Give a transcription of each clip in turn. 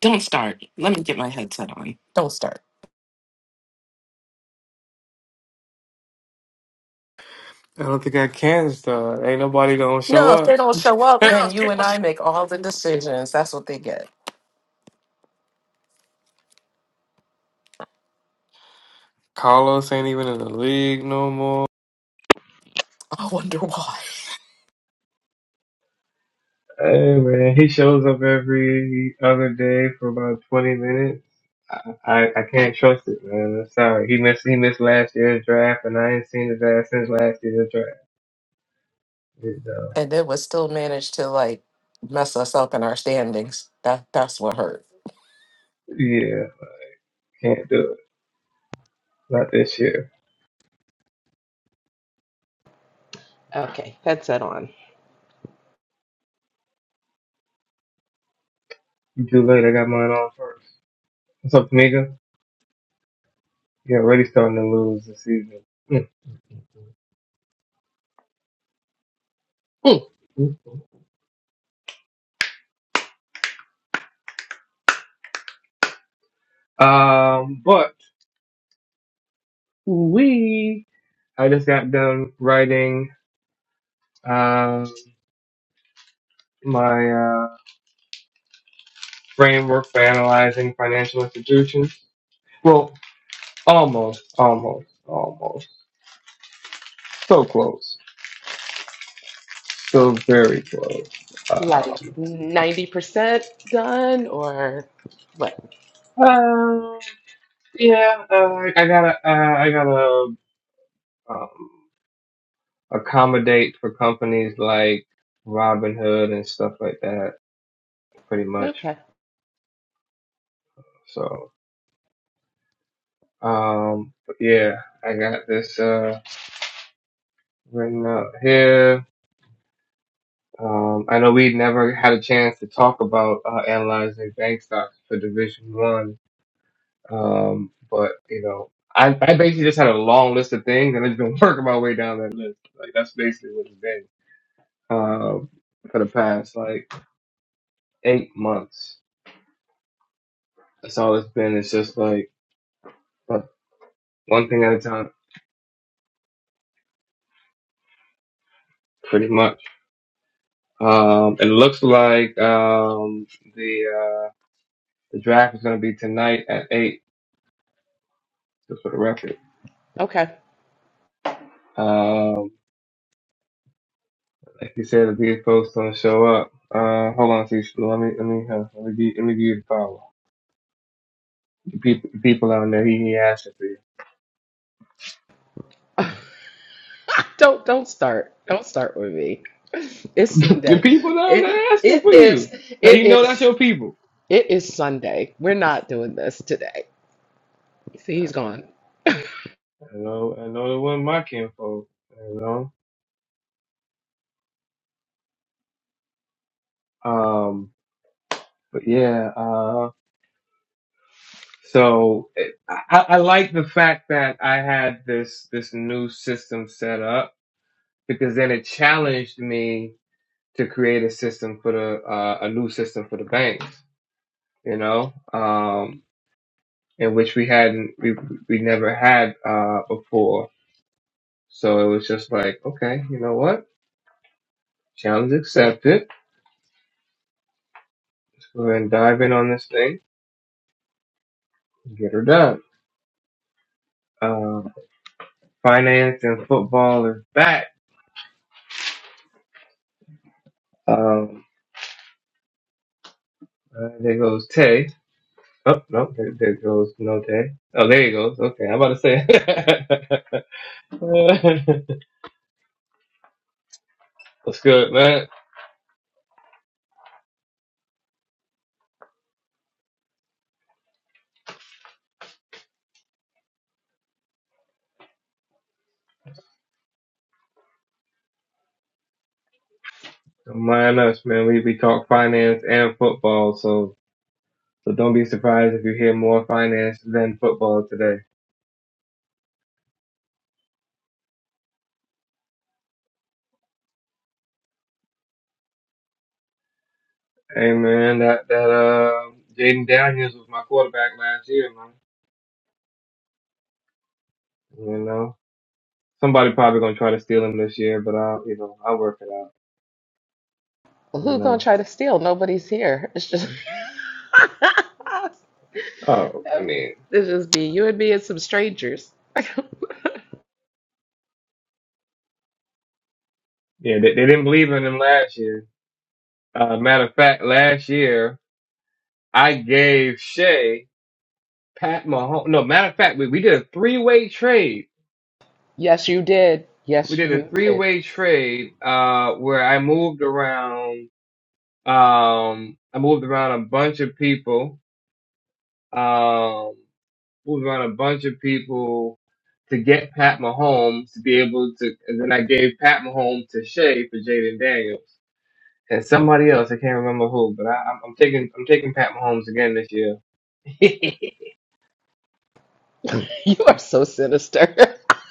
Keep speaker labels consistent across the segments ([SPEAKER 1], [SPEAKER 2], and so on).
[SPEAKER 1] Don't start. Let me get my headset on. Don't start.
[SPEAKER 2] I don't think I can start. Ain't nobody gonna show
[SPEAKER 1] No, if they
[SPEAKER 2] up.
[SPEAKER 1] don't show up, then you and I make all the decisions. That's what they get.
[SPEAKER 2] Carlos ain't even in the league no more.
[SPEAKER 1] I wonder why.
[SPEAKER 2] Hey man, he shows up every other day for about twenty minutes. I I, I can't trust it, man. I'm sorry. He missed he missed last year's draft, and I ain't seen his ass since last year's draft. It, uh,
[SPEAKER 1] And it was still managed to like mess us up in our standings. That that's what hurt.
[SPEAKER 2] yeah, can't do it. Not this year.
[SPEAKER 1] Okay,
[SPEAKER 2] Too late. I got mine on first. What's up, Tamika? Yeah, already starting to lose this season. Mm, mm, mm. Um, but We. I just got done writing um my uh, framework for analyzing financial institutions. Well, almost, almost, almost. So close. So very close.
[SPEAKER 1] like
[SPEAKER 2] Um,
[SPEAKER 1] 90% done or what?
[SPEAKER 2] uh, yeah, uh, I gotta, uh, I gotta um, accommodate for companies like Robinhood and stuff like that, pretty much.
[SPEAKER 1] Okay.
[SPEAKER 2] So, um, but yeah, I got this. Uh, right now here. Um, I know we never had a chance to talk about uh, analyzing bank stocks for Division One, um, but you know, I, I basically just had a long list of things, and I've been working my way down that list. Like that's basically what it's been um, for the past like eight months. That's all it's been. It's just like uh, one thing at a time, pretty much. Um, it looks like um, the uh, the draft is going to be tonight at eight, just for the record.
[SPEAKER 1] Okay.
[SPEAKER 2] Um, Like you said, if these folks don't show up, uh, hold on, see, let me, let me, uh, let me give, let me give you the power. The people, the people down there, he, he asking for you.
[SPEAKER 1] Don't don't start. Don't start with me. It's
[SPEAKER 2] the
[SPEAKER 1] Sunday.
[SPEAKER 2] people down
[SPEAKER 1] It
[SPEAKER 2] there asking
[SPEAKER 1] it
[SPEAKER 2] for
[SPEAKER 1] is
[SPEAKER 2] you. Now
[SPEAKER 1] it
[SPEAKER 2] you know that's
[SPEAKER 1] is
[SPEAKER 2] your people.
[SPEAKER 1] it is Sunday. We're not doing this today. See, he's gone.
[SPEAKER 2] I know, I know it wasn't my kinfolk. You know, um, but yeah, uh, so it, I, I like the fact that I had this this new system set up because then it challenged me to create a system for the uh, a new system for the banks you know, um, and which we hadn't, we we never had uh, before. So it was just like, okay, you know what? Challenge accepted. We're gonna dive in on this thing, and get her done. Uh, finance and football is back. Um, uh, there goes Tay. Oh no, there, there goes no Tay. Oh, there he goes. Okay, I'm about to say, what's good, man? Don't mind us, man. We we talk finance and football, so. So don't be surprised if you hear more finance than football today. Hey man, that that uh Jaden Daniels was my quarterback last year, man. You know. Somebody probably gonna try to steal him this year, but I'll you know, I'll work it out, you
[SPEAKER 1] Who's gonna
[SPEAKER 2] know.
[SPEAKER 1] try to steal? Nobody's here. It's just
[SPEAKER 2] Oh, I
[SPEAKER 1] it's
[SPEAKER 2] mean
[SPEAKER 1] just me, you and me, and some strangers.
[SPEAKER 2] yeah, they, they didn't believe in him last year. Uh matter of fact, last year I gave Shea Pat Mahomes no matter of fact we, we did a three way trade.
[SPEAKER 1] Yes, you did.
[SPEAKER 2] We
[SPEAKER 1] Yes,
[SPEAKER 2] did
[SPEAKER 1] you
[SPEAKER 2] a three
[SPEAKER 1] did.
[SPEAKER 2] way trade uh where I moved around Um, I moved around a bunch of people. Um, moved around a bunch of people to get Pat Mahomes to be able to, and then I gave Pat Mahomes to Shea for Jaden Daniels and somebody else. I can't remember who, but I, I'm, I'm taking I'm taking Pat Mahomes again this year.
[SPEAKER 1] You are so sinister.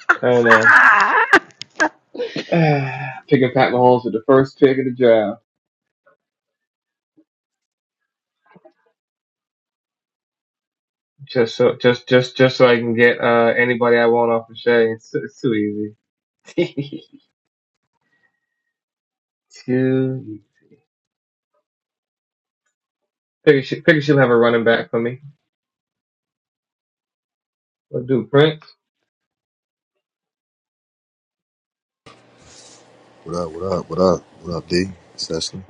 [SPEAKER 2] I know. Picking Pat Mahomes with the first pick of the draft, just so just just just so I can get uh anybody I want off of Shea. It's, it's too easy. too Figure, she, figure she'll have a running back for me. We'll do Prince.
[SPEAKER 3] What up? What up? What up? What up, D? Session.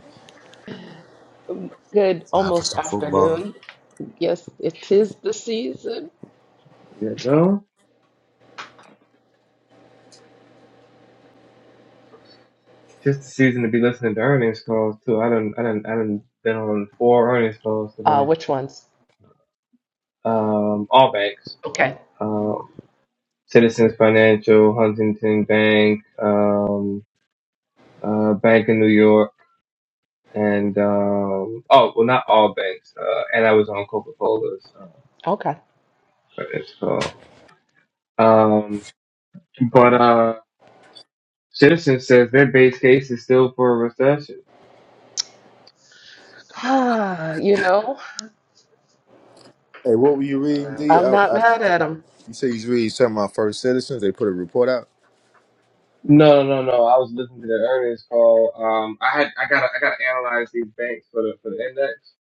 [SPEAKER 1] Good
[SPEAKER 3] Time for
[SPEAKER 1] almost
[SPEAKER 3] some football.
[SPEAKER 1] afternoon. Yes, it is the season.
[SPEAKER 2] There You know? Just the season to be listening to earnings calls too. I done I done I done been on four earnings calls
[SPEAKER 1] Uh,
[SPEAKER 2] today.
[SPEAKER 1] which ones?
[SPEAKER 2] Um, all banks.
[SPEAKER 1] Okay.
[SPEAKER 2] Um, Citizens Financial, Huntington Bank, um, uh, Bank of New York, and um, oh well, not all banks. Uh, and I was on Coca Cola's uh,
[SPEAKER 1] Okay.
[SPEAKER 2] earnings call. Um, but uh, Citizens says their base case is still for a recession.
[SPEAKER 1] you know,
[SPEAKER 3] Hey, what were you reading,
[SPEAKER 2] Uh.
[SPEAKER 3] D?
[SPEAKER 1] um,
[SPEAKER 3] I, I, you say you was reading something about first citizens. They put a report out.
[SPEAKER 2] No, no, no. I was listening to the earnings call. Um, I had, I gotta, I gotta analyze these banks for the, for the index.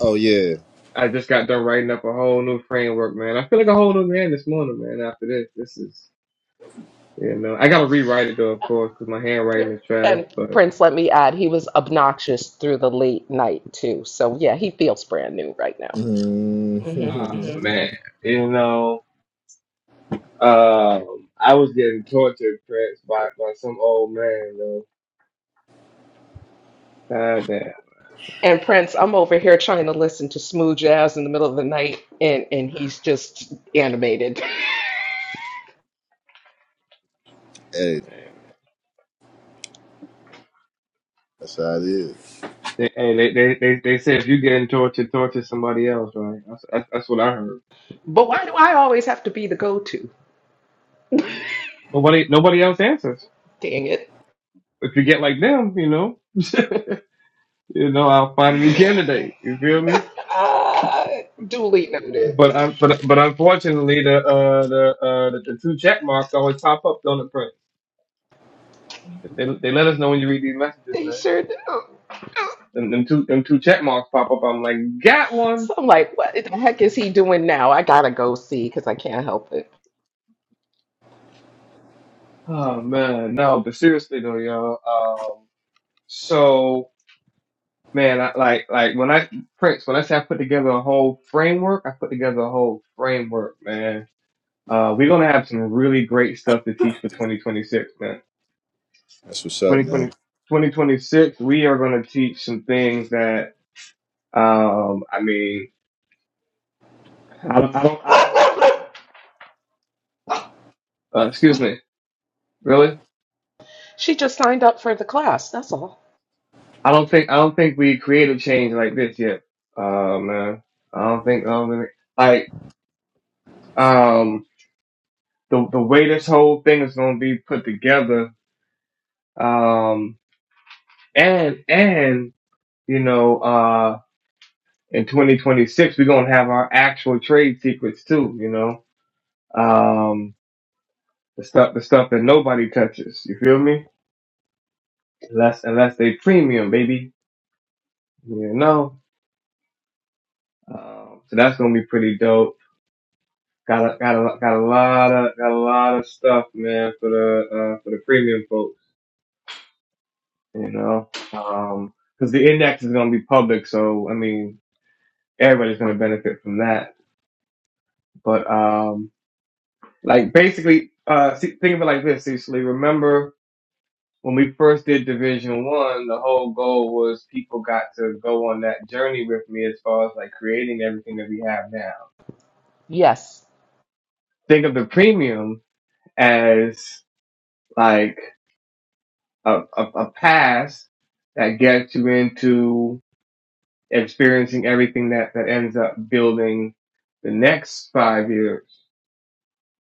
[SPEAKER 3] Oh yeah.
[SPEAKER 2] I just got done writing up a whole new framework, man. I feel like a whole new man this morning, man. After this, this is, you know, I gotta rewrite it though, of course, because my handwriting is trash.
[SPEAKER 1] and
[SPEAKER 2] But,
[SPEAKER 1] Prince, let me add, he was obnoxious through the late night too. So yeah, he feels brand new right now.
[SPEAKER 3] Mm.
[SPEAKER 1] Mhm.
[SPEAKER 2] ah,
[SPEAKER 1] hmm
[SPEAKER 2] man, you know, um, I was getting tortured, Prince, by, by some old man, though. God damn,
[SPEAKER 1] And Prince, I'm over here trying to listen to smooth jazz in the middle of the night, and, and he's just animated.
[SPEAKER 3] hey,
[SPEAKER 2] man.
[SPEAKER 3] that's how it is.
[SPEAKER 2] They, hey, they, they, they, they said if you getting tortured, torture somebody else, right? That's, that's, that's what I heard.
[SPEAKER 1] But why do I always have to be the go to?
[SPEAKER 2] Nobody, nobody else answers.
[SPEAKER 1] Dang it.
[SPEAKER 2] If you get like them, you know, you know, I'll find a new candidate. You feel me?
[SPEAKER 1] Uh, duly noted.
[SPEAKER 2] But I, but but unfortunately, the uh the uh the, the two check marks always pop up on the print. They they let us know when you read these messages,
[SPEAKER 1] They
[SPEAKER 2] man.
[SPEAKER 1] sure do.
[SPEAKER 2] And them two them two check marks pop up. I'm like, got one.
[SPEAKER 1] So I'm like, what the heck is he doing now? I gotta go see because I can't help it.
[SPEAKER 2] Oh man, no. But seriously though, y'all. Um, so man, I, like like when I Prince, when I say I put together a whole framework, I put together a whole framework, man Uh, we're gonna have some really great stuff to teach for 2026, man.
[SPEAKER 3] That's what's up,
[SPEAKER 2] 2020,
[SPEAKER 3] man.
[SPEAKER 2] 2026, we are gonna teach some things that, um, I mean, I, don't, I don't, I, uh, excuse me, really?
[SPEAKER 1] She just signed up for the class, that's all.
[SPEAKER 2] I don't think, I don't think we created change like this yet. Uh, man, I don't think, I don't think, like, um, the the way this whole thing is gonna be put together, um, and and you know, uh, in 2026, we're gonna have our actual trade secrets too. You know, um, the stuff, the stuff that nobody touches. You feel me? Unless, unless they premium, baby. You know. Um, so that's gonna be pretty dope. Got a, got a, got a lot of, got a lot of stuff, man, for the, uh, for the premium folks. You know, um, cause the index is gonna be public, so I mean, everybody's gonna benefit from that. But um, like basically, uh, see, think of it like this, Cecily. Remember. when we first did Division One, the whole goal was people got to go on that journey with me as far as like creating everything that we have now.
[SPEAKER 1] Yes,
[SPEAKER 2] Think of the premium as like a, a, a pass that gets you into experiencing everything that, that ends up building the next five years.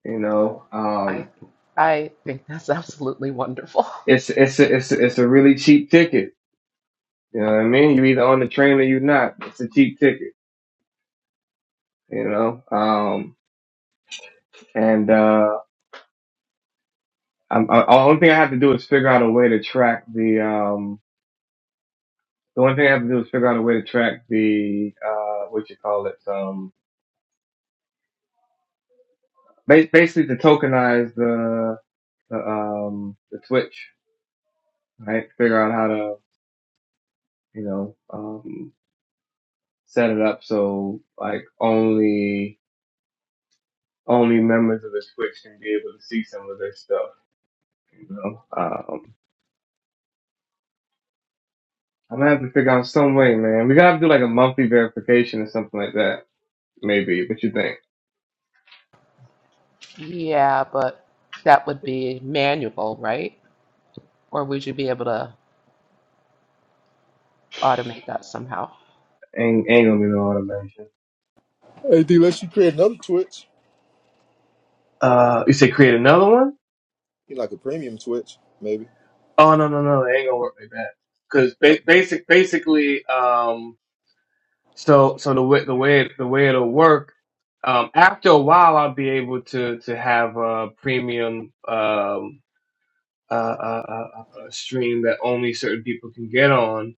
[SPEAKER 2] You know,
[SPEAKER 1] I,
[SPEAKER 2] um,
[SPEAKER 1] I think that's absolutely wonderful.
[SPEAKER 2] it's, it's, a, it's, a, it's a really cheap ticket. You know what I mean? You're either on the train or you're not. It's a cheap ticket, you know? Um, And uh, I'm, I, the only thing I have to do is figure out a way to track the. Um, the only thing I have to do is figure out a way to track the uh, what you call it. Um, ba- basically to tokenize the the um the Twitch, right? Figure out how to you know um, set it up so like only only members of the Twitch can be able to see some of this stuff. You know, um, I'm gonna have to figure out some way, man. We gotta do like a monthly verification or something like that, maybe. What you think?
[SPEAKER 1] Yeah, but that would be manual, right? Or would you be able to automate that somehow?
[SPEAKER 2] Ain't, ain't gonna be no automation.
[SPEAKER 3] Hey, D, let's you create another Twitch.
[SPEAKER 2] Uh, you say create another one?
[SPEAKER 3] You like a premium Twitch, maybe?
[SPEAKER 2] Oh no no no, they ain't gonna work like that. Cause
[SPEAKER 3] Oh,
[SPEAKER 2] ba-
[SPEAKER 3] okay.
[SPEAKER 2] basic basically, um, so so the way the way it, the way it'll work, um, after a while I'll be able to to have a premium um uh, uh, uh, uh, stream that only certain people can get on.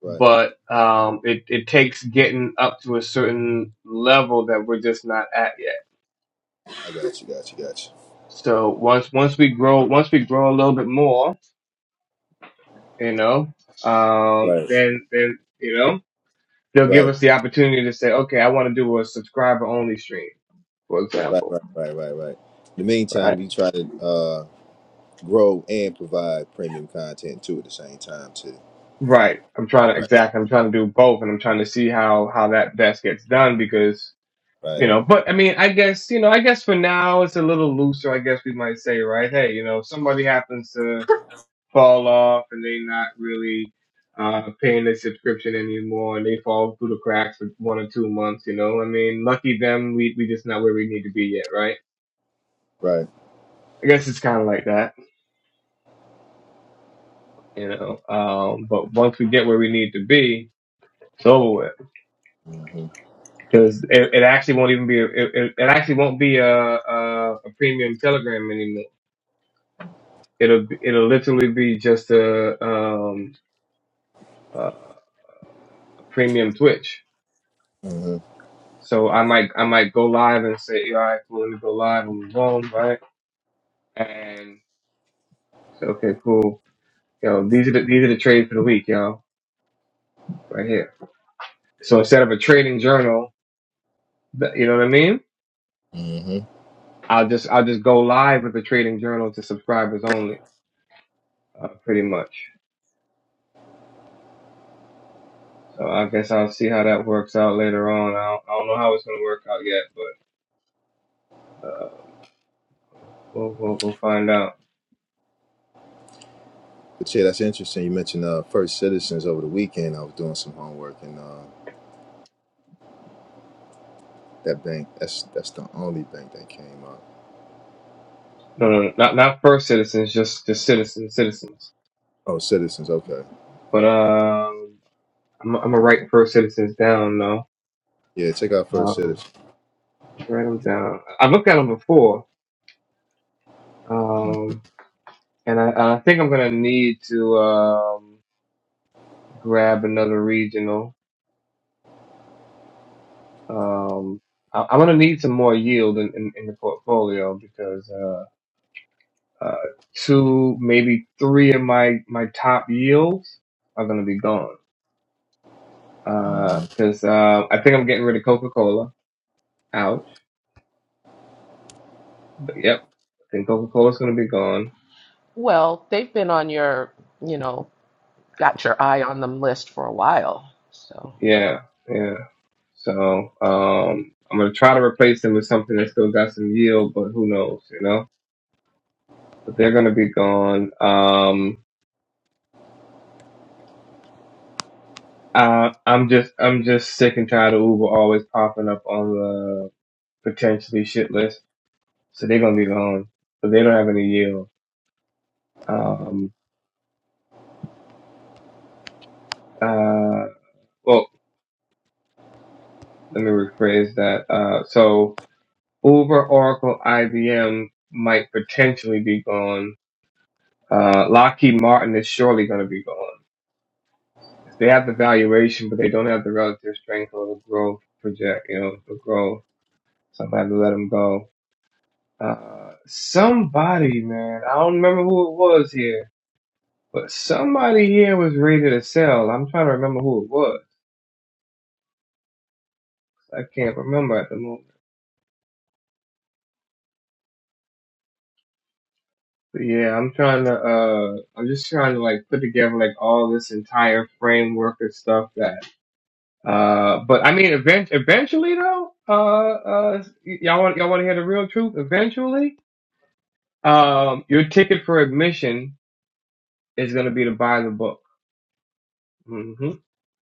[SPEAKER 3] Right.
[SPEAKER 2] But um, it it takes getting up to a certain level that we're just not at yet.
[SPEAKER 3] I got you. Got you. Got you.
[SPEAKER 2] So once once we grow once we grow a little bit more you know, um,
[SPEAKER 3] Right.
[SPEAKER 2] then, then, you know, they'll give
[SPEAKER 3] Right.
[SPEAKER 2] us the opportunity to say, okay, I want to do a subscriber only stream, for
[SPEAKER 3] Right.
[SPEAKER 2] example,
[SPEAKER 3] Right. Right. Right. Right. In the meantime,
[SPEAKER 2] right?
[SPEAKER 3] you try to uh, grow and provide premium content too at the same time too.
[SPEAKER 2] Right. I'm trying to,
[SPEAKER 3] Right. Right.
[SPEAKER 2] exactly. I'm trying to do both and I'm trying to see how, how that best gets done because,
[SPEAKER 3] Right,
[SPEAKER 2] you know, but I mean, I guess, you know, I guess for now it's a little looser. I guess we might say, right? Hey, you know, if somebody happens to, fall off and they not really uh, paying their subscription anymore and they fall through the cracks for one or two months, you know. I mean, lucky them, we we just not where we need to be yet, right?
[SPEAKER 3] right.
[SPEAKER 2] I guess it's kind of like that, you know. Um, but once we get where we need to be, it's over with
[SPEAKER 3] hmm
[SPEAKER 2] because it, it actually won't even be a, it, it actually won't be a, a a premium Telegram anymore. It'll it'll literally be just a um, a premium Twitch
[SPEAKER 3] hmm
[SPEAKER 2] So I might I might go live and say, all right, cool, let me go live and move on, right? And so, okay, cool. Yo, these are the these are the trades for the week, y'all, right here. So instead of a trading journal, th- you know what I mean?
[SPEAKER 3] hmm
[SPEAKER 2] I'll just I'll just go live with the trading journal to subscribers only, uh, pretty much. So I guess I'll see how that works out later on. I don't, I don't know how it's gonna work out yet, but we'll we'll, we'll find out.
[SPEAKER 3] But yeah, that's interesting. You mentioned uh, First Citizens over the weekend. I was doing some homework, and uh, that bank that's that's the only bank that came up.
[SPEAKER 2] No, no, no, not not first citizens, just just citizens, citizens.
[SPEAKER 3] Oh, Citizens. Okay.
[SPEAKER 2] But um. I'm I'm gonna write first citizens down though.
[SPEAKER 3] Yeah, check out First
[SPEAKER 2] Um,
[SPEAKER 3] Citizens.
[SPEAKER 2] write them down. I've looked at them before,
[SPEAKER 3] hmm
[SPEAKER 2] um, and I, I think I'm gonna need to um, grab another regional. Um, I, I'm gonna need some more yield in, in, in the portfolio because uh, uh, two, maybe three of my my top yields are gonna be gone. Because
[SPEAKER 3] hmm
[SPEAKER 2] uh, 'cause, uh, I think I'm getting rid of Coca Cola. Ouch. But yep, I think Coca Cola's gonna be gone.
[SPEAKER 1] Well, they've been on your, you know, got your eye on them list for a while. So,
[SPEAKER 2] Yeah. Yeah. So um, I'm gonna try to replace them with something that still got some yield, but who knows, you know? But they're gonna be gone. Um, I, I'm just I'm just sick and tired of Uber always popping up on the potentially shit list. So they're gonna be gone, but they don't have any yield. Um, uh, well, let me rephrase that. Uh, so Uber, Oracle, IBM might potentially be gone. Uh, Lockheed Martin is surely gonna be gone if they have the valuation, but they don't have the relative strength or the growth project, you know, the growth. Somebody had to let them go. Uh, somebody, man, I don't remember who it was here, but somebody here was ready to sell. I'm trying to remember who it was. I can't remember at the moment. But yeah, I'm trying to, uh, I'm just trying to like put together like all this entire framework and stuff that, uh, but I mean, event- eventually though, uh, uh, y- y'all want, y'all want to hear the real truth? Eventually? Um, your ticket for admission is going to be to buy the book. hmm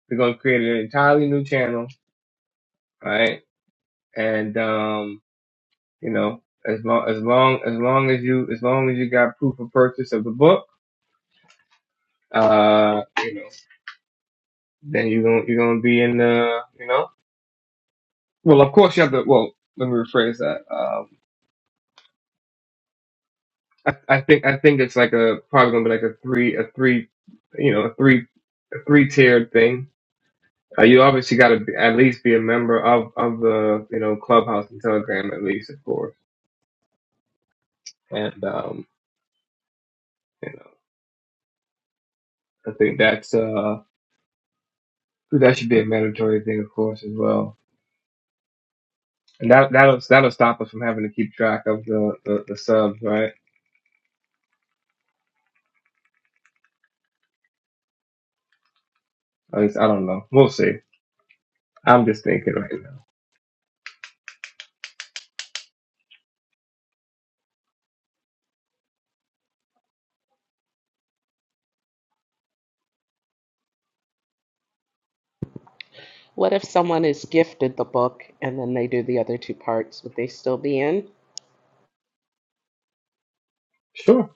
[SPEAKER 2] We're going to create an entirely new channel, right? And um, you know, as long as long as long as you as long as you got proof of purchase of the book, uh, you know, then you're going to you're going to be in the you know. Well, of course you have to. Well, let me rephrase that. Um, I, I think I think it's like a probably going to be like a three a three, you know, a three a three tiered thing Uh, you obviously got to be, at least be a member of of the you know clubhouse and telegram at least of course and um you know i think that's uh that should be a mandatory thing of course as well and that that'll that'll stop us from having to keep track of the the, the subs right At least, i don't know we'll see i'm just thinking right now
[SPEAKER 1] what if someone is gifted the book and then they do the other two parts? Would they still be in?
[SPEAKER 2] sure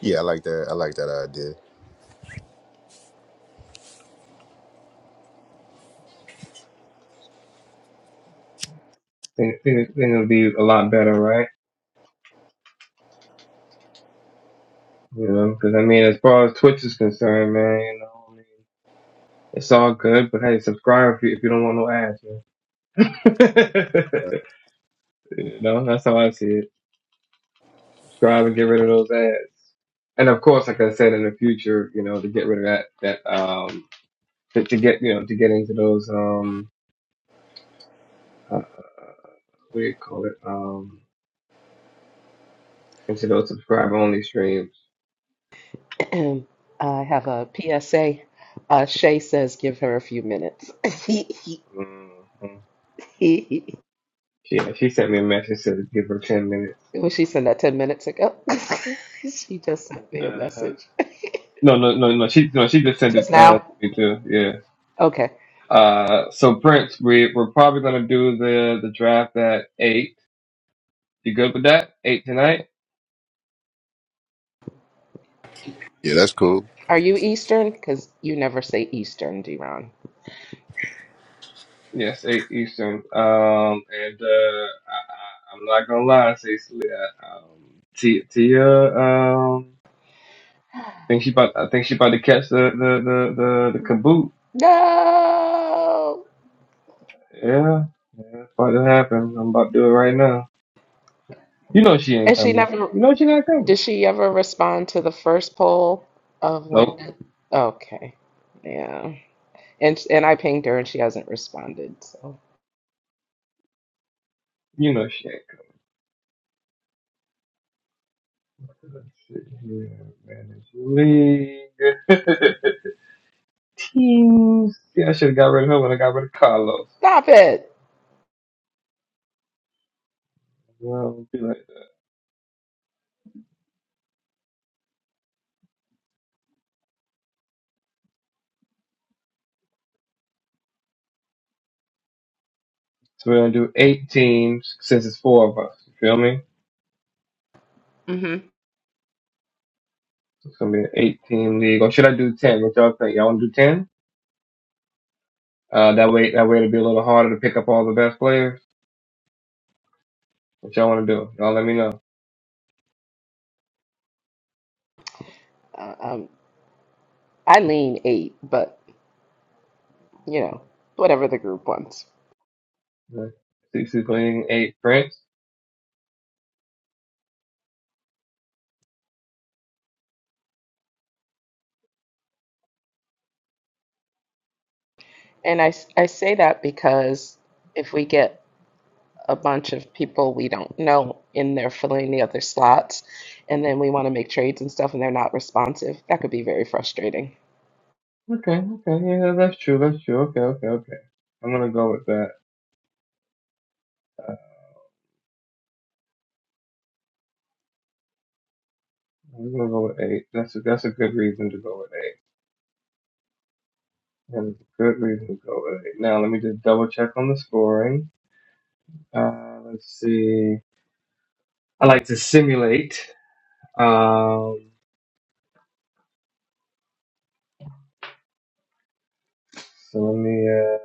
[SPEAKER 3] Yeah, I like that. I like that idea.
[SPEAKER 2] think, think, think it'll be a lot better right you know because i mean as far as twitch is concerned man you know I mean, it's all good, but hey, subscribe if you, if you don't want no ads, man.
[SPEAKER 3] Uh,
[SPEAKER 2] You know, that's how I see it. Subscribe and get rid of those ads. And of course, like I said, in the future, you know, to get rid of that, that, um, to, to get, you know, to get into those, um, uh, what do you call it? Um, into those subscriber only streams.
[SPEAKER 1] I have a PSA. Uh, Shay says give her a few minutes.
[SPEAKER 2] Mm-hmm. Yeah, she sent me a message said to give her 10 minutes.
[SPEAKER 1] Well, she sent that 10 minutes ago. she just sent me a
[SPEAKER 2] Uh-huh.
[SPEAKER 1] message.
[SPEAKER 2] No, no, no, no. She, no, she just sent it,
[SPEAKER 1] Just
[SPEAKER 2] uh, to
[SPEAKER 1] now?
[SPEAKER 2] me too. Yeah.
[SPEAKER 1] Okay.
[SPEAKER 2] Uh, so Prince, we, we're probably going to do the, the draft at eight. You good with that? Eight tonight?
[SPEAKER 3] Yeah, that's cool.
[SPEAKER 1] Are you Eastern? Because you never say Eastern, Deron.
[SPEAKER 2] Yes, eight Eastern. Um, and uh, I, I, I'm not gonna lie, Cecily. I, um, T, Tia, um, I think she about, I think she about to catch the the the the, the kaboot.
[SPEAKER 1] No!
[SPEAKER 2] Yeah, yeah, it's about to happen. I'm about to do it right now. You know she ain't
[SPEAKER 1] And she
[SPEAKER 2] coming.
[SPEAKER 1] never.
[SPEAKER 2] You know she not coming.
[SPEAKER 1] Did she ever respond to the first poll of when
[SPEAKER 2] Nope.
[SPEAKER 1] did, okay. Yeah. And and I pinged her and she hasn't responded. So
[SPEAKER 2] You know she ain't coming. Let's see here, manage league. Teams. Yeah, I should have got rid of her when I got rid of Carlos.
[SPEAKER 1] stop it.
[SPEAKER 2] Well, So we're gonna do eight teams since it's four of us. You feel me?
[SPEAKER 1] Mm-hmm.
[SPEAKER 2] So It's gonna be an eight team league. Or should I do ten? What y'all think? Y'all wanna do ten? Uh, that way, that way it'll be a little harder to pick up all the best players. What y'all wanna do? Y'all let me know.
[SPEAKER 1] Uh, um, I lean eight, but you know, whatever the group wants.
[SPEAKER 2] Yeah. CC playing eight Prince.
[SPEAKER 1] And I I say that because if we get a bunch of people we don't know in there filling the other slots, and then we want to make trades and stuff and they're not responsive, that could be very frustrating.
[SPEAKER 2] Okay, okay, yeah, that's true, that's true. Okay, okay, okay. I'm gonna go with that. I'm gonna go with eight. That's a, that's a good reason to go with eight. That's a good reason to go with eight. Now let me just double check on the scoring. Uh, let's see. I like to simulate. Um, so let me, uh,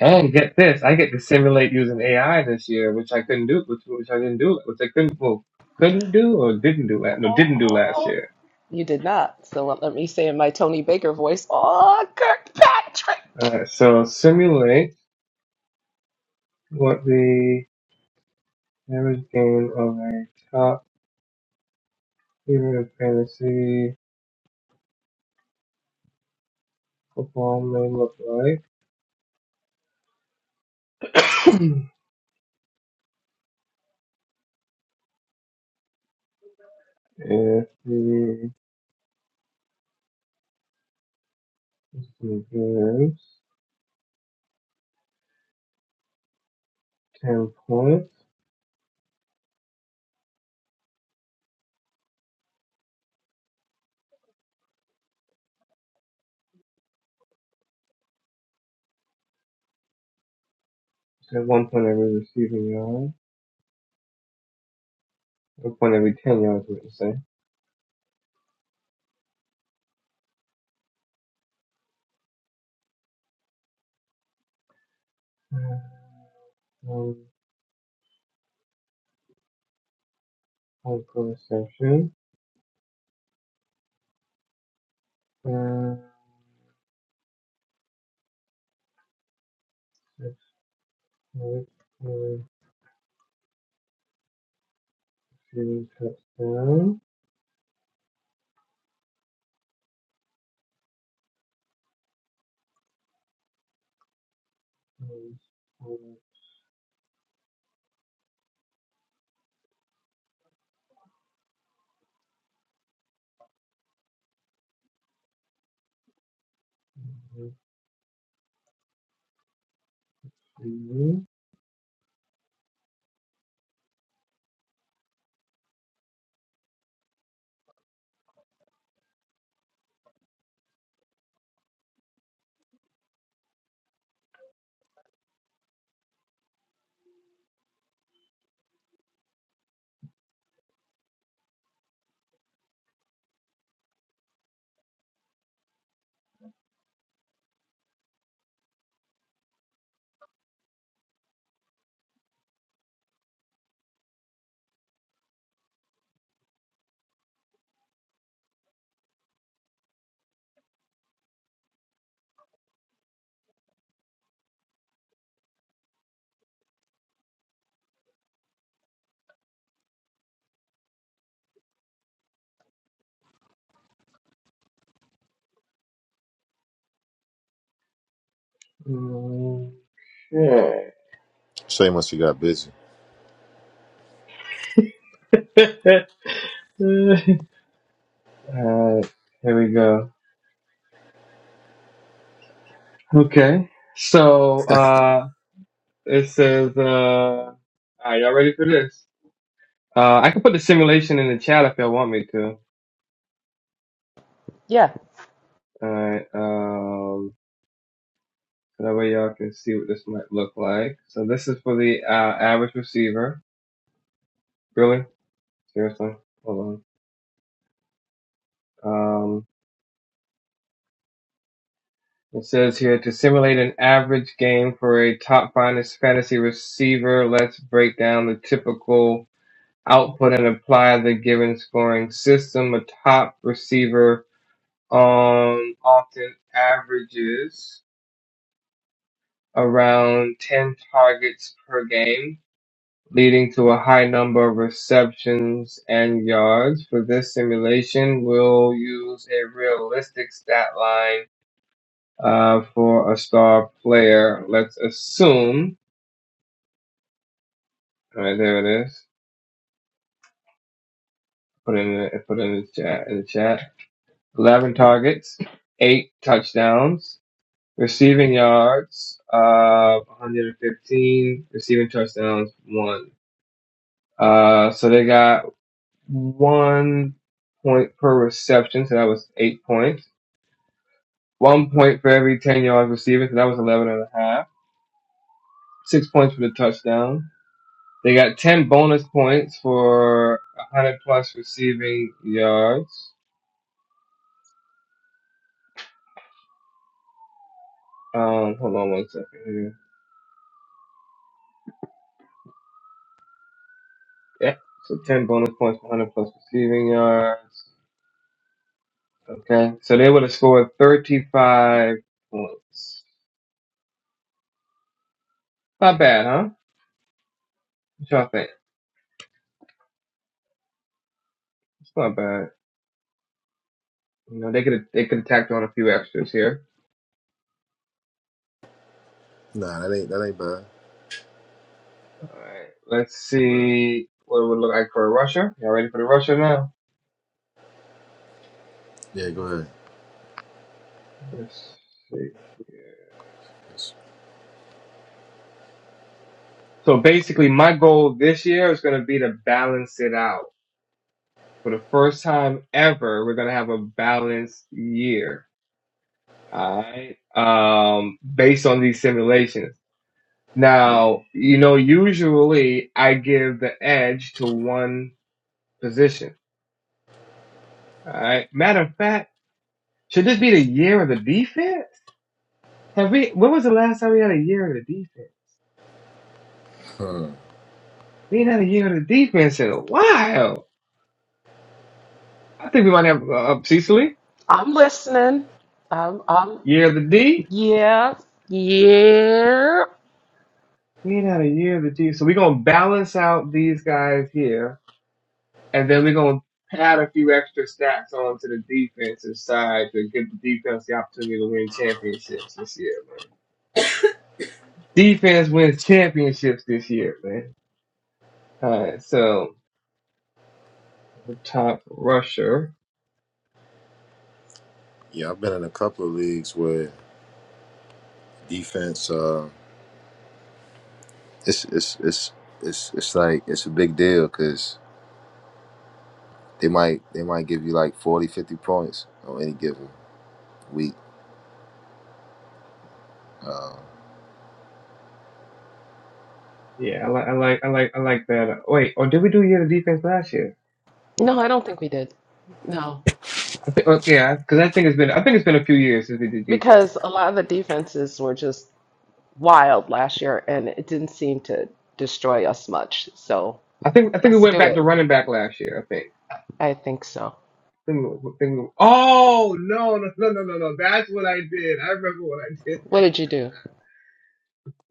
[SPEAKER 2] and get this, I get to simulate using AI this year, which I couldn't do, which, which I didn't do, which I couldn't, well, couldn't do or didn't do, la- no, didn't do last year.
[SPEAKER 1] You did not. So let let me say in my Tony Baker voice, "Oh, Kirkpatrick."
[SPEAKER 2] Alright, so simulate what the average game of a top tier in fantasy football may look like. if the he gives 10 points, so one point every receiving yard, one point every 10 yards, what you say. um, hyperextension. Uh, six minutes, uh, few touchdown. Um, Okay.
[SPEAKER 3] Shame once you got busy.
[SPEAKER 2] uh, here we go. Okay. So uh, it says, uh, "Are y'all ready for this?" Uh, I can put the simulation in the chat if y'all want me to.
[SPEAKER 1] Yeah,
[SPEAKER 2] Alright, um, so that way y'all can see what this might look like. So this is for the uh, average receiver. Really? Seriously? Hold on. Um, it says here to simulate an average game for a top finest fantasy receiver, let's break down the typical output and apply the given scoring system. A top receiver um, often averages around 10 targets per game, leading to a high number of receptions and yards. For this simulation, we'll use a realistic stat line uh, for a star player. Let's assume. All right, there it is. Put it in the, put it in the chat. In the chat, eleven targets, eight touchdowns, receiving yards of uh, 115, receiving touchdowns one. Uh, so they got one point per reception, so that was eight points. One point for every ten yards receiving, so that was eleven and a half. Six points for the touchdown They got 10 bonus points for 100 plus receiving yards. Um, hold on one second here. Yeah, so 10 bonus points for 100 plus receiving yards. Okay, so they would have scored 35 points. Not bad, huh? What y'all think? It's not bad. You know, they could they could have tacked on a few extras here.
[SPEAKER 3] Nah, that ain't that ain't bad.
[SPEAKER 2] All right, let's
[SPEAKER 3] Bruh.
[SPEAKER 2] see what it would look like for a rusher. Y'all ready for the rusher now?
[SPEAKER 3] Yeah, go ahead.
[SPEAKER 2] Let's see. So basically, my goal this year is going to be to balance it out for the first time ever, we're gonna have a balanced year. Alright. Um, based on these simulations. Now, you know, usually I give the edge to one position. Alright. Matter of fact, should this be the year of the defense? Have we, when was the last time we had a year of the defense?
[SPEAKER 3] Hmm.
[SPEAKER 2] We ain't had a year of the defense in a while. I think we might have, uh, uh, Cecily,
[SPEAKER 1] I'm listening. I'm. I'm.
[SPEAKER 2] year of the D.
[SPEAKER 1] Yeah. Yeah.
[SPEAKER 2] We ain't had a year of the D. So we're gonna balance out these guys here And then we're going to add a few extra stats onto the defensive side to give the defense the opportunity to win championships this year, man. Defense wins championships this year, man. All right, so the top rusher.
[SPEAKER 3] Yeah, I've been in a couple of leagues where defense. Uh, it's it's it's it's it's like it's a big deal because. They might they might give you like 40 50 points on any given week. Uh,
[SPEAKER 2] Yeah, I like, I like, I like, I like that. Wait, or did we do a year of defense last year?
[SPEAKER 1] No, I don't think we did. No,
[SPEAKER 2] I think, oh, yeah, because I think it's been, I think it's been a few years since we did defense.
[SPEAKER 1] because a lot of the defenses were just wild last year, and it didn't seem to destroy us much. So
[SPEAKER 2] I think, I think we
[SPEAKER 1] let's
[SPEAKER 2] went
[SPEAKER 1] do
[SPEAKER 2] back to
[SPEAKER 1] it.
[SPEAKER 2] running back last year. I think.
[SPEAKER 1] I think so.
[SPEAKER 2] I Think- we, I think- we, Oh no, no, no, no, no, no! That's what I did. I remember what I did
[SPEAKER 1] What did you do?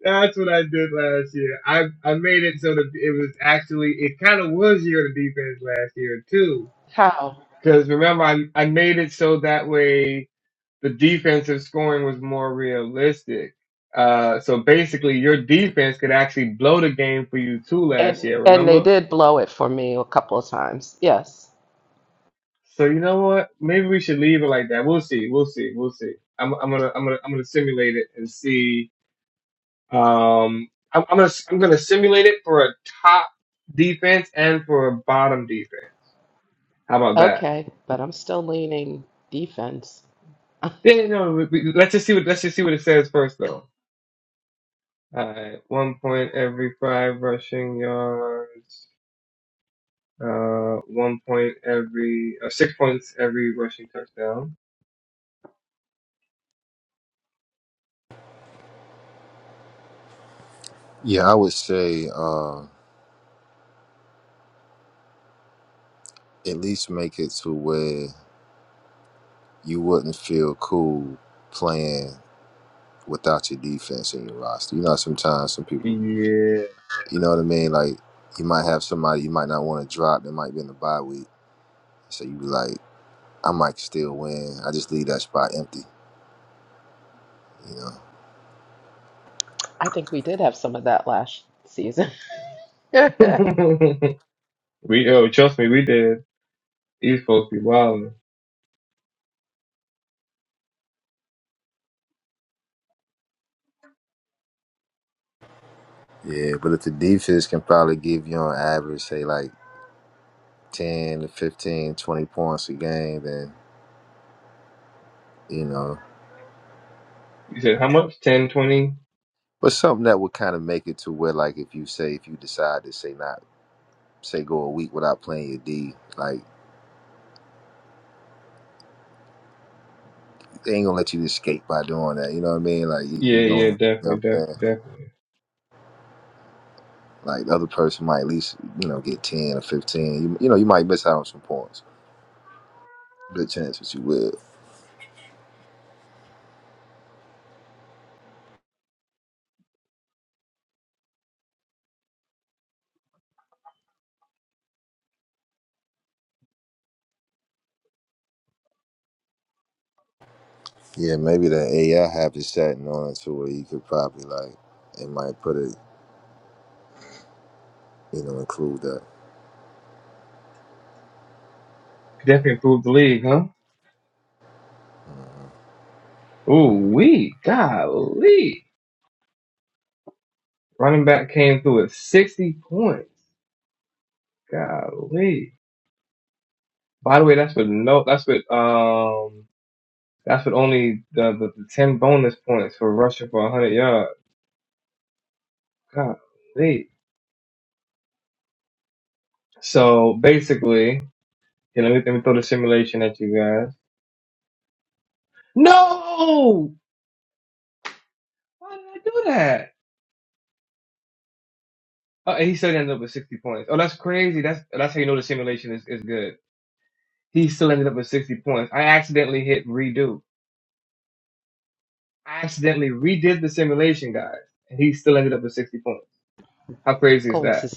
[SPEAKER 2] That's what I did last year. I, I made it so that it was actually it kind of was year of the defense last year too.
[SPEAKER 1] How?
[SPEAKER 2] Because remember, I I made it so that way the defensive scoring was more realistic. Uh, so basically, your defense could actually blow the game for you too last
[SPEAKER 1] And
[SPEAKER 2] year.
[SPEAKER 1] and they
[SPEAKER 2] Remember?
[SPEAKER 1] did blow it for me a couple of times. Yes.
[SPEAKER 2] So you know what? Maybe we should leave it like that. We'll see. We'll see. We'll see. I'm I'm gonna I'm gonna I'm gonna simulate it and see Um, I'm, I'm gonna I'm gonna simulate it for a top defense and for a bottom defense. How about that?
[SPEAKER 1] Okay, but I'm still leaning defense. I
[SPEAKER 2] Yeah, yeah, no. We, we, let's just see what let's just see what it says first, though. Alright, one point every five rushing yards. Uh, one point every uh, six points every rushing touchdown.
[SPEAKER 3] yeah, I would say uh, at least make it to where you wouldn't feel cool playing without your defense in your roster. You know, sometimes some people,
[SPEAKER 2] Yeah.
[SPEAKER 3] you know what I mean? Like you might have somebody you might not want to drop that might be in the bye week, so you be like, I might still win. I just leave that spot empty. You know.
[SPEAKER 1] think we did have some of that last season. Consistencia.
[SPEAKER 2] we oh trust me, we did. These folks be wild.
[SPEAKER 3] Yeah, but if the defense can probably give you on average, say like 10 to 15, 20 points a game, then, you know,
[SPEAKER 2] You said how much? 10, 20?
[SPEAKER 3] but something that would kind of make it to where, like, if you say, if you decide to say not, say go a week without playing your D, like, they ain't gonna let you escape by doing that. You know what I mean? Like, you,
[SPEAKER 2] Yeah,
[SPEAKER 3] you
[SPEAKER 2] yeah,
[SPEAKER 3] gonna, you
[SPEAKER 2] definitely,
[SPEAKER 3] know what I'm
[SPEAKER 2] definitely,
[SPEAKER 3] saying?
[SPEAKER 2] definitely.
[SPEAKER 3] Like, the other person might at least, you know, get 10 or 15. You, you know, you might miss out on some points. Good chance that you will. Yeah, maybe the AI have it setting on it to where you could probably, like, it might put it, you know, include that.
[SPEAKER 2] Could definitely improve the league, huh?
[SPEAKER 3] Mhm.
[SPEAKER 2] Ooh, we golly. Running back came through with 60 points. Golly. By the way, that's with no, that's with, um, that's with only the, the, the 10 bonus points for rushing for 100 yards. Golly. So basically, you know, let me, let me throw the simulation at you guys. No! Why did I do that? Oh, and he still ended up with 60 points. Oh, that's crazy. That's, that's how you know the simulation is, is good. He still ended up with 60 points. I accidentally hit redo. I accidentally redid the simulation, guys, and he still ended up with 60 points. How crazy is that?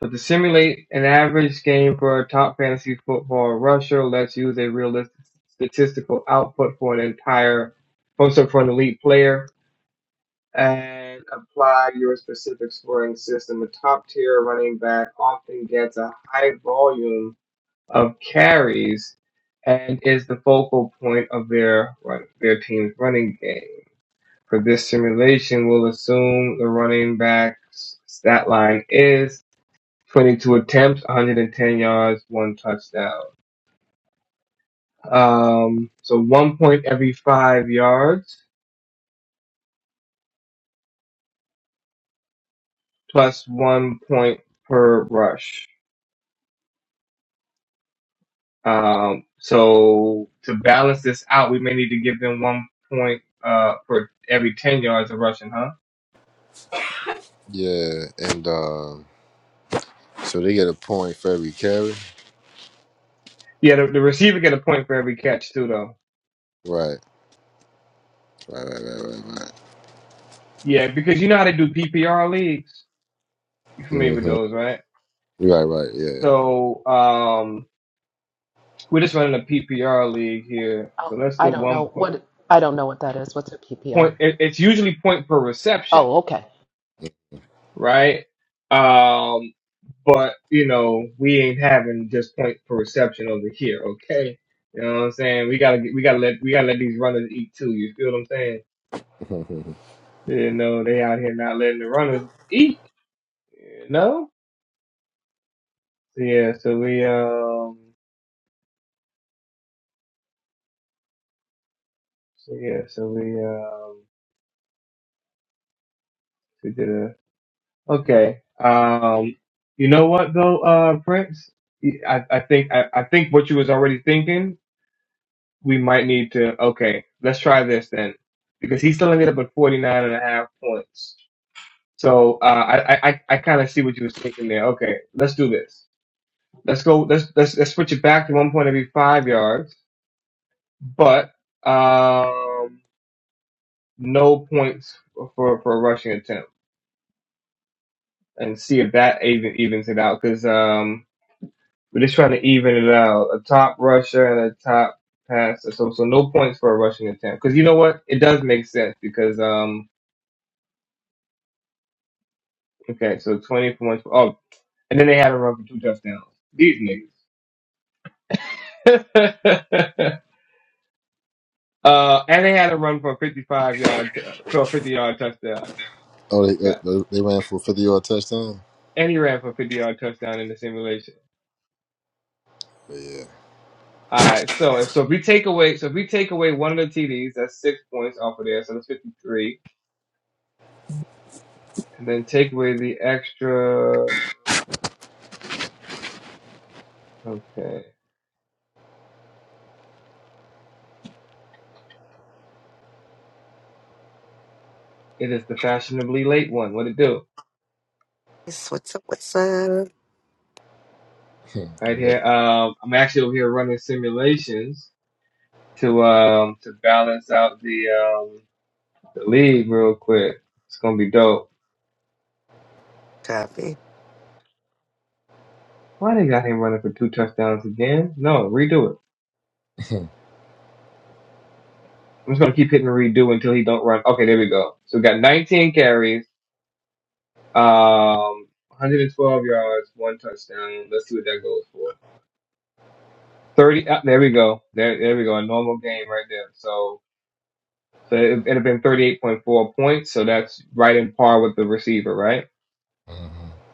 [SPEAKER 2] So to simulate an average game for a top fantasy football rusher, let's use a realistic statistical output for an entire, for so for an elite player, and apply your specific scoring system. A top tier running back often gets a high volume of carries and is the focal point of their their team's running game. For this simulation, we'll assume the running back's stat line is 22 attempts, 110 yards, one touchdown. Um, so one point every five yards plus one point per rush. Um, so to balance this out, we may need to give them one point uh, for every 10 yards of rushing, huh?
[SPEAKER 3] Yeah, and, uh, So they get a point for every carry.
[SPEAKER 2] Yeah, the, the receiver get a point for every catch too, though.
[SPEAKER 3] Right. Right. Right. Right. Right. Right.
[SPEAKER 2] Yeah, because you know how they do PPR leagues. You familiar with
[SPEAKER 3] Mm-hmm.
[SPEAKER 2] those, right?
[SPEAKER 3] Right. Right.
[SPEAKER 2] So um, we're just running a PPR league here.
[SPEAKER 1] Oh,
[SPEAKER 2] So let's
[SPEAKER 1] I
[SPEAKER 2] do
[SPEAKER 1] don't
[SPEAKER 2] one
[SPEAKER 1] know
[SPEAKER 2] point.
[SPEAKER 1] what I don't know what that is. What's a PPR?
[SPEAKER 2] point it, it's usually point per reception,
[SPEAKER 1] Oh, okay.
[SPEAKER 2] right? Um, but you know we ain't having just point per reception over here, okay? You know what I'm saying? We gotta get, we gotta let we gotta let these runners eat too. You feel what I'm saying?
[SPEAKER 3] Yeah.
[SPEAKER 2] You know they out here not letting the runners eat. You know? So yeah. So we um. So yeah. So we um. We did a Okay. Um, you know what though, uh, Prince? I, I think I, I think what you was already thinking, we might need to okay, let's try this then. Because he's still ended up at 49 and a half points. So uh, I, I, I I kinda see what you was thinking there. Okay, let's do this. Let's go let's let's let's switch it back to one point every five yards, but um no points for for a rushing attempt and see if that even evens it out. Cause um, We're just trying to even it out. A top rusher and a top passer. So so no points for a rushing attempt. Because you know what? It does make sense because um okay, so twenty for one. Oh, and then they had a run for two touchdowns. These niggas. uh and they had a run for a fifty five yard for a fifty yard touchdown.
[SPEAKER 3] oh, they, uh,
[SPEAKER 2] Yeah.
[SPEAKER 3] they they ran for a fifty yard touchdown.
[SPEAKER 2] And he ran for a fifty yard touchdown in the simulation.
[SPEAKER 3] But yeah.
[SPEAKER 2] All right, so if so if we take away so if we take away one of the TDs, that's six points off of there, so that's fifty three. And then take away the extra. Okay. It is the fashionably late one. What it do?
[SPEAKER 4] Yes, What's up? What's up?
[SPEAKER 3] Hmm,
[SPEAKER 2] Right
[SPEAKER 3] good.
[SPEAKER 2] here. Um, I'm actually over here running simulations to um to balance out the um the league real quick. It's gonna be dope.
[SPEAKER 4] Copy.
[SPEAKER 2] Why they got him running for two touchdowns again? No, redo it. I'm just gonna keep hitting redo until he don't run. Okay, there we go. So we got 19 carries, um, 112 yards, one touchdown. Let's see what that goes for. 30. Uh, there we go. There, there we go. A normal game right there. So So it, it'd have been 38.4 points. So that's right in par with the receiver, right?
[SPEAKER 3] Mhm.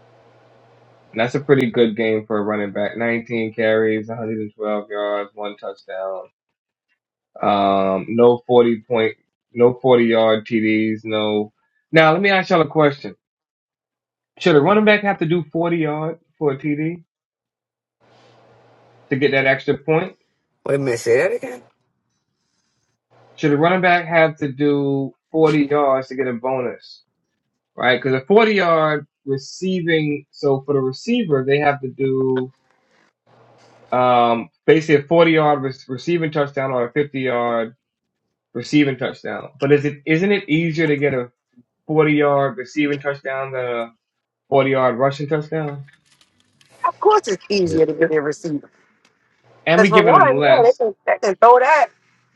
[SPEAKER 2] And that's a pretty good game for a running back. 19 carries, 112 yards, one touchdown. Um, no 40 point, no 40 yard TDs. No. Now let me ask y'all a question. Should a running back have to do 40 yard for a TD to get that extra point?
[SPEAKER 4] Wait a minute, say that again.
[SPEAKER 2] Should a running back have to do 40 yards to get a bonus? Right? Because a 40 yard receiving, so for the receiver, they have to do um, basically a 40 yard re- receiving touchdown or a 50 yard receiving touchdown. But is it isn't it easier to get a 40 yard receiving touchdown than a 40 yard rushing touchdown?
[SPEAKER 4] Of course, it's
[SPEAKER 3] Yeah.
[SPEAKER 4] easier to get a receiver
[SPEAKER 2] And
[SPEAKER 4] Because
[SPEAKER 2] we're
[SPEAKER 4] for
[SPEAKER 2] giving them
[SPEAKER 4] one, yeah, they
[SPEAKER 2] less.
[SPEAKER 4] can, they can throw that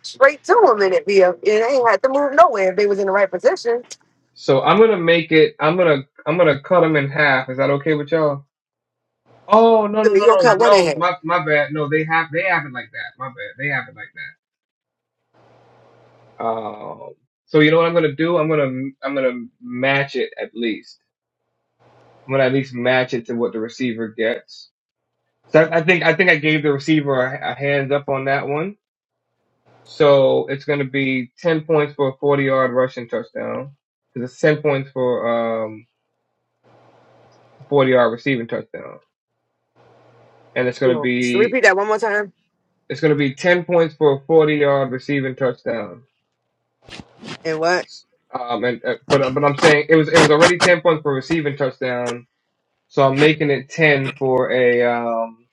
[SPEAKER 4] straight to them and it be a, it ain't had to move nowhere if they was in the right position.
[SPEAKER 2] So I'm gonna make it. I'm gonna I'm gonna cut them in half. Is that okay with y'all? Oh no
[SPEAKER 4] So
[SPEAKER 2] no
[SPEAKER 4] you
[SPEAKER 2] no
[SPEAKER 4] gonna
[SPEAKER 2] no
[SPEAKER 4] cut one in
[SPEAKER 2] no.
[SPEAKER 4] half.
[SPEAKER 2] My my bad. No, they have they have it like that. My bad. They have it like that. Um. So you know what I'm gonna do? I'm gonna I'm gonna match it at least. I'm gonna at least match it to what the receiver gets So I think I think I gave the receiver a, a hands up on that one. So it's going to be ten points for a forty-yard rushing touchdown. 'Cause It's ten points for um a forty-yard receiving touchdown, and it's
[SPEAKER 4] You
[SPEAKER 2] going to
[SPEAKER 4] know, so
[SPEAKER 2] be
[SPEAKER 4] repeat that one more time.
[SPEAKER 2] it's going to be ten points for a forty-yard receiving touchdown.
[SPEAKER 4] And what?
[SPEAKER 2] Um, and uh, but but I'm saying it was it was already ten points for a receiving touchdown, so I'm making it ten for a um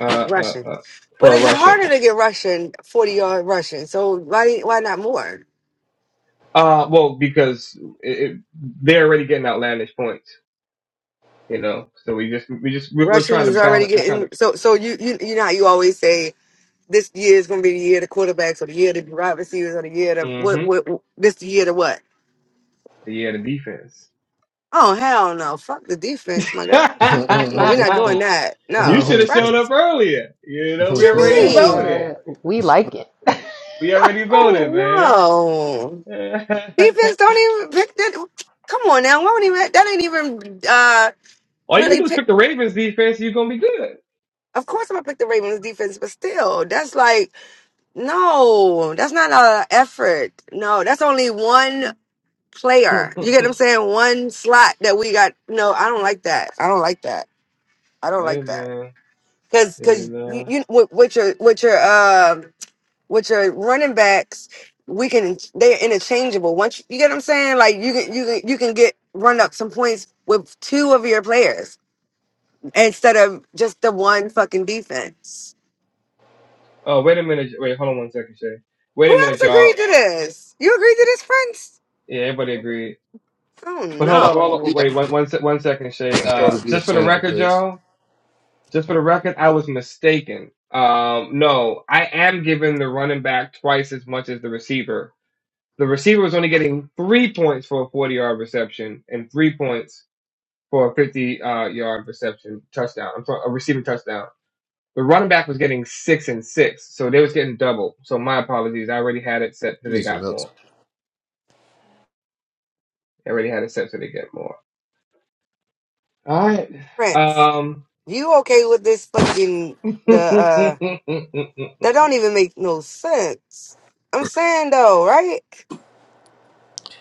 [SPEAKER 2] uh uh,
[SPEAKER 4] Russian.
[SPEAKER 2] uh
[SPEAKER 4] But
[SPEAKER 2] for a
[SPEAKER 4] it's
[SPEAKER 2] rushing.
[SPEAKER 4] harder to get Russian, 40 yard Russian. So why why not more?
[SPEAKER 2] Uh, well, because it, it, they're already getting outlandish points. You know, so we just we just we're, we're
[SPEAKER 4] Russian
[SPEAKER 2] trying to
[SPEAKER 4] is already
[SPEAKER 2] balance. We're trying
[SPEAKER 4] getting
[SPEAKER 2] to.
[SPEAKER 4] so so you you you know how you always say this year is going to be the year of the quarterbacks or the year of the wide receivers or the year of what,
[SPEAKER 2] hmm
[SPEAKER 4] what, what- this the year to what?
[SPEAKER 2] Yeah, the defense.
[SPEAKER 4] Oh, hell no. Fuck the defense, my guy. No, we're not doing that.
[SPEAKER 2] you
[SPEAKER 4] No.
[SPEAKER 2] should have
[SPEAKER 4] Right?
[SPEAKER 2] shown up earlier. You know,
[SPEAKER 4] What
[SPEAKER 2] we
[SPEAKER 4] you
[SPEAKER 2] already
[SPEAKER 4] mean?
[SPEAKER 1] Yeah,
[SPEAKER 2] voted.
[SPEAKER 1] we like it.
[SPEAKER 2] We already
[SPEAKER 4] Oh,
[SPEAKER 2] voted, man.
[SPEAKER 4] no. Defense don't even pick that. Come on now. Why would even, that ain't even uh,
[SPEAKER 2] All you gotta
[SPEAKER 4] really
[SPEAKER 2] do is
[SPEAKER 4] pick.
[SPEAKER 2] pick the Ravens defense. You're gonna be good.
[SPEAKER 4] Of course, I'm going to pick the Ravens defense, but still, that's like, no, that's not a effort. No, that's only one. player. You get what I'm saying? One slot that we got. No, I don't like that. I don't like that. I don't
[SPEAKER 2] hey,
[SPEAKER 4] like that.
[SPEAKER 2] man.
[SPEAKER 4] Cause,
[SPEAKER 2] You
[SPEAKER 4] cause you,
[SPEAKER 2] know.
[SPEAKER 4] you with, with your with your um with your running backs, we can they're interchangeable. Once you, you get what I'm saying, like you can you can you can get run up some points with two of your players instead of just the one fucking defense.
[SPEAKER 2] Oh, wait a minute. Wait, hold on one second, Shay. Wait
[SPEAKER 4] Who
[SPEAKER 2] a
[SPEAKER 4] else
[SPEAKER 2] minute,
[SPEAKER 4] agreed
[SPEAKER 2] y'all.
[SPEAKER 4] to this? You agreed to this, Prince?
[SPEAKER 2] Yeah, everybody agreed.
[SPEAKER 4] Oh
[SPEAKER 2] But hold on, hold
[SPEAKER 4] no,
[SPEAKER 2] on.
[SPEAKER 3] yeah.
[SPEAKER 2] Wait, one, one, se- one second,
[SPEAKER 3] I
[SPEAKER 2] Shay.
[SPEAKER 3] thought
[SPEAKER 2] Uh,
[SPEAKER 3] it'd be a
[SPEAKER 2] just for the
[SPEAKER 3] change of
[SPEAKER 2] record,
[SPEAKER 3] pace.
[SPEAKER 2] y'all. Just for the record, I was mistaken. Um, no, I am giving the running back twice as much as the receiver. The receiver was only getting three points for a 40 yard reception and three points for a 50 uh, yard reception touchdown. I'm sorry, a receiving touchdown. The running back was getting six and six, so they was getting double. So my apologies. I already had it set that
[SPEAKER 3] You
[SPEAKER 2] they
[SPEAKER 3] need some
[SPEAKER 2] got
[SPEAKER 3] help.
[SPEAKER 2] more. I already had it set so they get more. All right.
[SPEAKER 4] Prince.
[SPEAKER 2] Um.
[SPEAKER 4] You okay with this fucking the uh? That don't even make no sense. I'm saying though, right?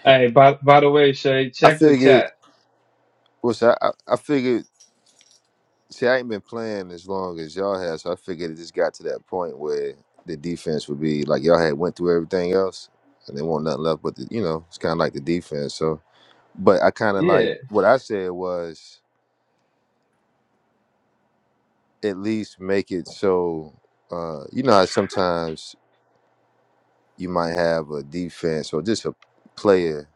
[SPEAKER 2] hey, by by the way, Shay,
[SPEAKER 3] I
[SPEAKER 2] check the
[SPEAKER 3] figured.
[SPEAKER 2] chat.
[SPEAKER 3] What's that? I, I figured See, I ain't been playing as long as y'all have, so I figured it just got to that point where the defense would be like y'all had went through everything else, and they want nothing left but the, you know, it's kind of like the defense. So, but I kind of
[SPEAKER 2] Yeah.
[SPEAKER 3] like what I said was at least make it so, uh, you know, how sometimes you might have a defense or just a player,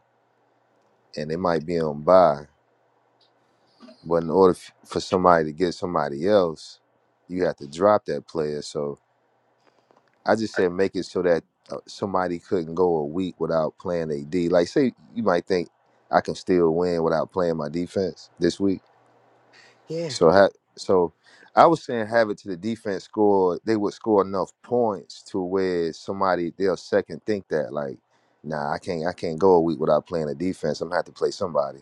[SPEAKER 3] and they might be on bye, but in order f- for somebody to get somebody else, you have to drop that player. So I just said make it so that uh, somebody couldn't go a week without playing a D. Like, say you might think I can still win without playing my defense this week.
[SPEAKER 4] Yeah.
[SPEAKER 3] So, ha- so I was saying have it to the defense score. They would score enough points to where somebody they'll second think that like, nah, I can't, I can't go a week without playing a defense. I'm gonna have to play somebody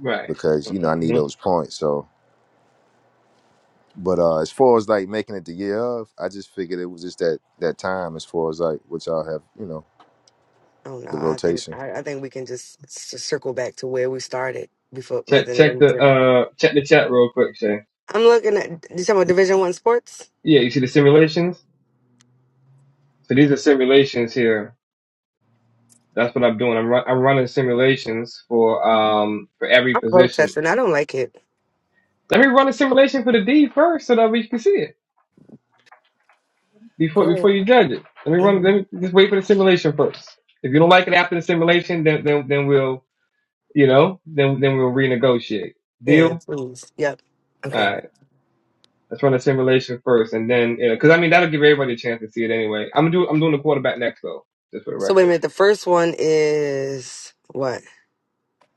[SPEAKER 2] Right.
[SPEAKER 3] because you know I need
[SPEAKER 2] hmm
[SPEAKER 3] those points. So. But uh, as far as like making it the year of, I just figured it was just that that time. As far as like what y'all have, you know,
[SPEAKER 4] Oh no,
[SPEAKER 3] the
[SPEAKER 4] I think
[SPEAKER 3] rotation.
[SPEAKER 4] I, I think we can just, s circle back to where we started before,
[SPEAKER 2] Check
[SPEAKER 4] rather than
[SPEAKER 2] check the
[SPEAKER 4] anything.
[SPEAKER 2] uh check the chat real quick, Shay.
[SPEAKER 4] I'm looking at you talking about Division One sports.
[SPEAKER 2] Yeah, you see the simulations. So these are simulations here. That's what I'm doing. I'm run, I'm running simulations for um for every
[SPEAKER 4] I'm
[SPEAKER 2] position.
[SPEAKER 4] protesting. I don't like it.
[SPEAKER 2] Let me run a simulation for the D first, so that we can see it before
[SPEAKER 4] Go
[SPEAKER 2] before
[SPEAKER 4] ahead.
[SPEAKER 2] you judge it. Let me run.
[SPEAKER 4] hmm
[SPEAKER 2] Let me just wait for the simulation first. If you don't like it after the simulation, then then then we'll you know then then we'll renegotiate.
[SPEAKER 4] Yeah,
[SPEAKER 2] Deal.
[SPEAKER 4] please. Yep.
[SPEAKER 2] All right.
[SPEAKER 4] Okay.
[SPEAKER 2] Let's run a simulation first, and then you know, because I mean that'll give everybody a chance to see it anyway. I'm gonna do I'm doing the quarterback next though, just for the
[SPEAKER 4] So wait a
[SPEAKER 2] record.
[SPEAKER 4] minute. The first one is what?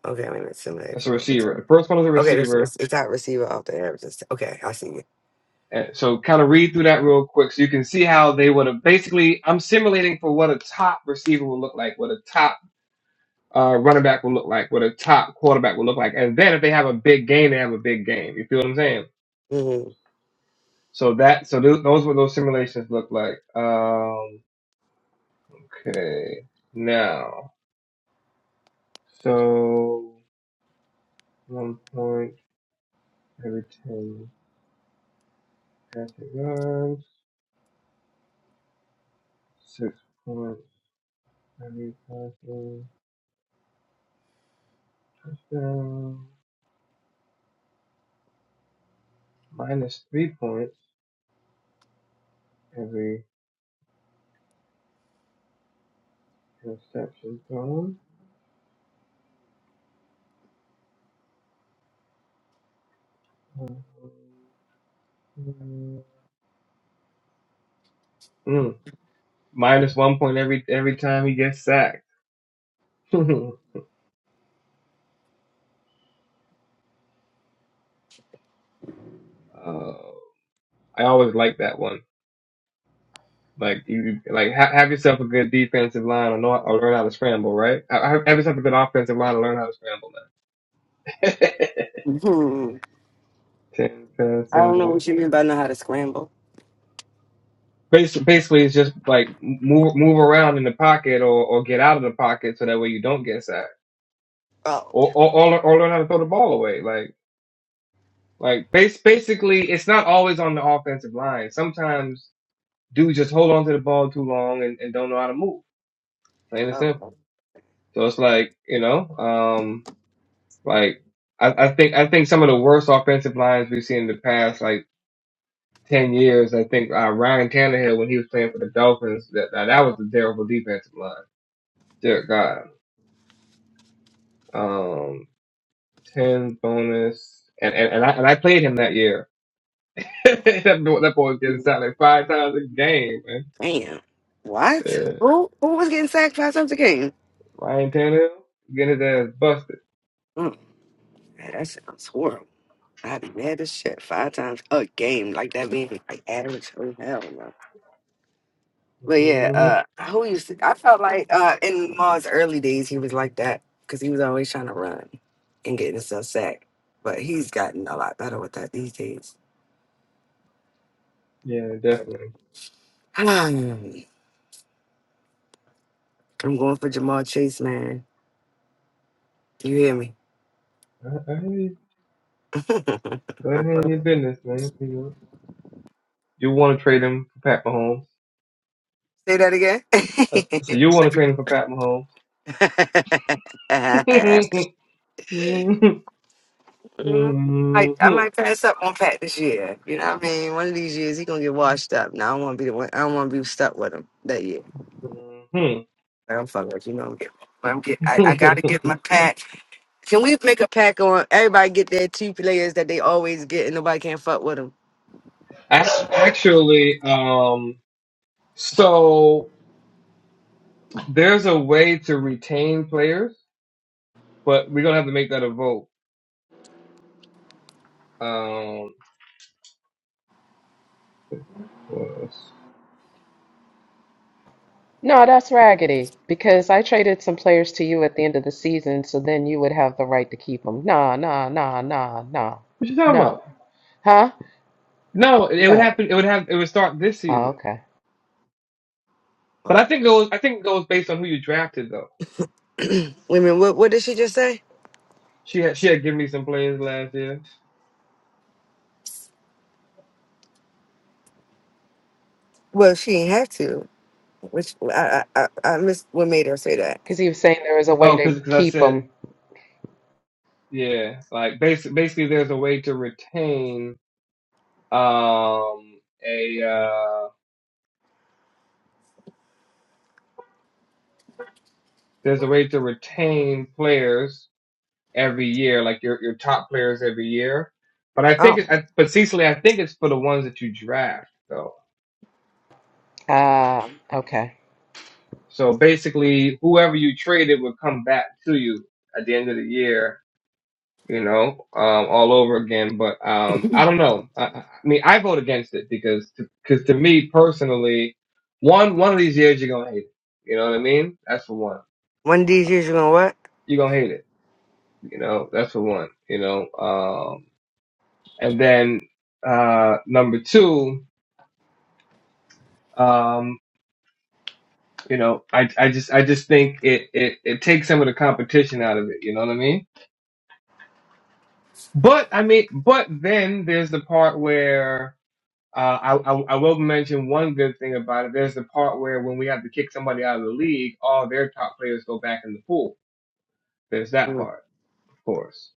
[SPEAKER 4] Okay, wait a minute. Simulate
[SPEAKER 2] That's a
[SPEAKER 4] football.
[SPEAKER 2] receiver.
[SPEAKER 4] job.
[SPEAKER 2] The first one is a
[SPEAKER 4] Okay, there's
[SPEAKER 2] receiver,
[SPEAKER 4] it's, it's out receiver off the average. Okay, I see
[SPEAKER 2] and so kind of read through that real quick so you can see how they would have basically. I'm simulating for what a top receiver will look like, what a top uh, running back will look like, what a top quarterback will look like, and then if they have a big game, they have a big game. You feel what I'm saying?
[SPEAKER 4] you.
[SPEAKER 2] So that so th- those what those simulations look like. Um, okay, now so one point. Everything passing yards, six points, every passing touchdown, minus three points, every interception thrown. Um, mm, minus one point every every time he gets sacked. uh, I always like that one. Like you, like ha- have yourself a good defensive line or, know, or learn how to scramble, right? Ha- Have, have yourself a good offensive line and learn how to scramble. Then
[SPEAKER 4] hmm Hmm.
[SPEAKER 2] ten
[SPEAKER 4] I don't know
[SPEAKER 2] passing.
[SPEAKER 4] what you mean by know how to scramble.
[SPEAKER 2] Basically, basically, it's just like move move around in the pocket or, or get out of the pocket so that way you don't get sacked
[SPEAKER 4] Oh.
[SPEAKER 2] or or, or, or learn how to throw the ball away. Like like base, basically, it's not always on the offensive line. Sometimes dudes just hold on to the ball too long and, and don't know how to move. Plain and simple. So it's like you know, um, like I, I think I think some of the worst offensive lines we've seen in the past like ten years. I think uh, Ryan Tannehill when he was playing for the Dolphins, that that, that was a terrible defensive line. Dear God. um, ten bonus, and and, and I and I played him that year. that boy that boy was getting
[SPEAKER 4] Oh,
[SPEAKER 2] sacked like five times a game, man.
[SPEAKER 4] damn. What?
[SPEAKER 2] Yeah.
[SPEAKER 4] Who, who was getting sacked five times a game?
[SPEAKER 2] Ryan Tannehill getting his ass busted.
[SPEAKER 4] Mm, man, that sounds horrible. I'd be mad as shit five times a game, like that being like average. Oh, hell no. But yeah,
[SPEAKER 2] hmm
[SPEAKER 4] uh, who used to, I felt like uh, in Ma's early days, he was like that because he was always trying to run and getting himself sacked. But he's gotten a lot better with that these days.
[SPEAKER 2] Yeah, definitely.
[SPEAKER 4] I'm going for Jamal Chase, man. You hear me?
[SPEAKER 2] I, I hear you.
[SPEAKER 4] Say
[SPEAKER 2] Go ahead and handle your business, man. You know, you want to trade him for Pat Mahomes.
[SPEAKER 4] that
[SPEAKER 2] I
[SPEAKER 4] again.
[SPEAKER 2] said you want to trade him for Pat Mahomes.
[SPEAKER 4] I,
[SPEAKER 2] Mhm.
[SPEAKER 4] might, I might
[SPEAKER 2] Mhm.
[SPEAKER 4] pass up on Pat this year. You know what I mean? One of these years he gonna get washed up. Now I don't wanna be the one I don't wanna be stuck with him that year. Like, I'm fucking with you know I'm getting I'm get I, I gotta get my pack. Can we make a pack on everybody get their two players that they always get and nobody can fuck with them?
[SPEAKER 2] Ac- Actually, um, so. There's a way to retain players, but we're gonna have to make that a vote. Um, what else?
[SPEAKER 1] No, that's raggedy because I traded some players to you at the end of the season, so then you would have the right to keep them. Nah, nah, nah, nah, nah,
[SPEAKER 2] What you talking about?
[SPEAKER 1] no. Huh?
[SPEAKER 2] No, it would
[SPEAKER 1] No.
[SPEAKER 2] happen. It would have. It would start this
[SPEAKER 1] Oh,
[SPEAKER 2] season.
[SPEAKER 1] okay.
[SPEAKER 2] But I think it was. I think it goes based on who you drafted, though.
[SPEAKER 4] Women, what what did she just say?
[SPEAKER 2] She had. She had given me some players last year.
[SPEAKER 4] Well, she didn't have to. Which I I I, I missed what made her say that.
[SPEAKER 1] Because he was saying there was a way
[SPEAKER 2] Oh,
[SPEAKER 1] to
[SPEAKER 2] because I
[SPEAKER 1] keep
[SPEAKER 2] said
[SPEAKER 1] them.
[SPEAKER 2] yeah. Like basically, basically, there's a way to retain um a uh there's a way to retain players every year, like your your top players every year. But I think, it's,
[SPEAKER 4] Oh.
[SPEAKER 2] I, but Cecily, I think it's for the ones that you draft, though.
[SPEAKER 1] Uh, okay.
[SPEAKER 2] So basically, whoever you traded would come back to you at the end of the year, you know, um, all over again. But um, I don't know. I, I mean, I vote against it because, because to me personally, one one of these years you're gonna hate it. You know what I mean? That's for one.
[SPEAKER 4] One of these years you're gonna
[SPEAKER 2] You're gonna hate it. You know, that's for one. You know, um, and then uh, number two. Um, you know, I I just I just think it, it it takes some of the competition out of it. You know what I mean? But I mean, but then there's the part where uh, I, I I will mention one good thing about it. There's the part where when we have to kick somebody out of the league, all their top players go back in the pool. There's that
[SPEAKER 4] what?
[SPEAKER 2] part, of course.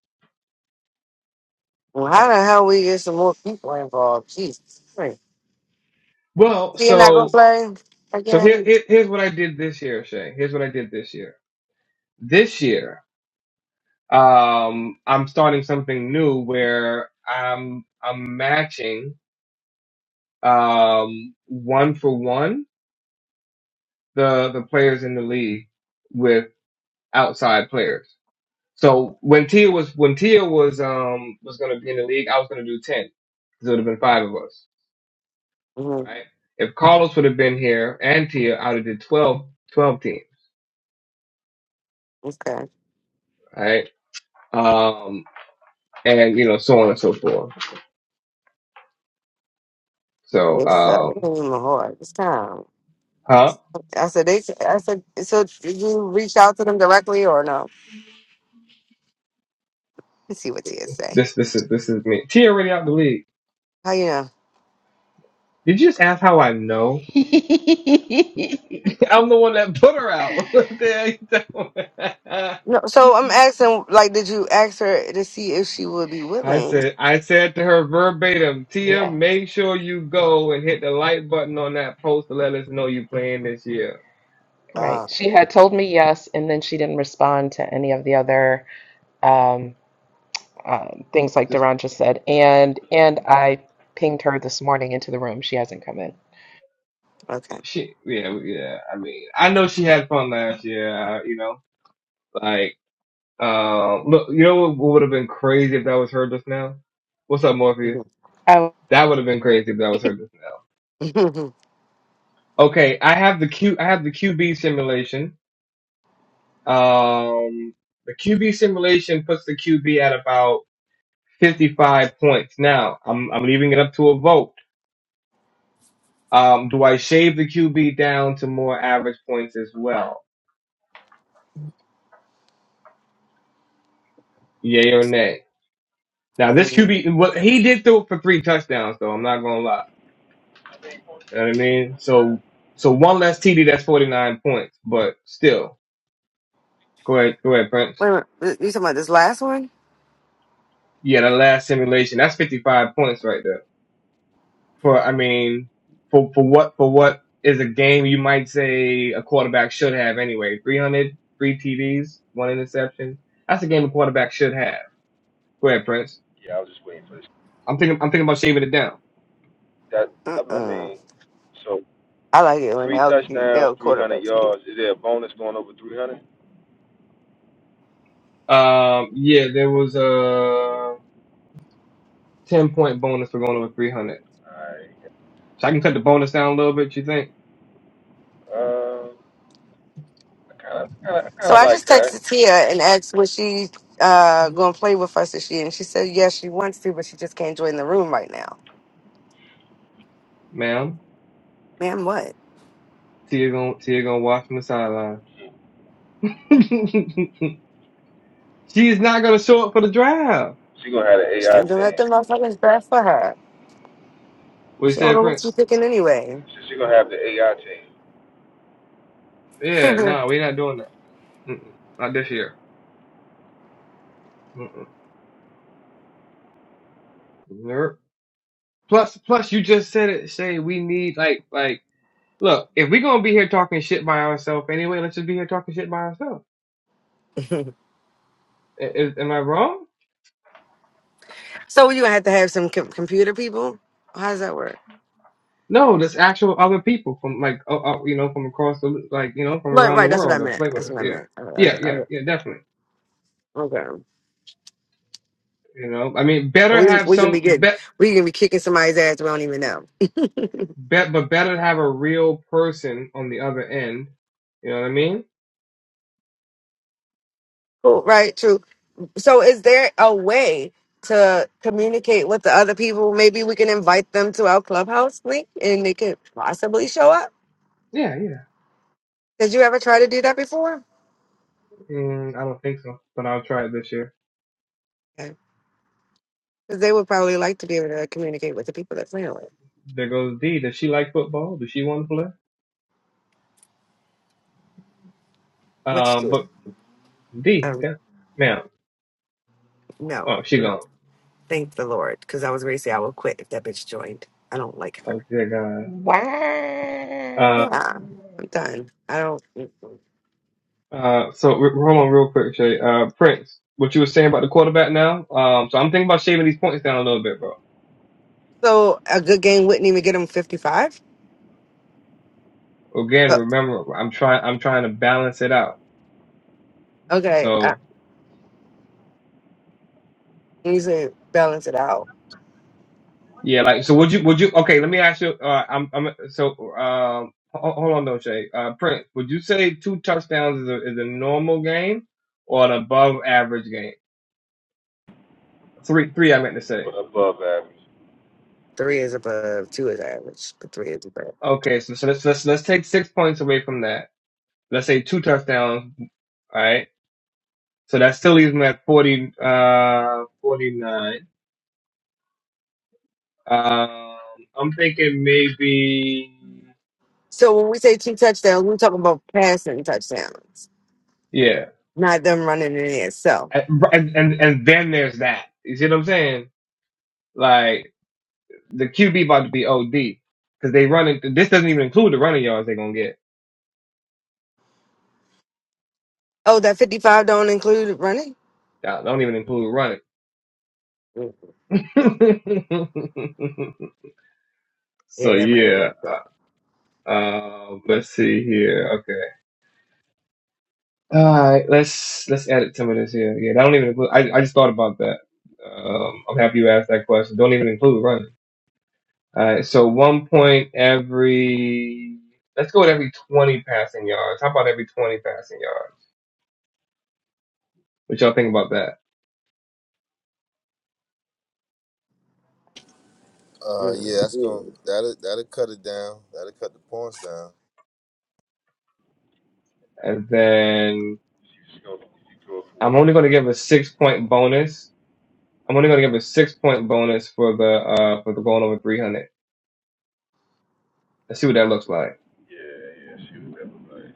[SPEAKER 4] Well, how the
[SPEAKER 2] Right?
[SPEAKER 4] hell we get some more people involved? Jesus. Christ.
[SPEAKER 2] Well,
[SPEAKER 4] So you're not gonna
[SPEAKER 2] so
[SPEAKER 4] play
[SPEAKER 2] so here,
[SPEAKER 4] again?
[SPEAKER 2] here here's what I did this year, Shay. Here's what I did this year. This year. um, I'm starting something new where I'm I'm matching um, one for one the the players in the league with outside players. So when Tia was when Tia was um was going to be in the league, I was going to do ten. 'cause It would have been five of us,
[SPEAKER 4] hmm
[SPEAKER 2] right? If Carlos would have been here and Tia, I would have did 12 12 teams,
[SPEAKER 4] Okay.
[SPEAKER 2] right? Um, and you know so on and so forth. So
[SPEAKER 4] It sucks. It
[SPEAKER 2] um,
[SPEAKER 4] ain't even hard this time.
[SPEAKER 2] huh?
[SPEAKER 4] I said they. I said so. Did you reach out to them directly or no? Let's see what Tia say.
[SPEAKER 2] This this is this is me. Tia already out the league.
[SPEAKER 4] How you know?
[SPEAKER 2] Did you just ask how I know? I'm the one that put her out. What the hell
[SPEAKER 4] No.
[SPEAKER 2] you
[SPEAKER 4] So
[SPEAKER 2] doing?
[SPEAKER 4] I'm asking. Like, did you ask her to see if she would be
[SPEAKER 2] I
[SPEAKER 4] willing?
[SPEAKER 2] said, I said to her verbatim, Tia,
[SPEAKER 1] Yeah,
[SPEAKER 2] make sure you go and hit the like button on that post to let us know you playing this year.
[SPEAKER 1] right.
[SPEAKER 4] Oh,
[SPEAKER 1] She had told me yes, and then she didn't respond to any of the other um, uh, things like
[SPEAKER 2] Just
[SPEAKER 1] Duran just said. And and I pinged her this morning into the room. She hasn't come in.
[SPEAKER 4] okay.
[SPEAKER 2] she, yeah, yeah. I mean, I know she had fun last year. uh, You know, like, um, look, you know what would have been crazy if that was her just now? What's up, Morpheus?
[SPEAKER 4] Mhm.
[SPEAKER 1] Oh,
[SPEAKER 2] That would have been crazy if that was her just now. Okay, I have the Q, I have the QB simulation. Um, the QB simulation puts the QB at about 55 points. Now, I'm, I'm leaving it up to a vote. Um, do I shave the QB down to more average points as well? Yay or nay? Now, this
[SPEAKER 4] Mhm.
[SPEAKER 2] QB, well, he did throw it for three touchdowns, though. I'm not going to lie. You know what I mean? So, so one less TD, that's 49 points, but still. Go ahead, go ahead, Prince.
[SPEAKER 4] Wait a minute. You talking about this last one?
[SPEAKER 2] Yeah, that last simulation, that's 55 points right there. for I mean for for what for what is a game you might say a quarterback should have anyway. Three hundred, three three TDs, one interception. That's a game a quarterback should have. Go ahead, Prince.
[SPEAKER 3] Yeah, I was just waiting for this.
[SPEAKER 2] I'm thinking I'm thinking about shaving it down.
[SPEAKER 3] That I I
[SPEAKER 4] Mm-mm.
[SPEAKER 3] mean, so
[SPEAKER 4] I like it when
[SPEAKER 3] three
[SPEAKER 4] L,
[SPEAKER 3] touchdowns,
[SPEAKER 4] L
[SPEAKER 3] three hundred
[SPEAKER 4] quarterbacks.
[SPEAKER 3] yards. Is there a bonus going over three hundred?
[SPEAKER 2] Um yeah, there was a 10 point bonus for going over 300.
[SPEAKER 3] Alright.
[SPEAKER 2] So I can cut the bonus down a little bit, you think?
[SPEAKER 3] Uh, I kind of, kind of, kind
[SPEAKER 4] So
[SPEAKER 3] of
[SPEAKER 4] I
[SPEAKER 3] like
[SPEAKER 4] just
[SPEAKER 3] that.
[SPEAKER 4] texted Tia and asked was she uh gonna play with us this year, and she said yes, she wants to, but she just can't join the room right now.
[SPEAKER 2] Ma'am,
[SPEAKER 4] Man, what?
[SPEAKER 2] Tia gonna, Tia gonna watch from the sideline. She's not gonna show up for the drive.
[SPEAKER 3] She gonna have the
[SPEAKER 4] She
[SPEAKER 3] AI
[SPEAKER 4] didn't let the
[SPEAKER 3] team.
[SPEAKER 4] motherfuckers bad for her.
[SPEAKER 2] We
[SPEAKER 4] She don't
[SPEAKER 2] said,
[SPEAKER 4] know what she's
[SPEAKER 2] Prince.
[SPEAKER 4] picking anyway.
[SPEAKER 3] She, she gonna have the AI team
[SPEAKER 4] so
[SPEAKER 2] Yeah,
[SPEAKER 4] you
[SPEAKER 2] no, we're not doing that. Mm-mm, not this year. Mm-mm. Nope. Plus, plus, you just said it. Say we need like, like, look. If we gonna be here talking shit by ourselves anyway, let's just be here talking shit by ourselves.
[SPEAKER 4] gonna
[SPEAKER 2] I- Is, am I wrong?
[SPEAKER 4] have to have some com- computer people. How does that work?
[SPEAKER 2] No, there's actual other people from like, uh, uh, you know, from across the, like, you know, from
[SPEAKER 4] Right,
[SPEAKER 2] around the
[SPEAKER 4] right. That's what I
[SPEAKER 2] world that
[SPEAKER 4] meant.
[SPEAKER 2] play with
[SPEAKER 4] That's
[SPEAKER 2] us.
[SPEAKER 4] what I
[SPEAKER 2] Yeah,
[SPEAKER 4] meant. Uh, other-
[SPEAKER 2] yeah, yeah,
[SPEAKER 4] other-
[SPEAKER 2] yeah, definitely.
[SPEAKER 4] okay.
[SPEAKER 2] You know, I mean, better
[SPEAKER 4] We
[SPEAKER 2] have
[SPEAKER 4] we can be
[SPEAKER 2] some
[SPEAKER 4] good.
[SPEAKER 2] bet,
[SPEAKER 4] we can be kicking somebody's ass we don't even know.
[SPEAKER 2] bet, but better to have a real person on the other end. You know what I mean?
[SPEAKER 4] Cool, right? True. So, is there a way to communicate with the other people? Maybe we can invite them to our clubhouse link, and they could possibly show up.
[SPEAKER 2] Yeah, yeah.
[SPEAKER 4] Did you ever try to do that before?
[SPEAKER 2] Mm, I don't think so, but I'll try it this year.
[SPEAKER 4] Because they would probably like to be able to communicate with the people that playing with.
[SPEAKER 2] There goes D. Does she like football? Does she want to play?
[SPEAKER 4] Which
[SPEAKER 2] Um,
[SPEAKER 4] do?
[SPEAKER 2] but D,
[SPEAKER 4] Um,
[SPEAKER 2] that man,
[SPEAKER 4] no,
[SPEAKER 2] oh, she
[SPEAKER 4] we don't.
[SPEAKER 2] gone.
[SPEAKER 4] Thank the Lord, because I was ready to say I will quit if that bitch joined. I don't like her.
[SPEAKER 2] Oh, dear God.
[SPEAKER 4] Yeah,
[SPEAKER 1] wow.
[SPEAKER 4] I'm done. I don't. mm-mm.
[SPEAKER 2] Uh, uh, so re- hold on real quick, Shay. Uh, Prince, what you were saying about the quarterback now? Um, so I'm thinking about shaving these points down a little bit, bro.
[SPEAKER 4] So a good game wouldn't even get him 55.
[SPEAKER 2] Again,
[SPEAKER 4] So,
[SPEAKER 2] remember, I'm trying, I'm trying to balance it out.
[SPEAKER 4] okay, I,
[SPEAKER 2] So
[SPEAKER 4] you say balance it out.
[SPEAKER 2] yeah, like, so would you, would you? Okay, let me ask you. Uh, I'm, I'm, so um, ho- hold on though, Shay. Uh, Prince, would you say two touchdowns is a is a normal game or an above average game? Three, three. I meant to
[SPEAKER 3] but
[SPEAKER 2] say.
[SPEAKER 3] above average
[SPEAKER 4] Three
[SPEAKER 3] three.
[SPEAKER 4] is above, two is average, but three is above.
[SPEAKER 2] Okay, so so let's let's let's take six points away from that. Let's say two touchdowns. All right. So that still leaves me at forty, uh, forty nine. Um, I'm thinking maybe,
[SPEAKER 4] So when we say two touchdowns, we're talking about passing touchdowns,
[SPEAKER 2] yeah,
[SPEAKER 4] not them running in there. So,
[SPEAKER 2] and and and then there's that. You see what I'm saying? Like the QB about to be OD because they running. This doesn't even include the running yards they're gonna get.
[SPEAKER 4] oh, that 55 don't include running?
[SPEAKER 2] That don't even include running.
[SPEAKER 4] Mm,
[SPEAKER 2] so
[SPEAKER 4] yeah, that might be right.
[SPEAKER 2] yeah.
[SPEAKER 4] But,
[SPEAKER 2] Uh, let's see here. Okay. All right. Let's let's edit some of this here. Yeah, I don't even include. I I just thought about that. Um, I'm happy you asked that question. Don't even include running. All right. So one point every. Let's go with every 20 passing yards. How about every 20 passing yards? What y'all think about that?
[SPEAKER 3] Uh, yeah,
[SPEAKER 4] mm,
[SPEAKER 3] that's gonna that'll that'll cut it down. That'll cut the points down.
[SPEAKER 2] And then
[SPEAKER 3] She's gonna she throw it for what
[SPEAKER 2] I'm only
[SPEAKER 3] two
[SPEAKER 2] going to
[SPEAKER 3] hundred?
[SPEAKER 2] give a six point bonus. I'm only going to give a six point bonus for the uh for the going over 300. Let's see what that looks like.
[SPEAKER 3] Yeah, yeah. She was never like.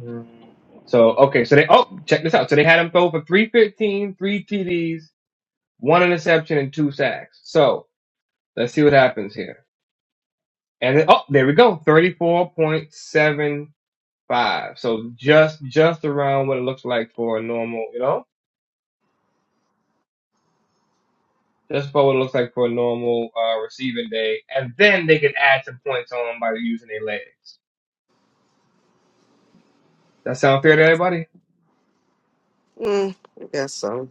[SPEAKER 2] Mm. So okay, so they oh check this out. So they had him throw for three fifteen, three three TDs, one interception, and two sacks. So let's see what happens here. And then, oh, there we go, thirty four point seven five. So just just around what it looks like for a normal, you know, just about what it looks like for a normal uh, receiving day. And then they can add some points on by using their legs. That sound fair to everybody?
[SPEAKER 4] mm, I guess so.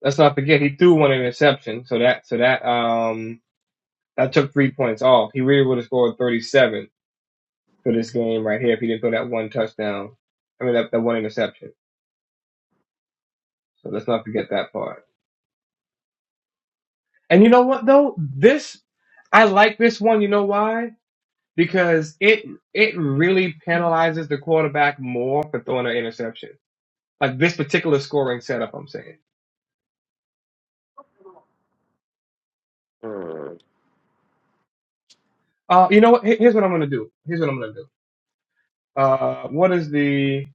[SPEAKER 2] Let's not forget he threw one interception. So that so that um I took three points off. He really would have scored 37 for this game right here if he didn't throw that one touchdown. I mean, that, that one interception. So let's not forget that part. And you know what though? This, I like this one. You know why? Because it, it really penalizes the quarterback more for throwing an interception. Like this particular scoring setup, I'm saying.
[SPEAKER 4] Mm.
[SPEAKER 2] Uh, you know what? Here- Here's what I'm going to do. Here's what I'm going to do. Uh, what is the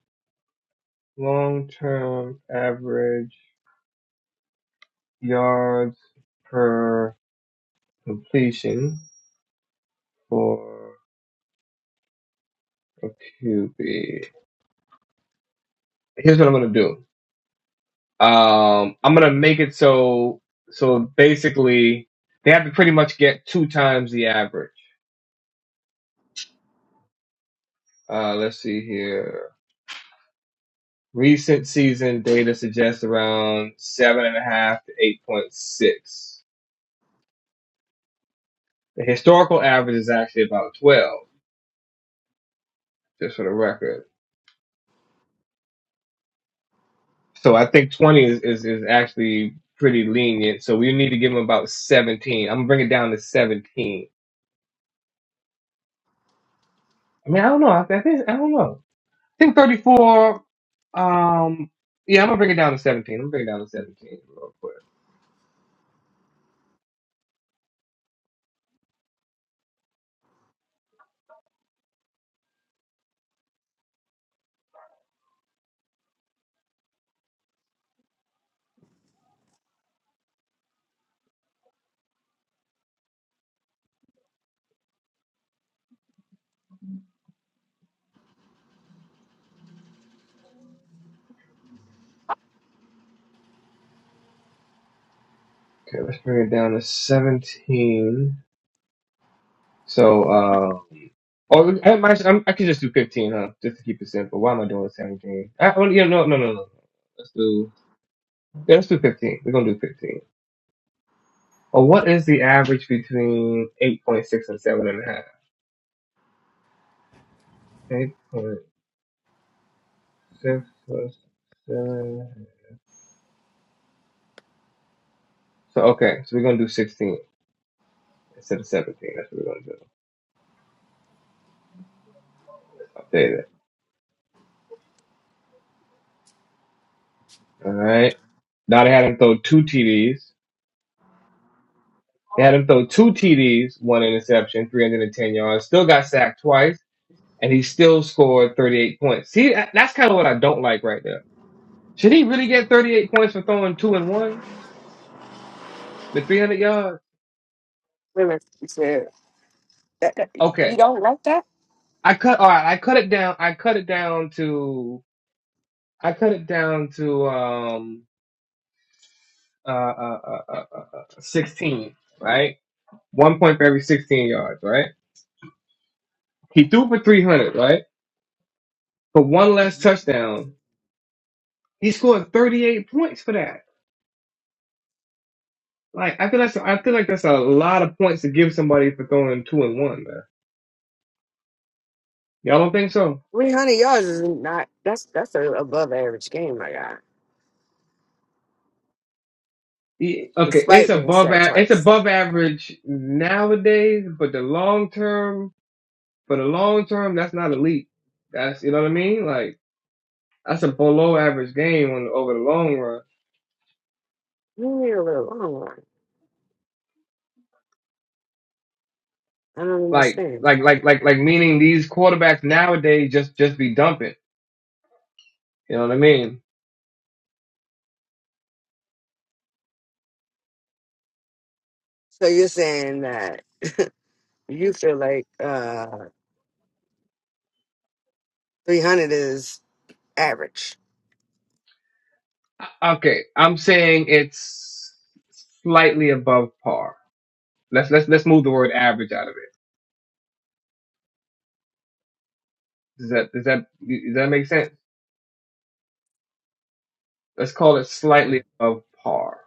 [SPEAKER 2] long-term average yards per completion for a QB. Here's what I'm gonna do. Um, I'm gonna make it so so basically they have to pretty much get two times the average. Uh, let's see here. Recent season data suggests around seven and a half to eight point six. The historical average is actually about twelve, just for the record. So I think twenty is, is, is actually pretty lenient. So we need to give them about seventeen. I'm gonna bring it down to seventeen I mean, I don't know. I, I think I don't know. I think 34. Um, yeah, I'm gonna bring it down to 17. I'm gonna bring it down to 17 real quick. Okay, let's bring it down to 17. So, uh, oh, I, might- I'm, I could just do 15, huh? Just to keep it simple. Why am I doing 17? I, oh, yeah, no, no, no, no. no. Let's do yeah, let's do 15. We're gonna do 15. Well, what is the average between 8.6 and 7.5? 8.6 plus 7. So okay, so we're gonna do 16 instead of 17. That's what we're gonna do. I'll tell you that. All right. Now they had him throw two TDs. They had him throw two TDs, one interception, 310 yards. Still got sacked twice, and he still scored 38 points. See, that- that's kind of what I don't like right there. Should he really get 38 points for throwing two and one with 300 yards?
[SPEAKER 4] Wait a minute. You said that, that- you
[SPEAKER 2] Okay.
[SPEAKER 4] don't like that?
[SPEAKER 2] I cut, all right. I cut it down. I cut it down to, I cut it down to, um, uh, uh, uh, uh, uh, uh, 16, right? One point for every 16 yards, right? He threw for 300, right? for one less touchdown. He scored 38 points for that. Like I feel that's I feel like that's a lot of points to give somebody for throwing two and one. Man. Y'all don't think so?
[SPEAKER 4] Three hundred yards is not that's that's an above average game I got,
[SPEAKER 2] Yeah, Okay, it's
[SPEAKER 4] despite being
[SPEAKER 2] above
[SPEAKER 4] sacked
[SPEAKER 2] a- it's
[SPEAKER 4] twice.
[SPEAKER 2] above average nowadays, but the long term for the long term that's not elite. That's you know what I mean? Like that's a below average game on over the long run.
[SPEAKER 4] You need a little long one. I don't
[SPEAKER 2] Like
[SPEAKER 4] understand.
[SPEAKER 2] like like like like meaning these quarterbacks nowadays just just be dumping. You know what I mean?
[SPEAKER 4] So you're saying that you feel like uh three hundred is average.
[SPEAKER 2] Okay, I'm saying it's slightly above par. Let's let's let's move the word average out of it. Does that does that does that make sense? Let's call it slightly
[SPEAKER 4] Mm.
[SPEAKER 2] above par.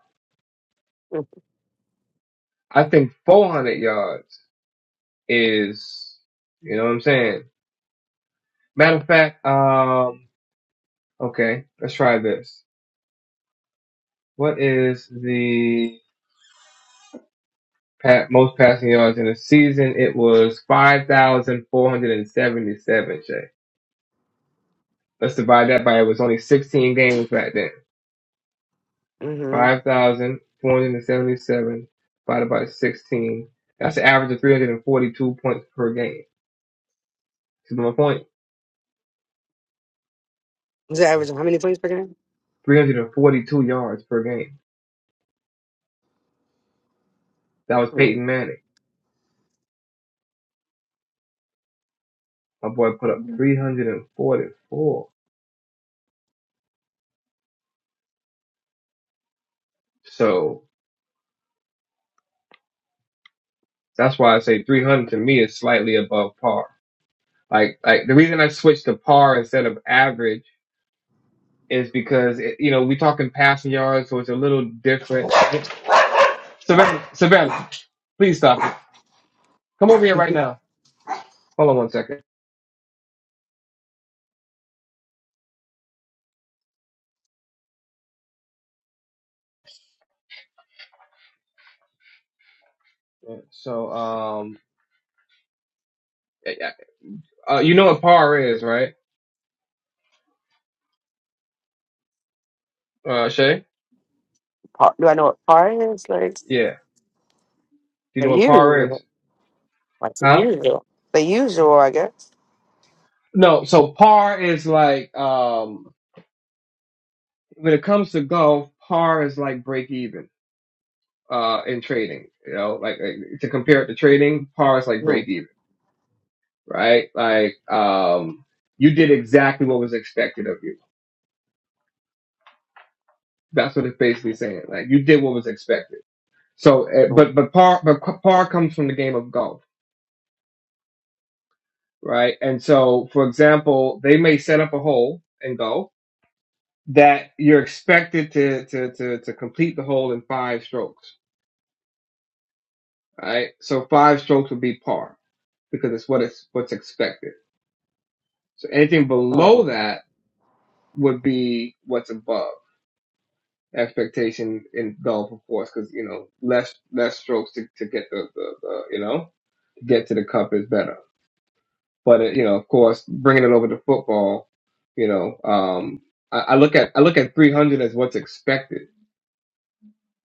[SPEAKER 2] I think 400 yards is, you know what I'm saying. Matter of fact, um, okay, let's try this. What is the pa- most passing yards in a season? It was 5,477. Shay, let's divide that by it was only 16 games back then.
[SPEAKER 4] Mm-hmm.
[SPEAKER 2] Five thousand four hundred and seventy-seven divided by sixteen. That's an average of three hundred and forty-two points per game. See my point?
[SPEAKER 4] Is it average of how many points per game?
[SPEAKER 2] Three hundred and forty-two yards per game. That was
[SPEAKER 4] Hmm.
[SPEAKER 2] Peyton Manning. My boy put up three hundred and forty-four. So that's why I say three hundred to me is slightly above par. Like like the reason I switched to par instead of average is because it, you know we are talking passing yards, so it's a little different. Savannah, Savannah, please stop it. Come over here right now. Hold on one second. Yeah, So, um, yeah, yeah. uh, you know what par is, right? Uh, Shay?
[SPEAKER 4] Par- Do I know what par is? Like
[SPEAKER 2] Yeah. Do you know
[SPEAKER 4] the
[SPEAKER 2] what par is?
[SPEAKER 4] usual. Like the
[SPEAKER 2] Huh?
[SPEAKER 4] usual. The usual, I guess.
[SPEAKER 2] No. So par is like, um, when it comes to golf, par is like break even, uh, in trading, you know, like, like to compare it to trading, par is like
[SPEAKER 4] Mm,
[SPEAKER 2] break even, right? Like, um, you did exactly what was expected of you. That's what it's basically saying. Like you did what was expected. So, uh,
[SPEAKER 4] mm,
[SPEAKER 2] but, but par, but par comes from the game of golf right? And so, for example, they may set up a hole and go that you're expected to to to, to complete the hole in five strokes, right? So five strokes would be par because it's what it's what's expected. So anything below
[SPEAKER 4] mm,
[SPEAKER 2] that would be what's above expectation in golf, of course, because you know less less strokes to, to get the, the, the you know get to the cup is better. But uh, you know, of course, bringing it over to football, you know, um, I, I look at I look at 300 as what's expected,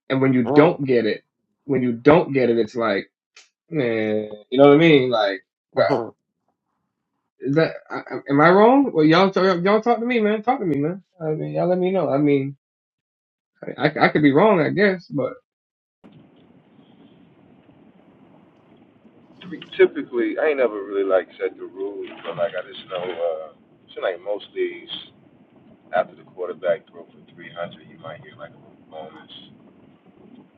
[SPEAKER 2] and when you
[SPEAKER 4] mm,
[SPEAKER 2] don't get it, when you don't get it, it's like, man, you know what I mean? Like, uh,
[SPEAKER 4] mm.
[SPEAKER 2] is that I, I- am I wrong? Well, y'all talk, y'all talk to me, man. Talk to me, man. I mean, y'all let me know. I mean, I, I could be wrong, I guess, but
[SPEAKER 3] I mean, Typically, I ain't never really like set the rules, but like I just know, uh, she like most leagues. after the quarterback throw for three hundred, you might hear like a little bonus.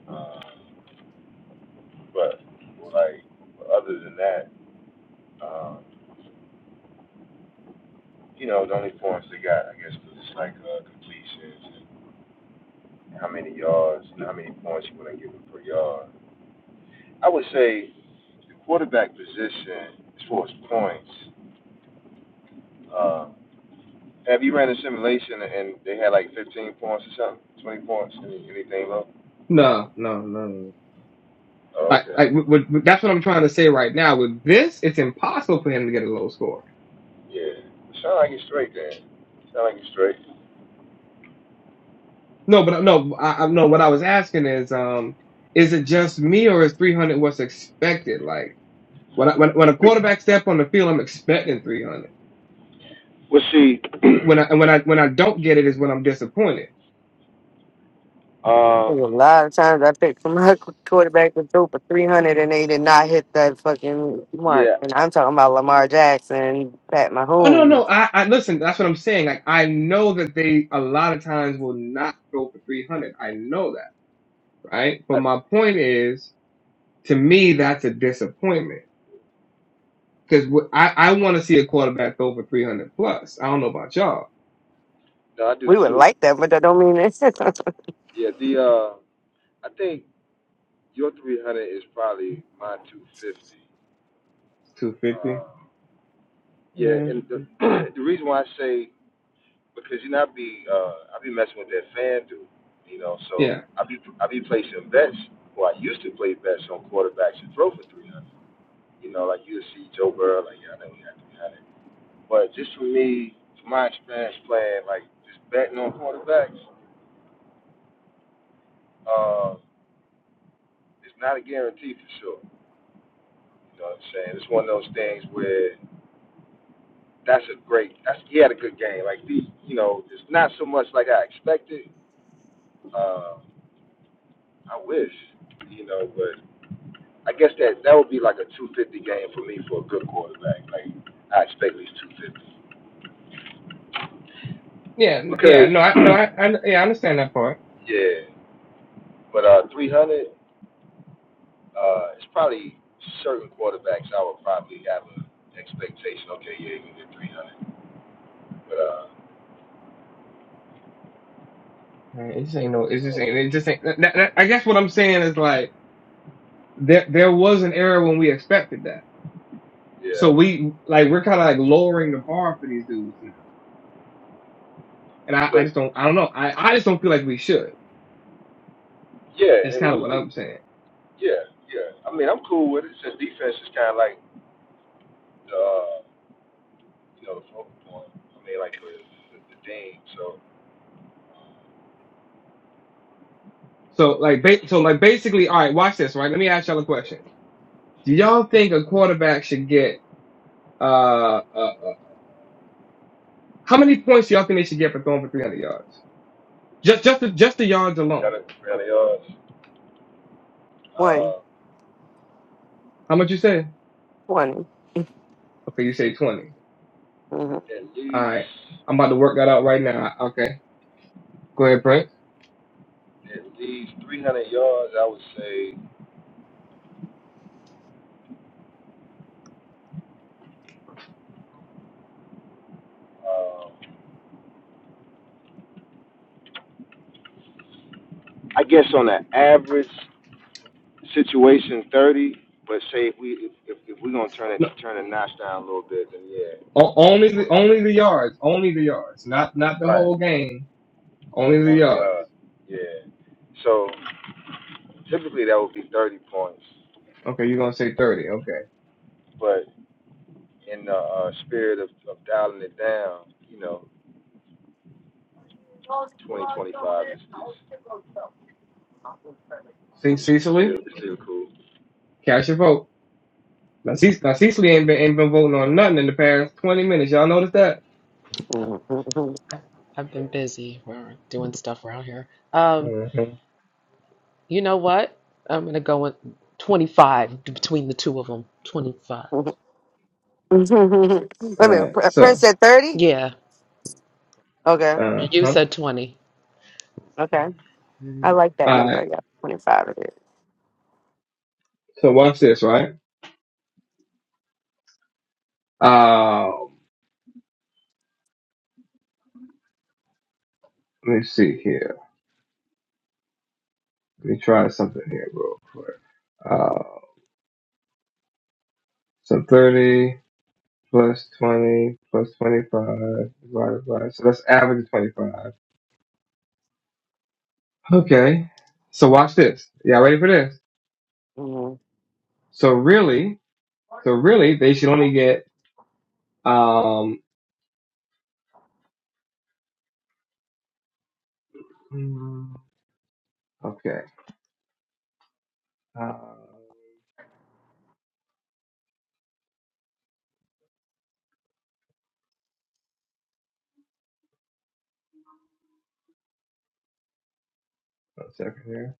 [SPEAKER 3] Um, but like other than that, um, you know, the only points they got, I guess, was just like uh, completions and how many yards and how many points you want to give them per yard. I would say the quarterback position as far as points. Um, have you ran a simulation and they had like 15 points or something, 20 points, anything low?
[SPEAKER 2] no, no, no. no.
[SPEAKER 3] Oh,
[SPEAKER 2] Like,
[SPEAKER 3] okay.
[SPEAKER 2] like with, with, that's what I'm trying to say right now. With this, it's impossible for him to get a low score
[SPEAKER 3] Yeah. Sound like it's straight then. Sound like it's straight.
[SPEAKER 2] No, but no, I, I no. What I was asking is, um, is it just me or is 300 what's expected? Like when I, when when a quarterback step on the field, I'm expecting 300.
[SPEAKER 3] Well, see,
[SPEAKER 2] When I and when I when I don't get it is when I'm disappointed.
[SPEAKER 4] There's
[SPEAKER 3] um,
[SPEAKER 4] a lot of times I picked from my quarterback to throw for 300 and they did not hit that fucking mark.
[SPEAKER 3] yeah,
[SPEAKER 4] And I'm talking about Lamar Jackson, Pat
[SPEAKER 2] Oh no,
[SPEAKER 4] Mahomes.
[SPEAKER 2] no. I, I listen. That's what I'm saying. Like I know that they a lot of times will not throw for 300. I know that, right? But
[SPEAKER 3] I,
[SPEAKER 2] my point is, to me, that's a disappointment because I I want to see a quarterback throw for 300 plus. I don't know about y'all.
[SPEAKER 3] no, I do
[SPEAKER 4] We would
[SPEAKER 3] too.
[SPEAKER 4] like that, but that don't mean it.
[SPEAKER 3] Yeah, the uh, I think your 300 is probably my 250. Uh,
[SPEAKER 2] 250.
[SPEAKER 3] yeah,
[SPEAKER 2] Yeah.
[SPEAKER 3] and the, the reason why I say because you know I be uh, I be messing with that fan dude, you know, so
[SPEAKER 2] Yeah.
[SPEAKER 3] I be I be placing bets. Well, I used to play bets on quarterbacks and throw for 300. You know, like you see Joe Burrow, like yeah, I know he had 300. But just for me, from my experience playing, like just betting on quarterbacks. uh, it's not a guarantee for sure. You know what I'm saying? It's one of those things where that's a great. That's he had a good game. Like the, you know, it's not so much like I expected. Uh, I wish, you know, but I guess that that would be like a 250 game for me for a good quarterback. Like I expect at least 250
[SPEAKER 2] Yeah, n- yeah,
[SPEAKER 3] because
[SPEAKER 2] no, I, no, I, I, yeah, I understand that part.
[SPEAKER 3] yeah, but uh 300, uh, it's probably certain quarterbacks I would probably have an expectation. Okay, yeah, you can get 300, but uh,
[SPEAKER 2] Uh, It just ain't no, it just ain't, it just ain't. That, that, that- I guess what I'm saying is like there, there was an era when we expected that, so
[SPEAKER 3] yeah,
[SPEAKER 2] we like we're kind of like lowering the bar for these dudes now, and I, I
[SPEAKER 3] but
[SPEAKER 2] just don't, I don't know, I, I just don't feel like we should.
[SPEAKER 3] Yeah, and
[SPEAKER 2] It's
[SPEAKER 3] then
[SPEAKER 2] kind
[SPEAKER 3] we,
[SPEAKER 2] of what
[SPEAKER 3] we
[SPEAKER 2] I'm saying.
[SPEAKER 3] yeah, yeah. I mean, I'm cool with it. Since defense is kind of like the, uh, you know, the focal point. I mean, like the the, the thing. So um,
[SPEAKER 2] So like,
[SPEAKER 3] yeah, that's
[SPEAKER 2] ba- so like basically, all right, watch this, right? Let me ask y'all a question. Do y'all think a quarterback should get uh, uh how many points do y'all think they should get for throwing for 300 yards? Just, just, the, just the yards alone.
[SPEAKER 3] better better yards.
[SPEAKER 4] Twenty,
[SPEAKER 3] Uh,
[SPEAKER 2] How much you say?
[SPEAKER 4] twenty.
[SPEAKER 2] Okay, you say 20.
[SPEAKER 4] 20.
[SPEAKER 3] at
[SPEAKER 2] All
[SPEAKER 3] least
[SPEAKER 2] right, I'm about to work that out right now. Okay, go ahead, Brent.
[SPEAKER 3] at least 300 yards, I would say. Um, I guess on an average situation, 30. But say if we if, if if we're gonna turn it
[SPEAKER 2] No,
[SPEAKER 3] turn the notch down a little bit, then yeah,
[SPEAKER 2] o- only the
[SPEAKER 3] 20.
[SPEAKER 2] only the yards, only the yards, not not the
[SPEAKER 3] Right.
[SPEAKER 2] whole game, only the
[SPEAKER 3] Only
[SPEAKER 2] yards.
[SPEAKER 3] yard. Yeah. So Typically, that would be 30 points,
[SPEAKER 2] Okay, you're gonna say thirty. Okay,
[SPEAKER 3] but in the uh, spirit of, of dialing it down, you know, 20 25 is, is,
[SPEAKER 2] see
[SPEAKER 3] is, is still
[SPEAKER 2] Cecily,
[SPEAKER 3] is still cool.
[SPEAKER 2] cast your vote. Now, Ce- now Cecily ain't been ain't been voting on nothing in the past twenty minutes. Y'all notice that?
[SPEAKER 4] hmm
[SPEAKER 1] I've I've been busy. We're doing stuff around here. Um,
[SPEAKER 2] Mhm.
[SPEAKER 1] you know what? I'm gonna go with 25 between the two of them. 25.
[SPEAKER 4] Wait
[SPEAKER 2] All
[SPEAKER 4] a
[SPEAKER 2] right,
[SPEAKER 4] minute. Prince
[SPEAKER 2] so
[SPEAKER 4] said 30?
[SPEAKER 1] Yeah,
[SPEAKER 4] Okay.
[SPEAKER 2] uh
[SPEAKER 1] you
[SPEAKER 2] huh.
[SPEAKER 1] said 20.
[SPEAKER 4] Okay. I
[SPEAKER 1] Mhm.
[SPEAKER 4] like that
[SPEAKER 2] All
[SPEAKER 4] number.
[SPEAKER 2] right,
[SPEAKER 4] Yeah, 25 of it.
[SPEAKER 2] so watch this, right? Um, let me see here. Let me try something here real quick. Uh, so thirty. plus 20 plus 25 divided by so that's average of 25 okay so watch this y'all ready for this
[SPEAKER 4] Mm-hmm.
[SPEAKER 2] so really so really they should only get um mm, okay uh one second here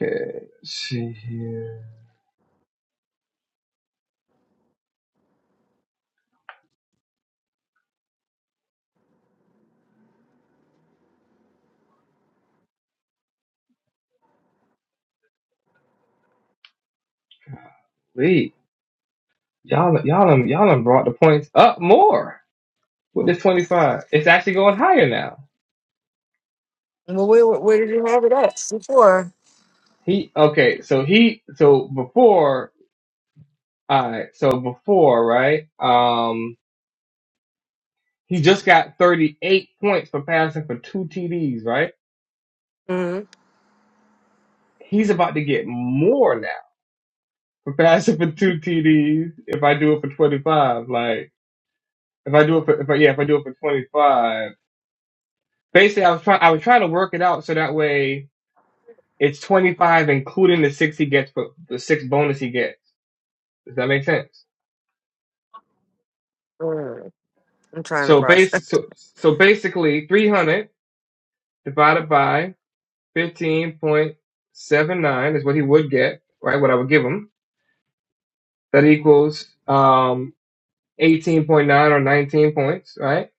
[SPEAKER 2] okay let's see here wait y'all y'all done, y'all done brought the points up more with this 25 it's actually going higher now
[SPEAKER 4] Well, where, where did you have it at before?
[SPEAKER 2] he okay so he so before all right so before right um, He just got 38 points for passing for two TDs, right?
[SPEAKER 4] Mm-hmm.
[SPEAKER 2] He's about to get more now for passing for two TDs. If I do it for 25, like if I do it for, if I, yeah, if I do it for 25, basically I was trying, I was trying to work it out so that way it's 25 including the six he gets for the six bonus he gets. Does that make sense?
[SPEAKER 4] mm I'm trying to
[SPEAKER 2] So
[SPEAKER 4] process.
[SPEAKER 2] base, so, so basically 300 divided by 15.79 is what he would get, right? What I would give him That equals um, 18.9 or 19 points, right?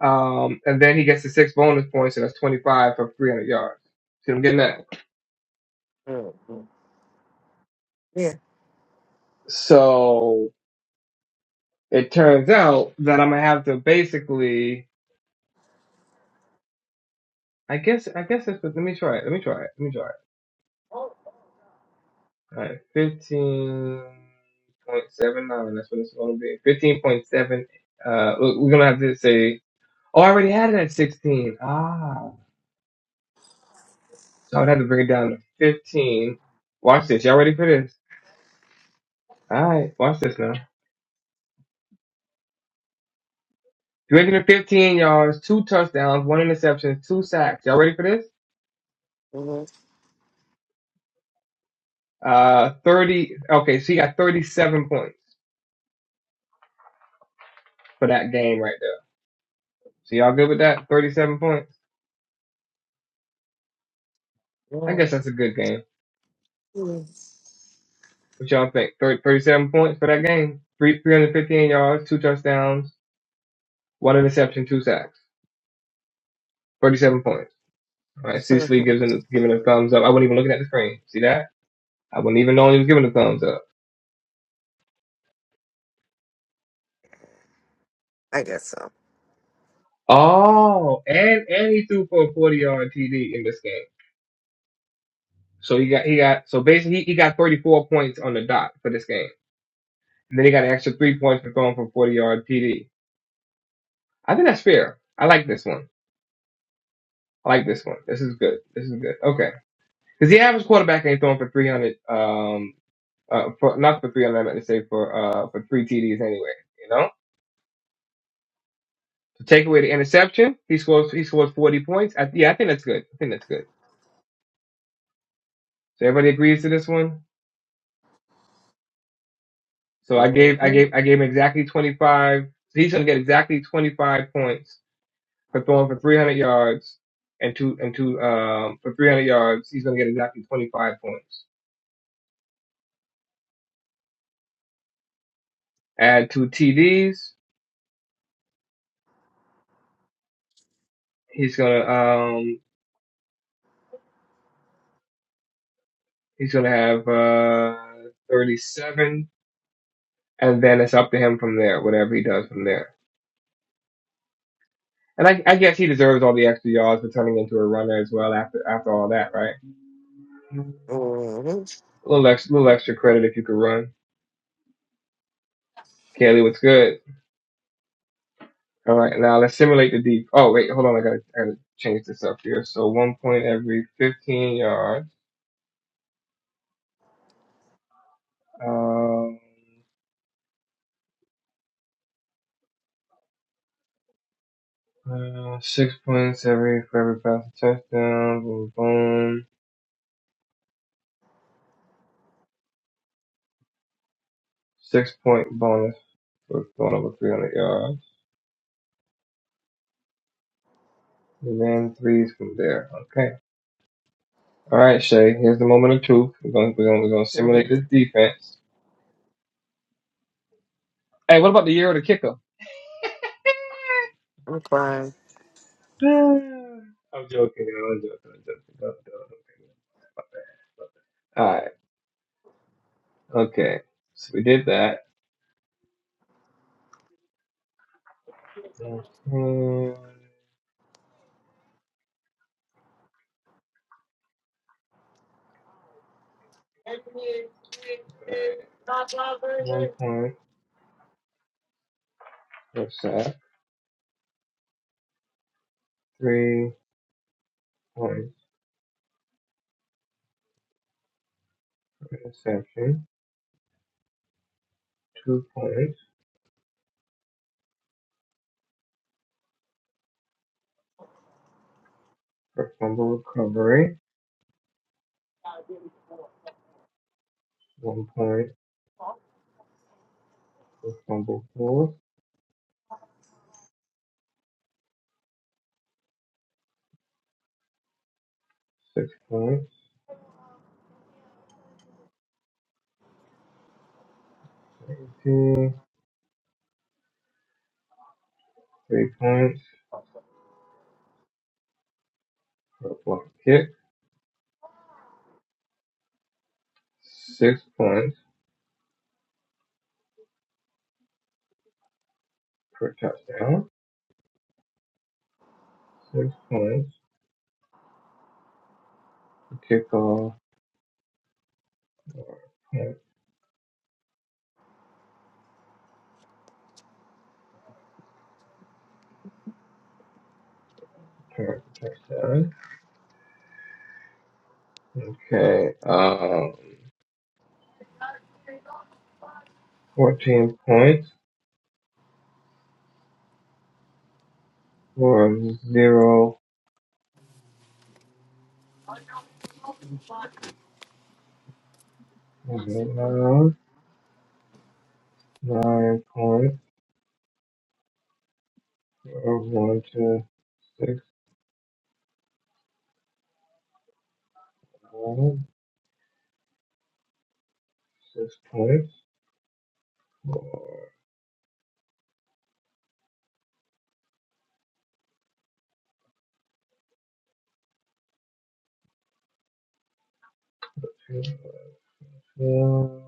[SPEAKER 2] Um, and then he gets the six bonus points, and that's 25 for 300 yards. See what I'm getting at?
[SPEAKER 4] Mm-hmm. Yeah.
[SPEAKER 2] So it turns out that I'm gonna have to basically, I guess, I guess it's. Let me try it. Let me try it. Let me try it. All right, 15.79. That's what it's gonna be. 15.7. Uh, we- we're gonna have to say. Oh, I already had it at 16. Ah. So I would have to bring it down to 15. Watch this. Y'all ready for this? All right. Watch this now. 315 yards, two touchdowns, one interception, two sacks. Y'all ready for this?
[SPEAKER 4] Mm-hmm.
[SPEAKER 2] Uh, 30. Okay, so he got 37 points for that game right there. So y'all good with that? 37 points? I
[SPEAKER 4] yeah.
[SPEAKER 2] guess that's a good game.
[SPEAKER 4] Mhm.
[SPEAKER 2] What y'all think? 30 37 points for that game? Three, 315 yards, two touchdowns, one interception, two sacks. 37 points. All right, Cecily gives him, giving a thumbs up. I wasn't even looking at the screen. See that? I wasn't even knowing he was giving a thumbs up.
[SPEAKER 4] I guess so.
[SPEAKER 2] Oh, and and he threw for a 40 yard TD in this game. So he got he got so basically he, he got 34 points on the dot for this game. And then he got an extra three points for throwing for 40 yard TD. I think that's fair. I like this one. I like this one. This is good. This is good. Okay, because the average quarterback ain't throwing for 300. Um, uh, for, not for 300. I meant to say for uh for three TDs anyway. You know, so take away the interception. He scores he scores 40 points. I, yeah, I think that's good. I think that's good. So everybody agrees to this one. So I gave I
[SPEAKER 4] Mm-hmm.
[SPEAKER 2] gave I gave him exactly 25. He's gonna get exactly 25 points for throwing for 300 yards and two and two um for 300 yards. He's gonna get exactly 25 points. Add two TDs. He's gonna um he's gonna have uh 37, and then it's up to him from there. Whatever he does from there. And I, I guess he deserves all the extra yards for turning into a runner as well after after all that, right? A
[SPEAKER 4] Mm-hmm.
[SPEAKER 2] little extra, little extra credit if you could run. Kelly, what's good? All right, now let's simulate the deep. Oh wait, hold on. I gotta, I gotta change this up here. So one point every 15 yards. Um, uh, six points every for every passing touchdown. Boom, boom. Six point bonus for going over 300 yards. And then threes from there. Okay. All right, Shay. Here's the moment of truth. We're gonna, we're gonna, we're gonna
[SPEAKER 4] Mm-hmm.
[SPEAKER 2] simulate this defense. Hey, what about the year of the kicker?
[SPEAKER 4] I'm crying.
[SPEAKER 2] I'm joking. I'm joking. I'm joking. Don't- don't- don't. All right. Okay, so we did that. Okay. One point for sack, three points for interception, two points for fumble recovery, one point for fumble force, six points for AT, three points for block kick, six points per touchdown, six points for kickoff, or point return for touchdown. Okay, um, 14 points for zero Vietnam, nine points, of one to six on six points. Four, two, one.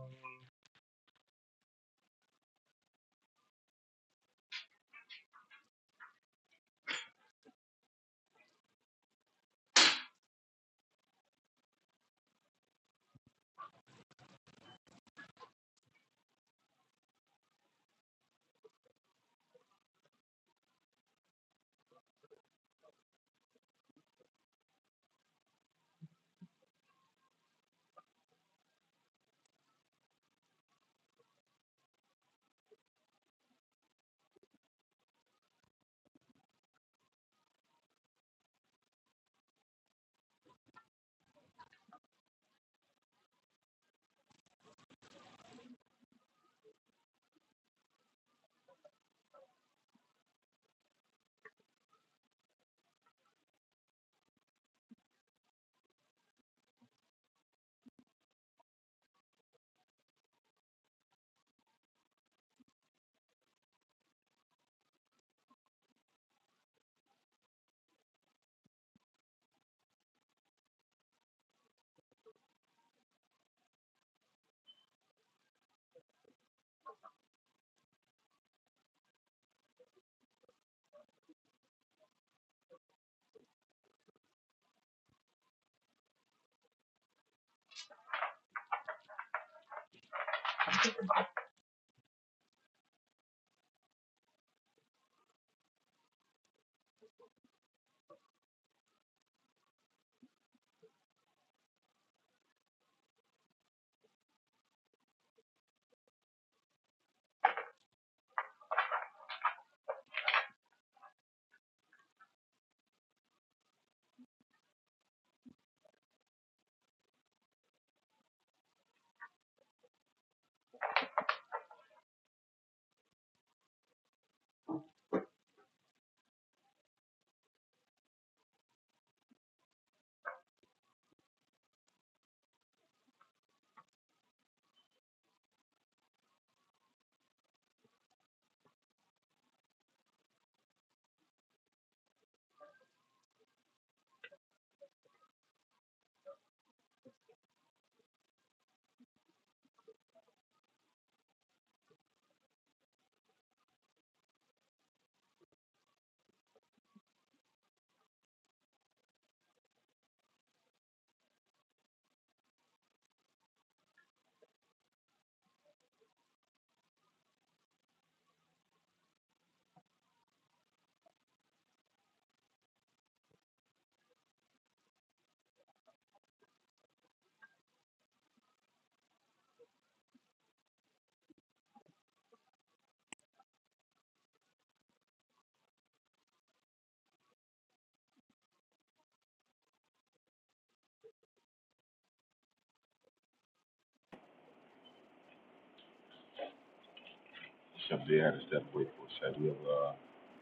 [SPEAKER 3] Simply had a step away for us. We'll uh,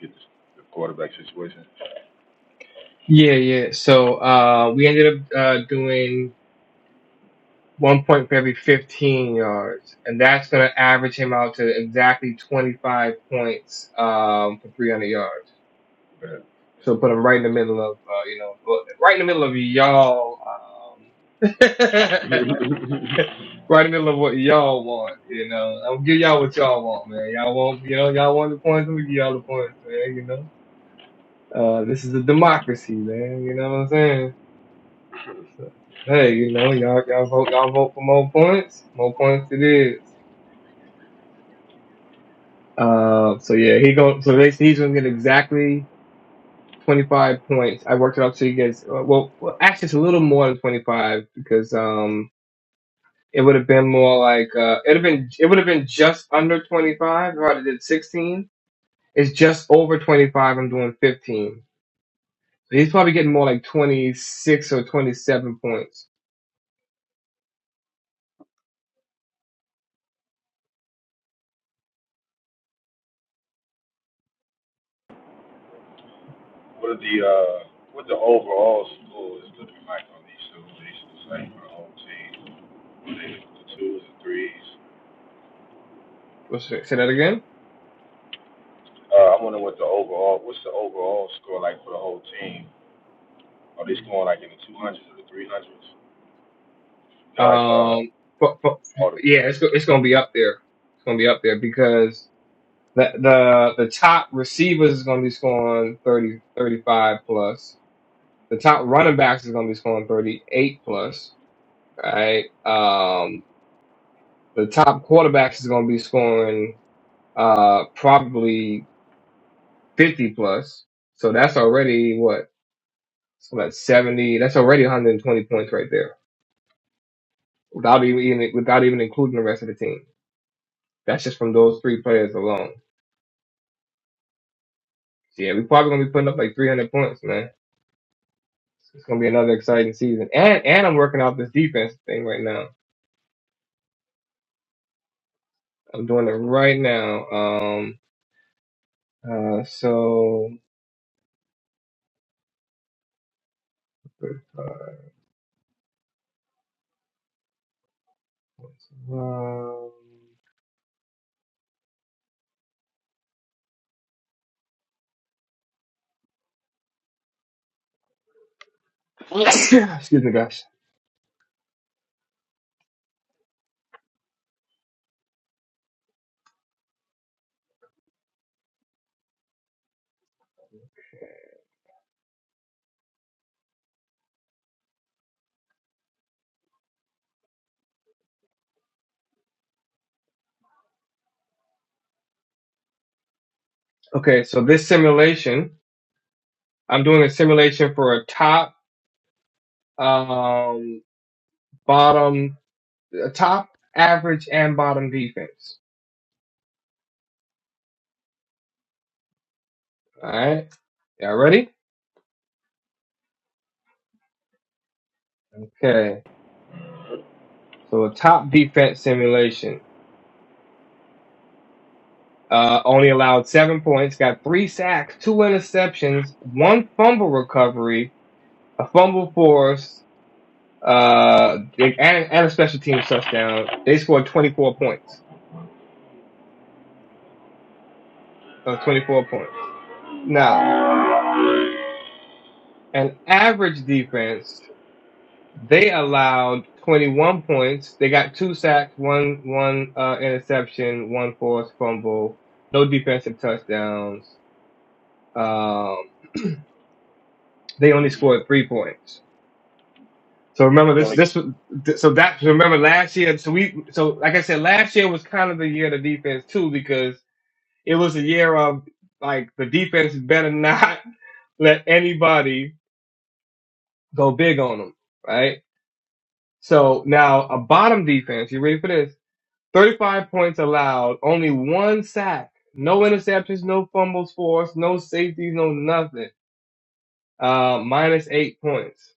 [SPEAKER 3] get this, the quarterback situation.
[SPEAKER 2] Yeah, yeah. So uh, we ended up uh, doing one point for every 15 yards, and that's going to average him out to exactly 25 points um, for 300 yards. So put him right in the middle of, uh, you know, well, right in the middle of y'all. Um, right in the middle of what y'all want, you know. I'm gonna give y'all what y'all want, man. Y'all want, you know, y'all want the points, we give y'all the points, man, you know. Uh, this is a democracy, man, you know what I'm saying? So, hey, you know, y'all, y'all vote, y'all vote for more points, more points it is. Uh, so yeah, he go, so they, he's gonna get exactly 25 points. I worked it out so he gets, uh, well, well, actually it's a little more than 25 because, um, it would have been more like uh, it would have been it would have been just under twenty five. Right, it did sixteen It's just over 25. I'm doing 15. So he's probably getting more like 26 or 27 points.
[SPEAKER 3] What are the uh, what the overall score is looking like on these situations, like for the whole team? Are they The twos and threes.
[SPEAKER 2] Let's say say that again.
[SPEAKER 3] Uh, I wonder what the overall what's the overall score like for the whole team? Are they scoring like in the two hundreds or the three hundreds? You know, like uh,
[SPEAKER 2] Um, but, but
[SPEAKER 3] all the
[SPEAKER 2] yeah,
[SPEAKER 3] players.
[SPEAKER 2] it's go- it's gonna be up there. It's gonna be up there because the the the top receivers is gonna be scoring 30 35 plus. The top running backs is gonna be scoring 38 plus. Right. Um, the top quarterbacks is gonna be scoring uh probably 50 plus. So that's already what So that's seventy. That's already 120 points right there, without even without even including the rest of the team. That's just from those three players alone. So yeah, we're probably gonna be putting up like 300 points, man. It's gonna be another exciting season. And and I'm working out this defense thing right now. I'm doing it right now. Um. Uh. So. uh, Um, excuse me, guys. Okay, so this simulation, I'm doing a simulation for a top, um, bottom. a top, average, and bottom defense. All right, y'all ready? Okay, so a top defense simulation. Uh, only allowed seven points, got three sacks, two interceptions, one fumble recovery, a fumble force, uh, and, and a special teams touchdown. They scored 24 points. So 24 points. Now, an average defense They allowed 21 points. They got two sacks, one one uh, interception, one forced fumble, no defensive touchdowns. Um, they only scored three points. So remember
[SPEAKER 3] The
[SPEAKER 2] this
[SPEAKER 3] only,
[SPEAKER 2] this was- th- so that so remember last year so we so like I said last year was kind of the year of the defense too because it was a year of like the defense better not let anybody go big on them right so now a bottom defense you ready for this 35 points allowed, only one sack, no interceptions, no fumbles forced, no safeties, no nothing. Uh, minus eight points.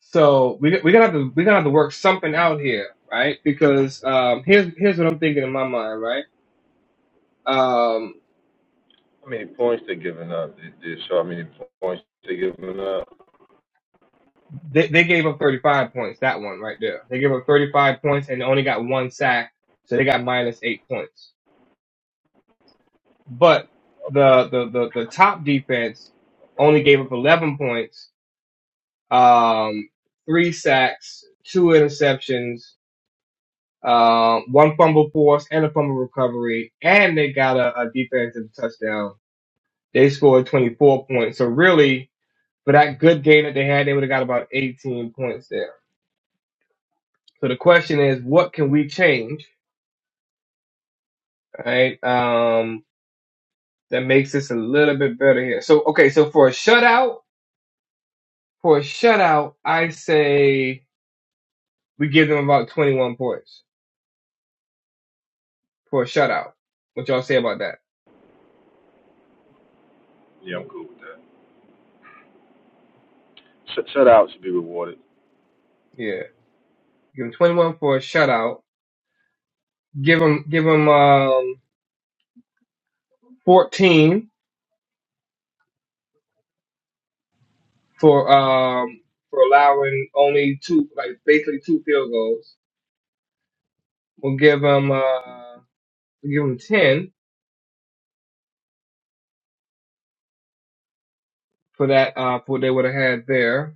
[SPEAKER 2] So we we're gonna have to we're gonna have to work something out here, right? Because um, here's here's what I'm thinking in my mind, right? Um,
[SPEAKER 3] how many points they giving up? Did, show how many points they giving up?
[SPEAKER 2] they they gave up 35 points that one right there. They gave up 35 points and only got one sack, so they got minus eight points. But
[SPEAKER 3] Okay.
[SPEAKER 2] the the the, the top defense only gave up 11 points um, three sacks, two interceptions, um, one fumble force, and a fumble recovery, and they got a, a defensive touchdown. They scored 24 points. So really, for that good game that they had, they would have got about 18 points there. So the question is, what can we change, right? Um, that makes this a little bit better here. So okay, so for a shutout, for a shutout, I say we give them about 21 points for a shutout. What y'all say about that?
[SPEAKER 3] Yeah, I'm cool with that. Shut, shutouts should be rewarded.
[SPEAKER 2] Yeah. Give him 21 for a shutout. Give him give him um, 14 for um for allowing only two like basically two field goals. We'll give him uh we'll give him 10 for that uh for what they would have had there.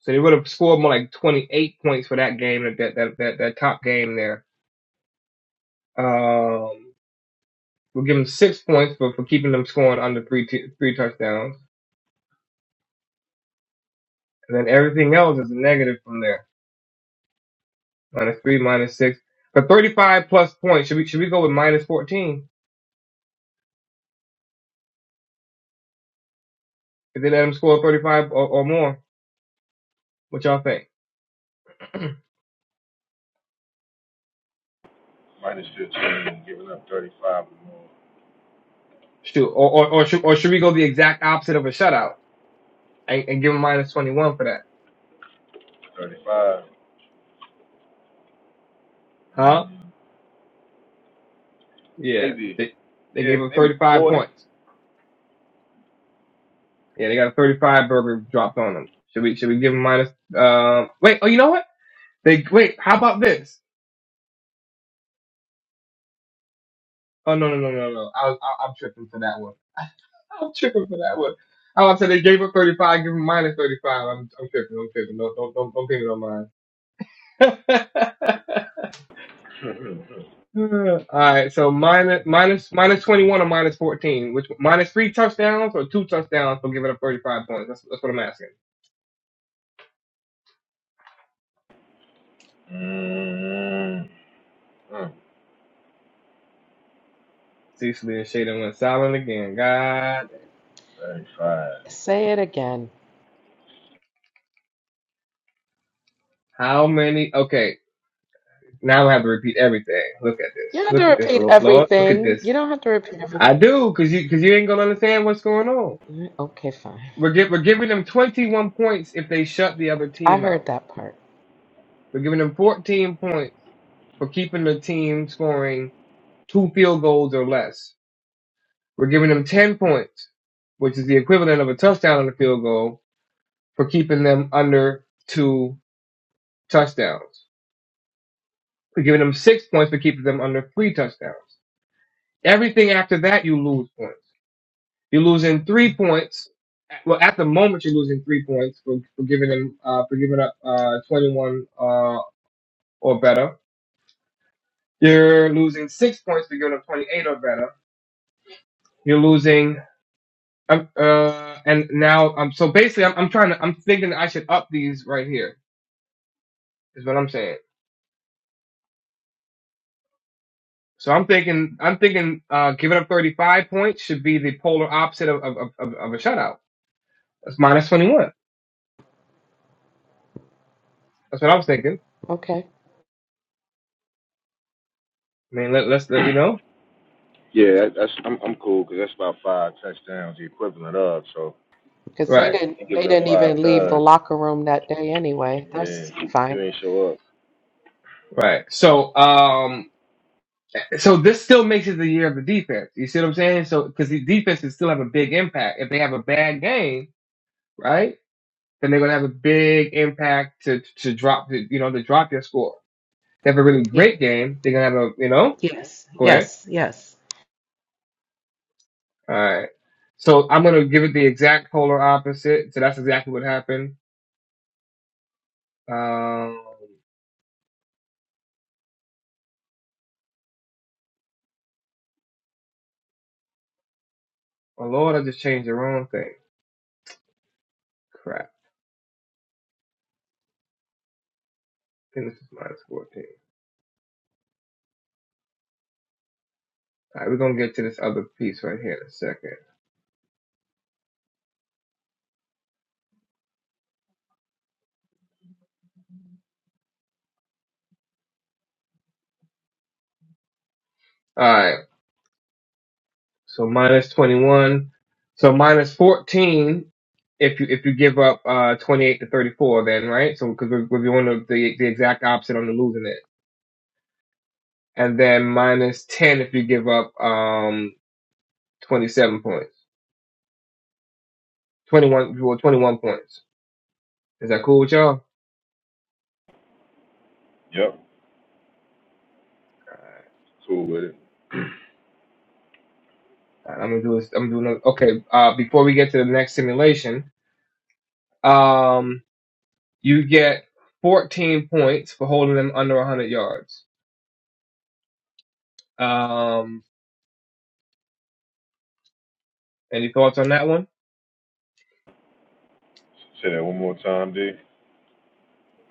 [SPEAKER 2] So they would have scored more like 28 points for that game that that that that, top game there. Um, we'll give them six points for for keeping them scoring under three t- three touchdowns, and then everything else is a negative from there. Minus three, minus six. For 35 plus points, should we should we go with minus 14 if they let them score 35 or, or more? What y'all think?
[SPEAKER 3] Minus fifteen, giving up thirty-five or more.
[SPEAKER 2] Shoot, or or or should, or should we go the exact opposite of a shutout and, and give them minus 21 for that?
[SPEAKER 3] Thirty-five,
[SPEAKER 2] Huh? Yeah,
[SPEAKER 3] maybe,
[SPEAKER 2] they they
[SPEAKER 3] yeah,
[SPEAKER 2] gave them
[SPEAKER 3] maybe
[SPEAKER 2] 35
[SPEAKER 3] forty.
[SPEAKER 2] points. Yeah, they got a 35 burger dropped on them. Should we should we give them minus? Uh, wait. Oh, you know what? They wait. How about this? Oh no no no no no! I was I, I'm tripping for that one. I'm tripping for that one. Oh, I was say they gave up 35, give him minus 35. I'm I'm tripping. I'm tripping. No, don't don't don't pay it on mine.
[SPEAKER 3] mm,
[SPEAKER 2] All right, so minus minus minus 21 or minus 14, which minus three touchdowns or two touchdowns for giving up 35 points. That's that's what I'm asking.
[SPEAKER 3] mm,
[SPEAKER 2] Cecily and Shaden went silent again. God,
[SPEAKER 3] thirty-five.
[SPEAKER 1] Say it again.
[SPEAKER 2] how many? Okay, now I have to repeat everything. Look at
[SPEAKER 1] You
[SPEAKER 2] this.
[SPEAKER 1] don't have to
[SPEAKER 2] Look at this,
[SPEAKER 1] repeat
[SPEAKER 2] Lord. Lord, Look at
[SPEAKER 1] everything.
[SPEAKER 2] this.
[SPEAKER 1] You don't have to repeat everything.
[SPEAKER 2] I do, cause you, cause you ain't gonna understand what's going on.
[SPEAKER 1] Okay, fine.
[SPEAKER 2] We're gi- we're giving them 21 points if they shut the other
[SPEAKER 1] I
[SPEAKER 2] team
[SPEAKER 1] heard
[SPEAKER 2] out.
[SPEAKER 1] that part.
[SPEAKER 2] We're giving them 14 points for keeping the team scoring two field goals or less. We're giving them 10 points, which is the equivalent of a touchdown and a field goal, for keeping them under two touchdowns. We're giving them six points for keeping them under three touchdowns. Everything after that, you lose points. You're losing three points. Well, at the moment, you're losing three points for, for giving them uh, for giving up uh, 21 uh, or better You're losing six points to go to 28 or better. You're losing. Um, uh, and now I'm um, so basically I'm, I'm trying to I'm thinking I should up these right here is what I'm saying. So I'm thinking I'm thinking uh, giving up 35 points should be the polar opposite of of, of, of of a shutout. That's minus 21. That's what I was thinking.
[SPEAKER 1] Okay,
[SPEAKER 2] I mean let, let's let, you know
[SPEAKER 3] Yeah, that's I'm I'm cool because that's about five touchdowns, the equivalent of. So
[SPEAKER 1] because they
[SPEAKER 2] right
[SPEAKER 3] if you
[SPEAKER 1] didn't they
[SPEAKER 3] giving up
[SPEAKER 1] didn't
[SPEAKER 3] five
[SPEAKER 1] even leave the
[SPEAKER 3] tugs,
[SPEAKER 1] locker room that day anyway.
[SPEAKER 3] Yeah.
[SPEAKER 1] That's
[SPEAKER 3] you
[SPEAKER 1] fine.
[SPEAKER 3] ain't show up.
[SPEAKER 2] right. So um so this still makes it the year of the defense. You see what I'm saying? So because the defenses still have a big impact if they have a bad game, right? then they're going to have a big impact to to drop to, you know to drop your score. They have a really
[SPEAKER 1] Yeah.
[SPEAKER 2] great game. They're going to have a you know
[SPEAKER 1] Yes.
[SPEAKER 2] go ahead.
[SPEAKER 1] Yes. Yes.
[SPEAKER 2] All right. So I'm going to give it the exact polar opposite. So that's exactly what happened. Um, oh Lord, I just changed the wrong thing. Crap. I think this is minus 14. All right, we're going to get to this other piece right here in a second. All right. So minus 21. So minus 14 if you if you give up uh 28 to 34 then, right? So because we're, we're doing the, the the exact opposite on the losing it. And then minus 10 if you give up um 27 points. 21 well, 21 points. Is that cool with y'all?
[SPEAKER 3] Yep. Cool with it.
[SPEAKER 2] Alright, I'm gonna do this. I'm doing another. Okay. Uh, before we get to the next simulation, um, you get 14 points for holding them under 100 yards. Um, any thoughts on that one?
[SPEAKER 3] Say that one more time, D.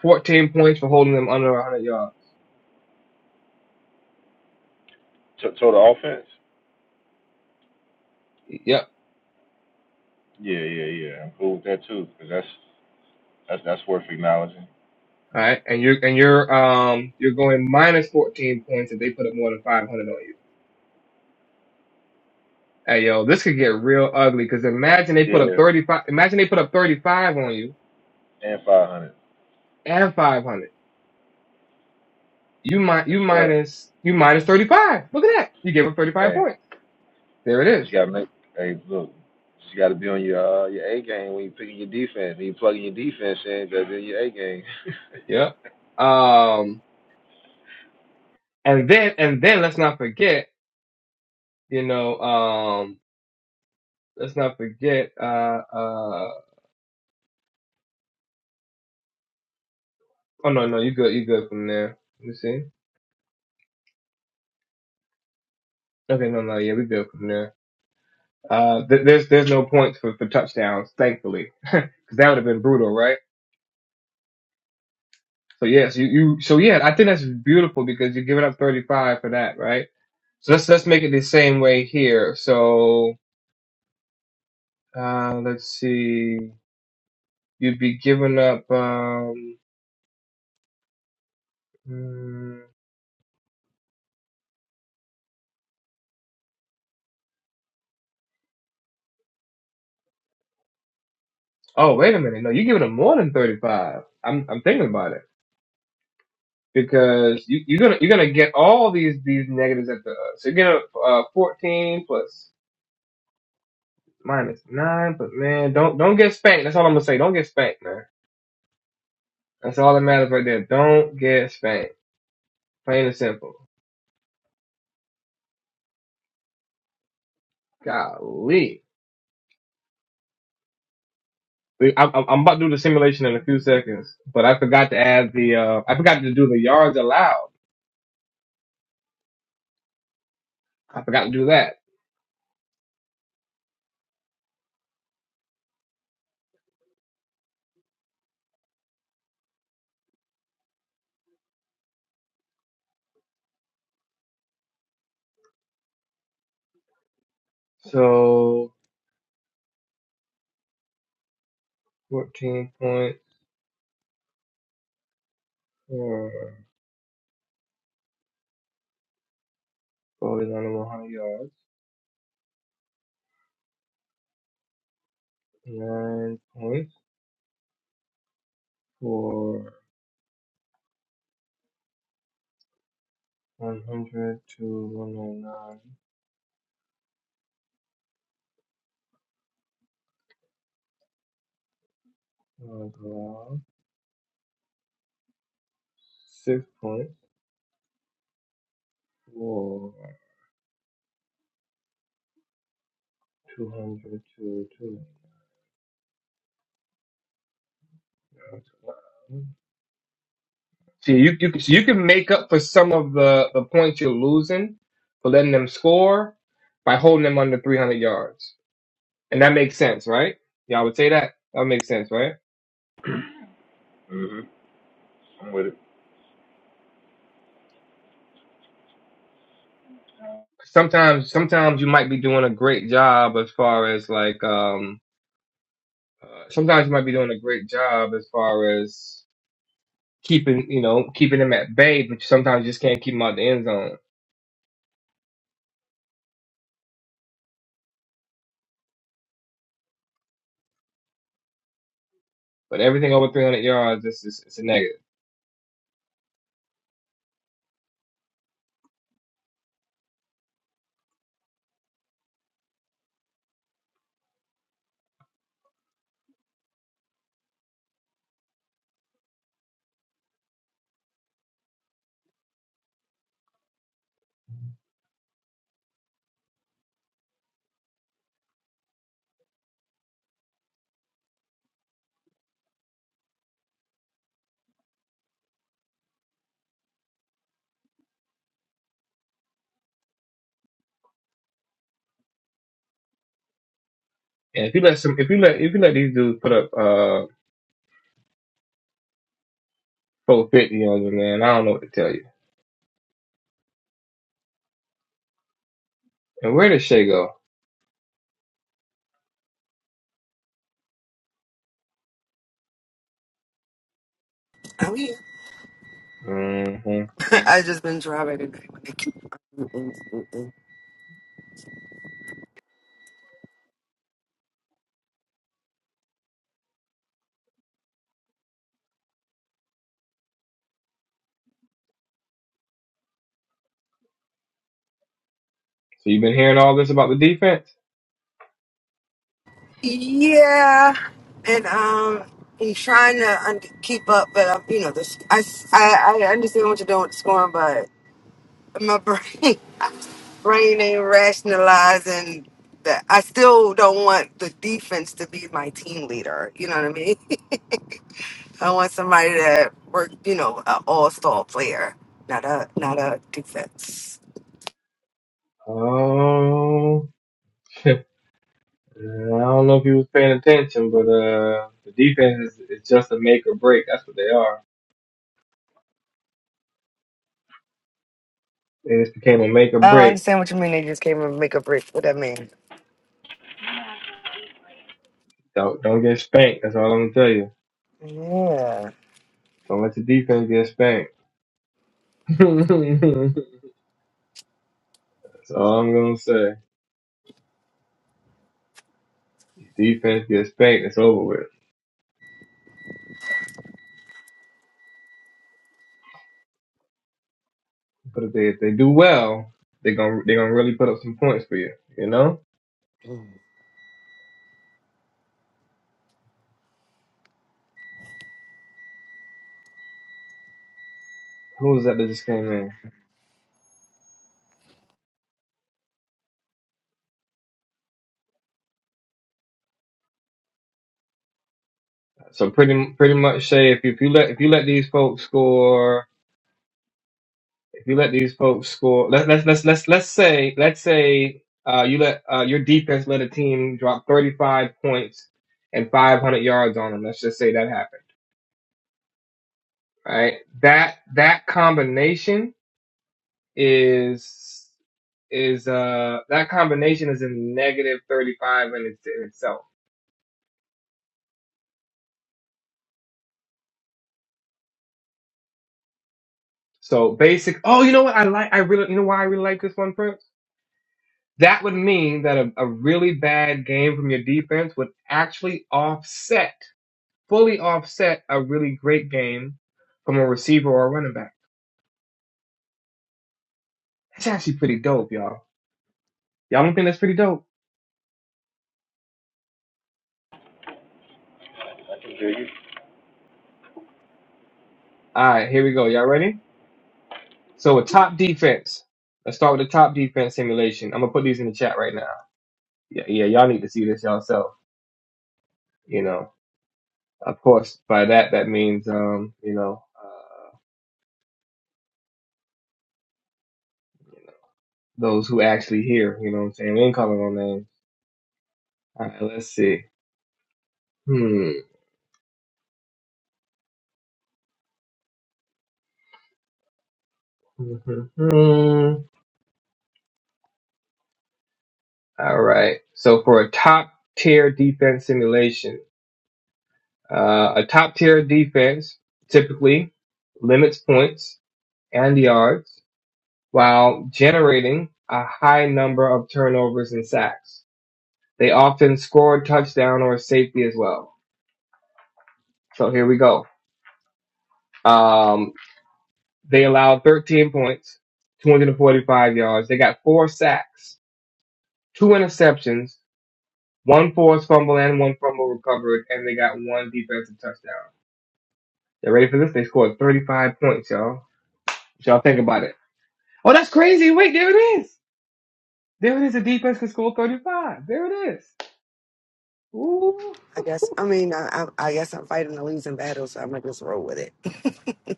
[SPEAKER 2] 14 points for holding them under 100 yards.
[SPEAKER 3] To total offense?
[SPEAKER 2] Yep.
[SPEAKER 3] Yeah, yeah, yeah. I'm cool with that too, because that's that's that's worth acknowledging.
[SPEAKER 2] All right. And you're and you're um you're going minus 14 points if they put up more than 500 on you. Hey yo, this could get real ugly because imagine they put up
[SPEAKER 3] Yeah.
[SPEAKER 2] 35. Imagine they put up 35 on you
[SPEAKER 3] And five hundred.
[SPEAKER 2] and 500. You might
[SPEAKER 3] That's
[SPEAKER 2] you
[SPEAKER 3] stuff.
[SPEAKER 2] minus you minus 35. Look at that. You gave up 35
[SPEAKER 3] Hey,
[SPEAKER 2] points. There it
[SPEAKER 3] just
[SPEAKER 2] is.
[SPEAKER 3] gotta make. Hey, look, just gotta be on your uh, your A game when you picking your defense. When you plugging your defense in, gotta be on your A game.
[SPEAKER 2] Yep. Um and then and then let's not forget, you know, um let's not forget uh uh oh no no you good you good from there. Let me see. Okay, no, no, yeah, we good from there. Uh, th- there's there's no points for, for touchdowns, thankfully, because that would have been brutal, right? So yes, you, you so yeah, I think that's beautiful because you're giving up 35 for that, right? So let's let's make it the same way here. So uh, let's see, you'd be giving up. Um, mm, oh wait a minute, no, you're giving up more than 35. I'm I'm thinking about it because you, you're gonna you're gonna get all these these negatives at the so you're gonna uh, 14 plus. minus nine. But man, don't don't get spanked. That's all I'm gonna say. Don't get spanked, man. That's all that matters right there. Don't get spanked. Plain and simple. Golly. I'm, I'm about to do the simulation in a few seconds, but I forgot to add the uh, I forgot to do the yards allowed. I forgot to do that. So 14 point four, points for Bowie's 100 yards, 9 points for 100 to 109 uh, allow 6 points or 200 to two hundred. See, you, you, can- so you can make up for some of the, the points you're losing for letting them score by holding them under 300 yards. And that makes sense, right? Y'all would say that? That would make sense, right?
[SPEAKER 3] mhm. I'm with it.
[SPEAKER 2] Sometimes, sometimes you might be doing a great job as far as like, um, uh, sometimes you might be doing a great job as far as keeping you know keeping them at bay, but sometimes you just can't keep them out the end zone. But everything over 300 yards, it's is it's a negative. And if you let some, if you let if you let these dudes put up uh 450 on you, man, I don't know what to tell you. And where did Shea go? hmm
[SPEAKER 4] I just been driving today.
[SPEAKER 2] So you've been hearing all this about the defense.
[SPEAKER 4] Yeah, and um, he's trying to un- keep up, but um, you know, this I, s- I I understand what you're doing with the scoring, but my brain brain ain't rationalizing that. I still don't want the defense to be my team leader. You know what I mean? I want somebody that work, you know, an all-star player, not a not a defense.
[SPEAKER 2] Oh. Uh, I don't know if he was paying attention, but uh, the defense is, is just a make or break. That's what they are. It just became a make or
[SPEAKER 4] I don't
[SPEAKER 2] break.
[SPEAKER 4] understand what you mean. They just came and make a break. What that mean?
[SPEAKER 2] Don't, don't get spanked. That's all I'm gonna tell you.
[SPEAKER 4] Yeah.
[SPEAKER 2] Don't let your defense get spanked. That's all I'm gonna say. Defense gets spanked. It's over with. But if they if they do well, they gonna they gonna really put up some points for you. You know who was that that just came in? So pretty pretty much say if you, if you let if you let these folks score if you let these folks score, let, us let's let's let's let's say let's say uh, you let uh, your defense let a team drop 35 points and 500 yards on them. Let's just say that happened, right? That that combination is is uh that combination is a negative 35 in, its, in itself. So basic. Oh, you know what? I like. I really. You know why I really like this one, Prince? That would mean that a, a really bad game from your defense would actually offset fully offset a really great game from a receiver or a running back. That's actually pretty dope, y'all. Y'all don't think that's pretty dope?
[SPEAKER 3] I can hear
[SPEAKER 2] All right, here we go. Y'all ready? So a top defense. Let's start with the top defense simulation. I'm gonna put these in the chat right now. Yeah, yeah, y'all need to see this yourself. You know, of course, by that that means um, you know, uh, those who actually hear. You know what I'm saying? We ain't calling no names. All right, let's see. Hmm. All right. So for a top tier defense simulation. Uh, a top tier defense typically limits points and yards while generating a high number of turnovers and sacks. They often score a touchdown or a safety as well. So here we go. Um, they allowed 13 points, 245 yards. They got four sacks, two interceptions, one forced fumble and one fumble recovered, and they got one defensive touchdown. You ready for this? They scored 35 points, y'all. y'all think about it? Oh, that's crazy. Wait, there it is. There it is. A defense can score 35. There it is. Ooh.
[SPEAKER 4] I guess. I mean, I, I, I guess I'm fighting a losing battle, so I'm gonna just roll with it.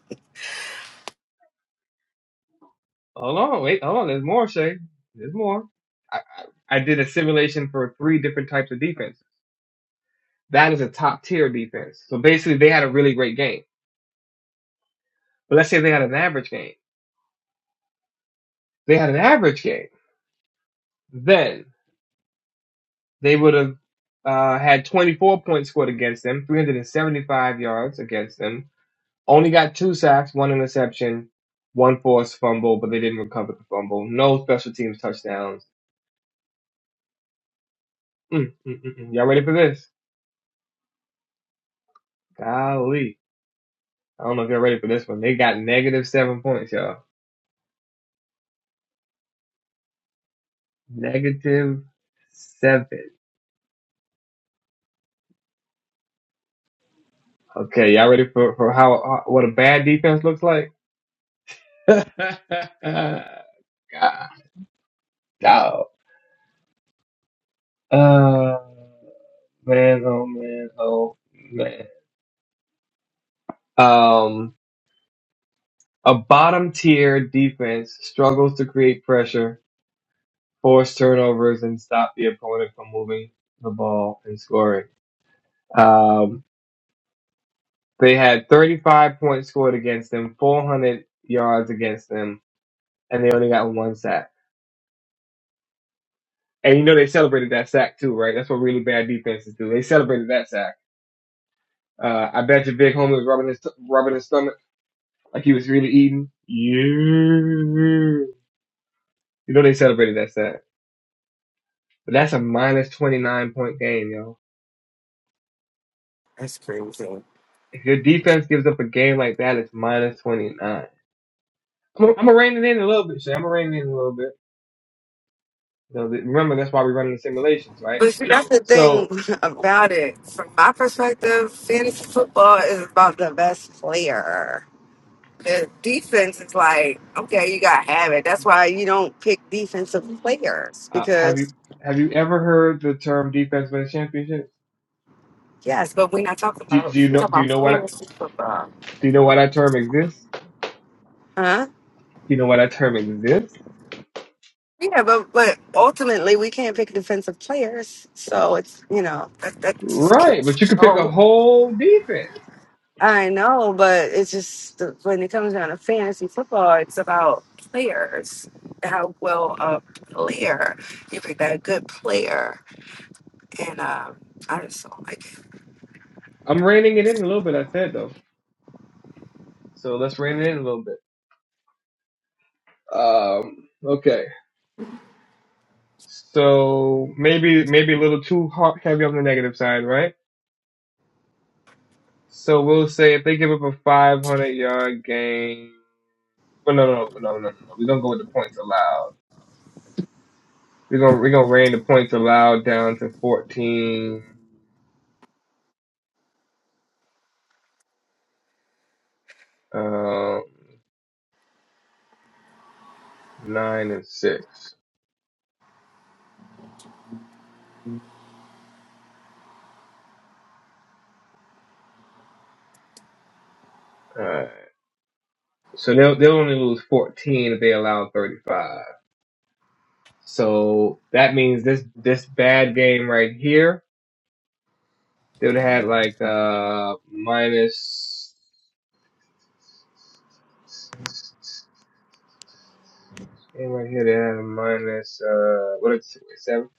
[SPEAKER 2] Hold on. Wait, hold on. There's more, Shay. There's more. I, I, I did a simulation for three different types of defense. That is a top tier defense. So basically, they had a really great game. But let's say they had an average game. They had an average game. Then they would have uh, had 24 points scored against them, 375 yards against them, Only got two sacks, one interception, one forced fumble, but they didn't recover the fumble. No special teams touchdowns. Mm, mm, mm, mm. Y'all ready for this? Golly. I don't know if y'all ready for this one. They got negative seven points, y'all. Negative seven. Okay, y'all ready for, for how, how what a bad defense looks like? God, dog. Uh, man, oh man, oh man. Um, A bottom tier defense struggles to create pressure, force turnovers, and stop the opponent from moving the ball and scoring. Um, they had 35 points scored against them, 400 yards against them, and they only got one sack. And you know they celebrated that sack too, right? That's what really bad defenses do. They celebrated that sack. Uh, I bet your big homie was rubbing his rubbing his stomach like he was really eating. Yeah. You know they celebrated that sack. But that's a minus 29 point game, yo.
[SPEAKER 4] That's crazy.
[SPEAKER 2] If your defense gives up a game like that, it's minus 29. I'm going to rein it in a little bit, Shay. I'm going to rein it in a little bit. You know, remember, that's why we're running the simulations, right?
[SPEAKER 4] But see, that's the thing
[SPEAKER 2] So,
[SPEAKER 4] about it. From my perspective, fantasy football is about the best player. The defense is like, okay, you got to have it. That's why you don't pick defensive players
[SPEAKER 2] uh, have you
[SPEAKER 4] because,
[SPEAKER 2] have you ever heard the term defense wins championships?
[SPEAKER 4] yes, but we're not talking
[SPEAKER 2] Do,
[SPEAKER 4] about,
[SPEAKER 2] do you
[SPEAKER 4] we're
[SPEAKER 2] know
[SPEAKER 4] talking
[SPEAKER 2] do you
[SPEAKER 4] about
[SPEAKER 2] know what
[SPEAKER 4] fantasy football.
[SPEAKER 2] do you know why that term exists? Do
[SPEAKER 4] Huh?
[SPEAKER 2] you know why that term exists?
[SPEAKER 4] Yeah, but but ultimately we can't pick defensive players, so it's you know that that just
[SPEAKER 2] Right, but you could pick
[SPEAKER 4] kills.
[SPEAKER 2] a whole defense.
[SPEAKER 4] I know, but it's just the- when it comes down to fantasy football, it's about players, how well a player you pick that good player, and um, I just don't like it.
[SPEAKER 2] I'm reining it in a little bit. I said though, so let's rein it in a little bit. Um, okay. So maybe maybe a little too hard, heavy on the negative side, right? So we'll say if they give up a 500 yard game. Well, no, no, no, no, no. no. We're gonna go with the points allowed. We're gonna we're gonna rein the points allowed down to 14, um, nine and six. All right. So they'll they'll only lose 14 if they allow 35. So that means this this bad game right here, they would have had like uh minus. And right here they have minus uh what is it, seven?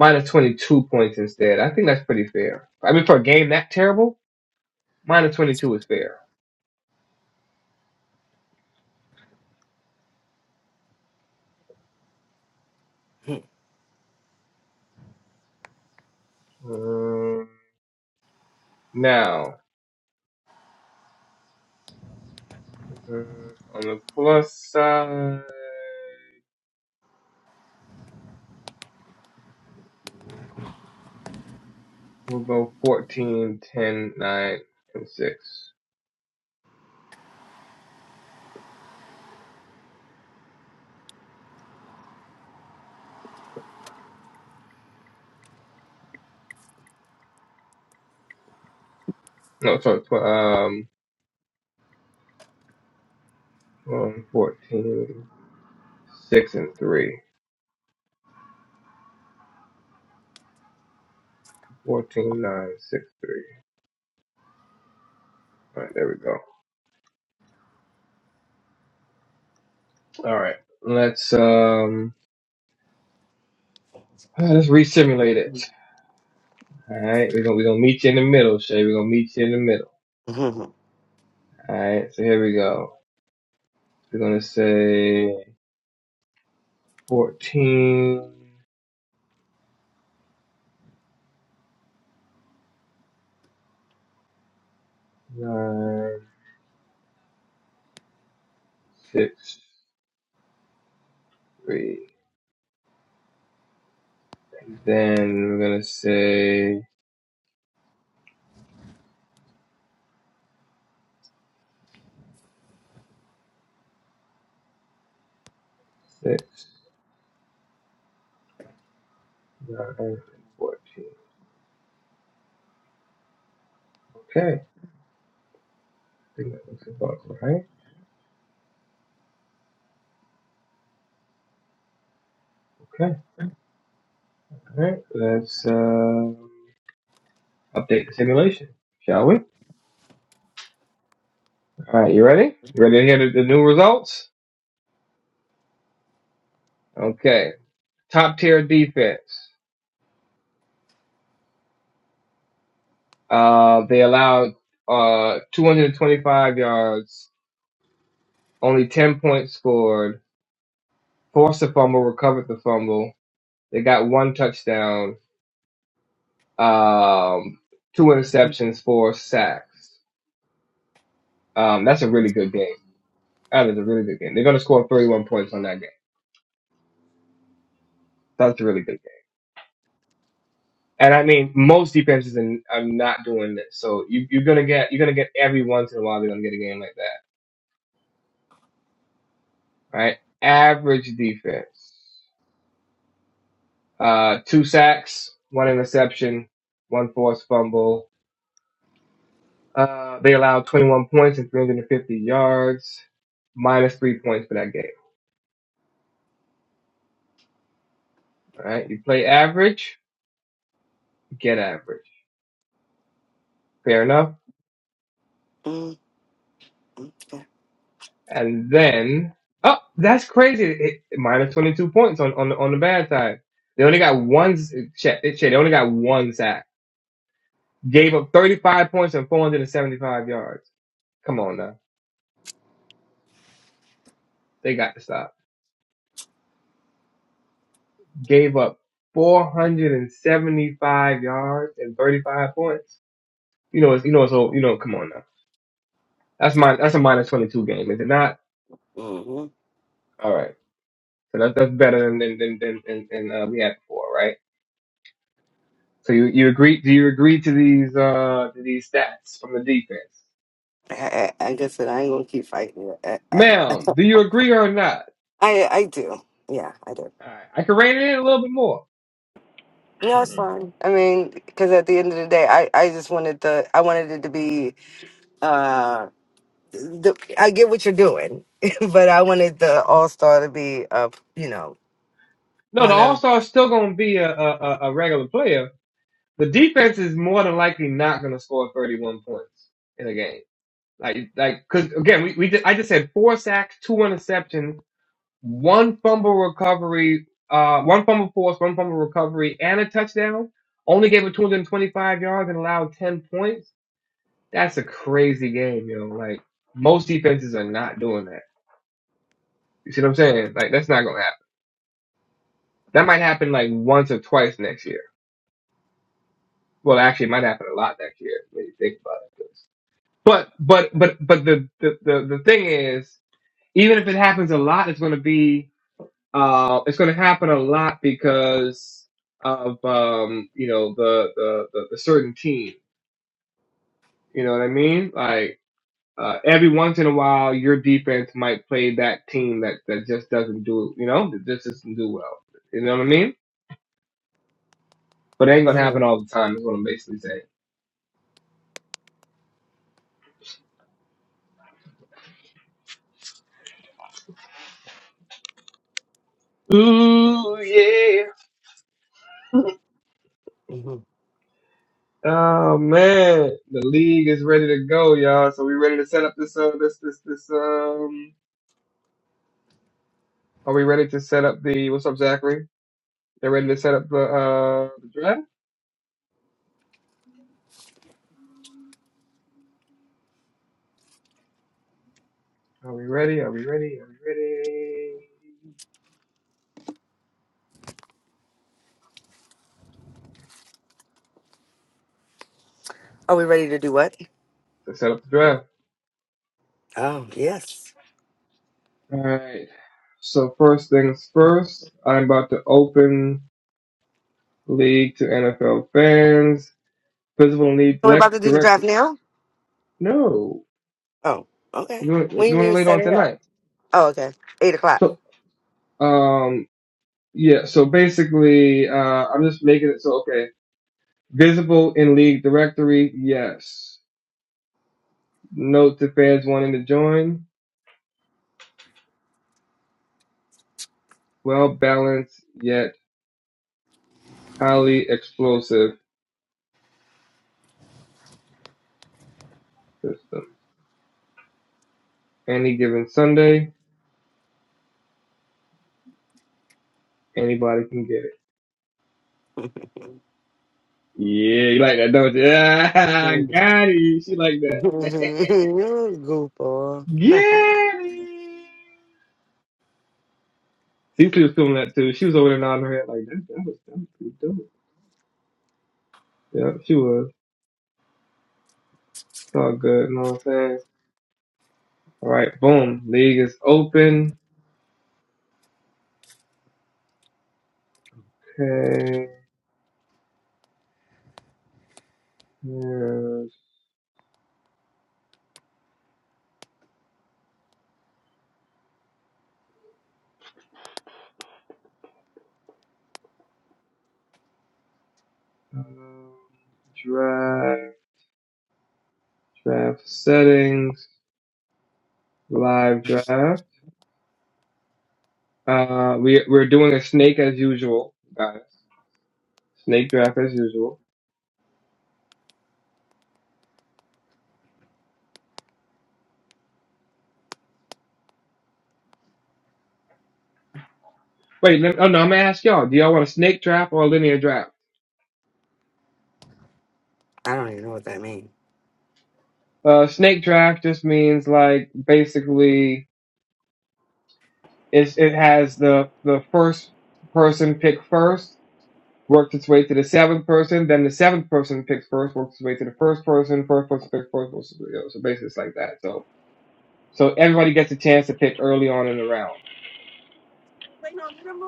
[SPEAKER 2] Minus twenty two points instead. I think that's pretty fair. I mean for a game that terrible, minus twenty two is fair. Um, now um, on the plus side we'll go 14, 10, 9, and six. No, sorry, tw- um, um 14, six, and 3. fourteen, nine, six, Alright, there we go. All right. Let's um uh, let's resimulate it. All right. We're gonna we're gonna meet you in the middle, Shay. We're gonna meet you in the middle. All right. So here we go. We're gonna say fourteen nine six three, And then we're gonna say 6, 9, and 14. Okay. I think that looks about right. Okay. All right. Let's um update the simulation, shall we? All right. You ready? You ready to hear the, the new results? Okay. top tier defense. Uh, they allowed uh, 225 yards, only 10 points scored, forced a fumble, recovered the fumble. They got one touchdown, um, two interceptions, four sacks. Um, that's a really good game. That is a really good game. They're going to score 31 points on that game. That's a really good game. And I mean, most defenses in, are not doing this. So you, you're going to get, you're going to get every once in a while, they're going to get a game like that, right? Average defense. uh, two sacks, one interception, one forced fumble. Uh, they allowed 21 points and 350 yards, minus three points for that game. All right, you play average, get average. Fair enough.
[SPEAKER 4] Mm, yeah.
[SPEAKER 2] And then, oh, that's crazy. It, it- minus 22 points on on the, on the bad side. They only got one. s- shit, they only got one sack. Gave up 35 points and 475 yards. Come on now, they got to stop. gave up 475 yards and 35 points. You know, it's, you know, so you know, come on now. That's my that's a minus 22 game, is it not?
[SPEAKER 4] hmm
[SPEAKER 2] All right, so that's that's better than than than than, than, than uh, we had before, right? So you you agree? Do you agree to these uh to these stats from the defense,
[SPEAKER 4] I, I, I guess that I ain't gonna keep fighting. it. I, I,
[SPEAKER 2] ma'am? Do you agree or not?
[SPEAKER 4] I I do. Yeah, I do.
[SPEAKER 2] All right, I can rein it in a little bit more.
[SPEAKER 4] No, it's
[SPEAKER 3] you.
[SPEAKER 4] fine. I mean, because at the end of the day, I, I just wanted the I wanted it to be. Uh, the, I get what you're doing, but I wanted the All Star to be up. You know.
[SPEAKER 2] No, the
[SPEAKER 4] One
[SPEAKER 2] All
[SPEAKER 4] of.
[SPEAKER 2] Star is still going to be a, a a a regular player. The defense is more than likely not going to score 31 points in a game. Like, like, cause again, we, we just, I just said four sacks, two interceptions, one fumble recovery, uh, one fumble force, one fumble recovery, and a touchdown. Only gave it 225 yards and allowed 10 points. That's a crazy game, yo. Like, most defenses are not doing that. You see what I'm saying? Like, that's not gonna happen. That might happen like once or twice next year. Well, actually, it might happen a lot next year when you think about it. But, but, but, but the, the, the, the thing is, even if it happens a lot, it's gonna be Uh, it's going to happen a lot because of um, you know the, the the the certain team. You know what I mean? Like uh, every once in a while, your defense might play that team that that just doesn't do you know that just doesn't do well. You know what I mean? But it ain't gonna happen
[SPEAKER 4] mhm,
[SPEAKER 2] all the time. Is what I'm basically saying. Ooh yeah.
[SPEAKER 4] mhm.
[SPEAKER 2] Oh man, the league is ready to go, y'all. So we ready to set up this uh this this this um. Are we ready to set up the what's up, Zachary? They're ready to set up the uh the draft. Are we ready? Are we ready? Are we ready
[SPEAKER 4] Are we ready to do what?
[SPEAKER 2] to set up the draft?
[SPEAKER 4] Oh, yes.
[SPEAKER 2] All right. So first things first, I'm about to open league to NFL fans. Physical need
[SPEAKER 4] We're about
[SPEAKER 2] black
[SPEAKER 4] to do the draft
[SPEAKER 2] director.
[SPEAKER 4] now.
[SPEAKER 2] No,
[SPEAKER 4] Oh, okay.
[SPEAKER 2] doing
[SPEAKER 4] We need
[SPEAKER 2] doing it
[SPEAKER 4] to
[SPEAKER 2] later
[SPEAKER 4] set
[SPEAKER 2] on
[SPEAKER 4] it up.
[SPEAKER 2] tonight.
[SPEAKER 4] Oh, okay. Eight o'clock.
[SPEAKER 2] So um yeah. So basically, uh, I'm just making it so okay. Visible in league directory, yes. Note to fans wanting to join. Well balanced, yet. highly explosive system. Any given Sunday, anybody can get it. Yeah, you like that, don't you? Ah, got it. She like that.
[SPEAKER 4] Goofball. I
[SPEAKER 2] Got it. Cecily was feeling that too. She was over there nodding her head like, that, that was, that was pretty dope. Yeah, she was. It's all good, you know what I'm saying? All right, boom. League is open. Okay. Here's, um, draft, draft settings, live draft. Uh, we we're doing a snake as usual, guys. Snake draft as usual. Wait, let oh no, I'm gonna ask y'all. Do y'all want a snake draft or a linear draft?
[SPEAKER 4] don't even know what that means.
[SPEAKER 2] Uh, snake draft just means like basically it's it has the the first person pick first, works its way to the seventh person, then the seventh person picks first, works its way to the first person, first person picks first, works its way- you know, so basically it's like that. So so everybody gets a chance to pick early on in the round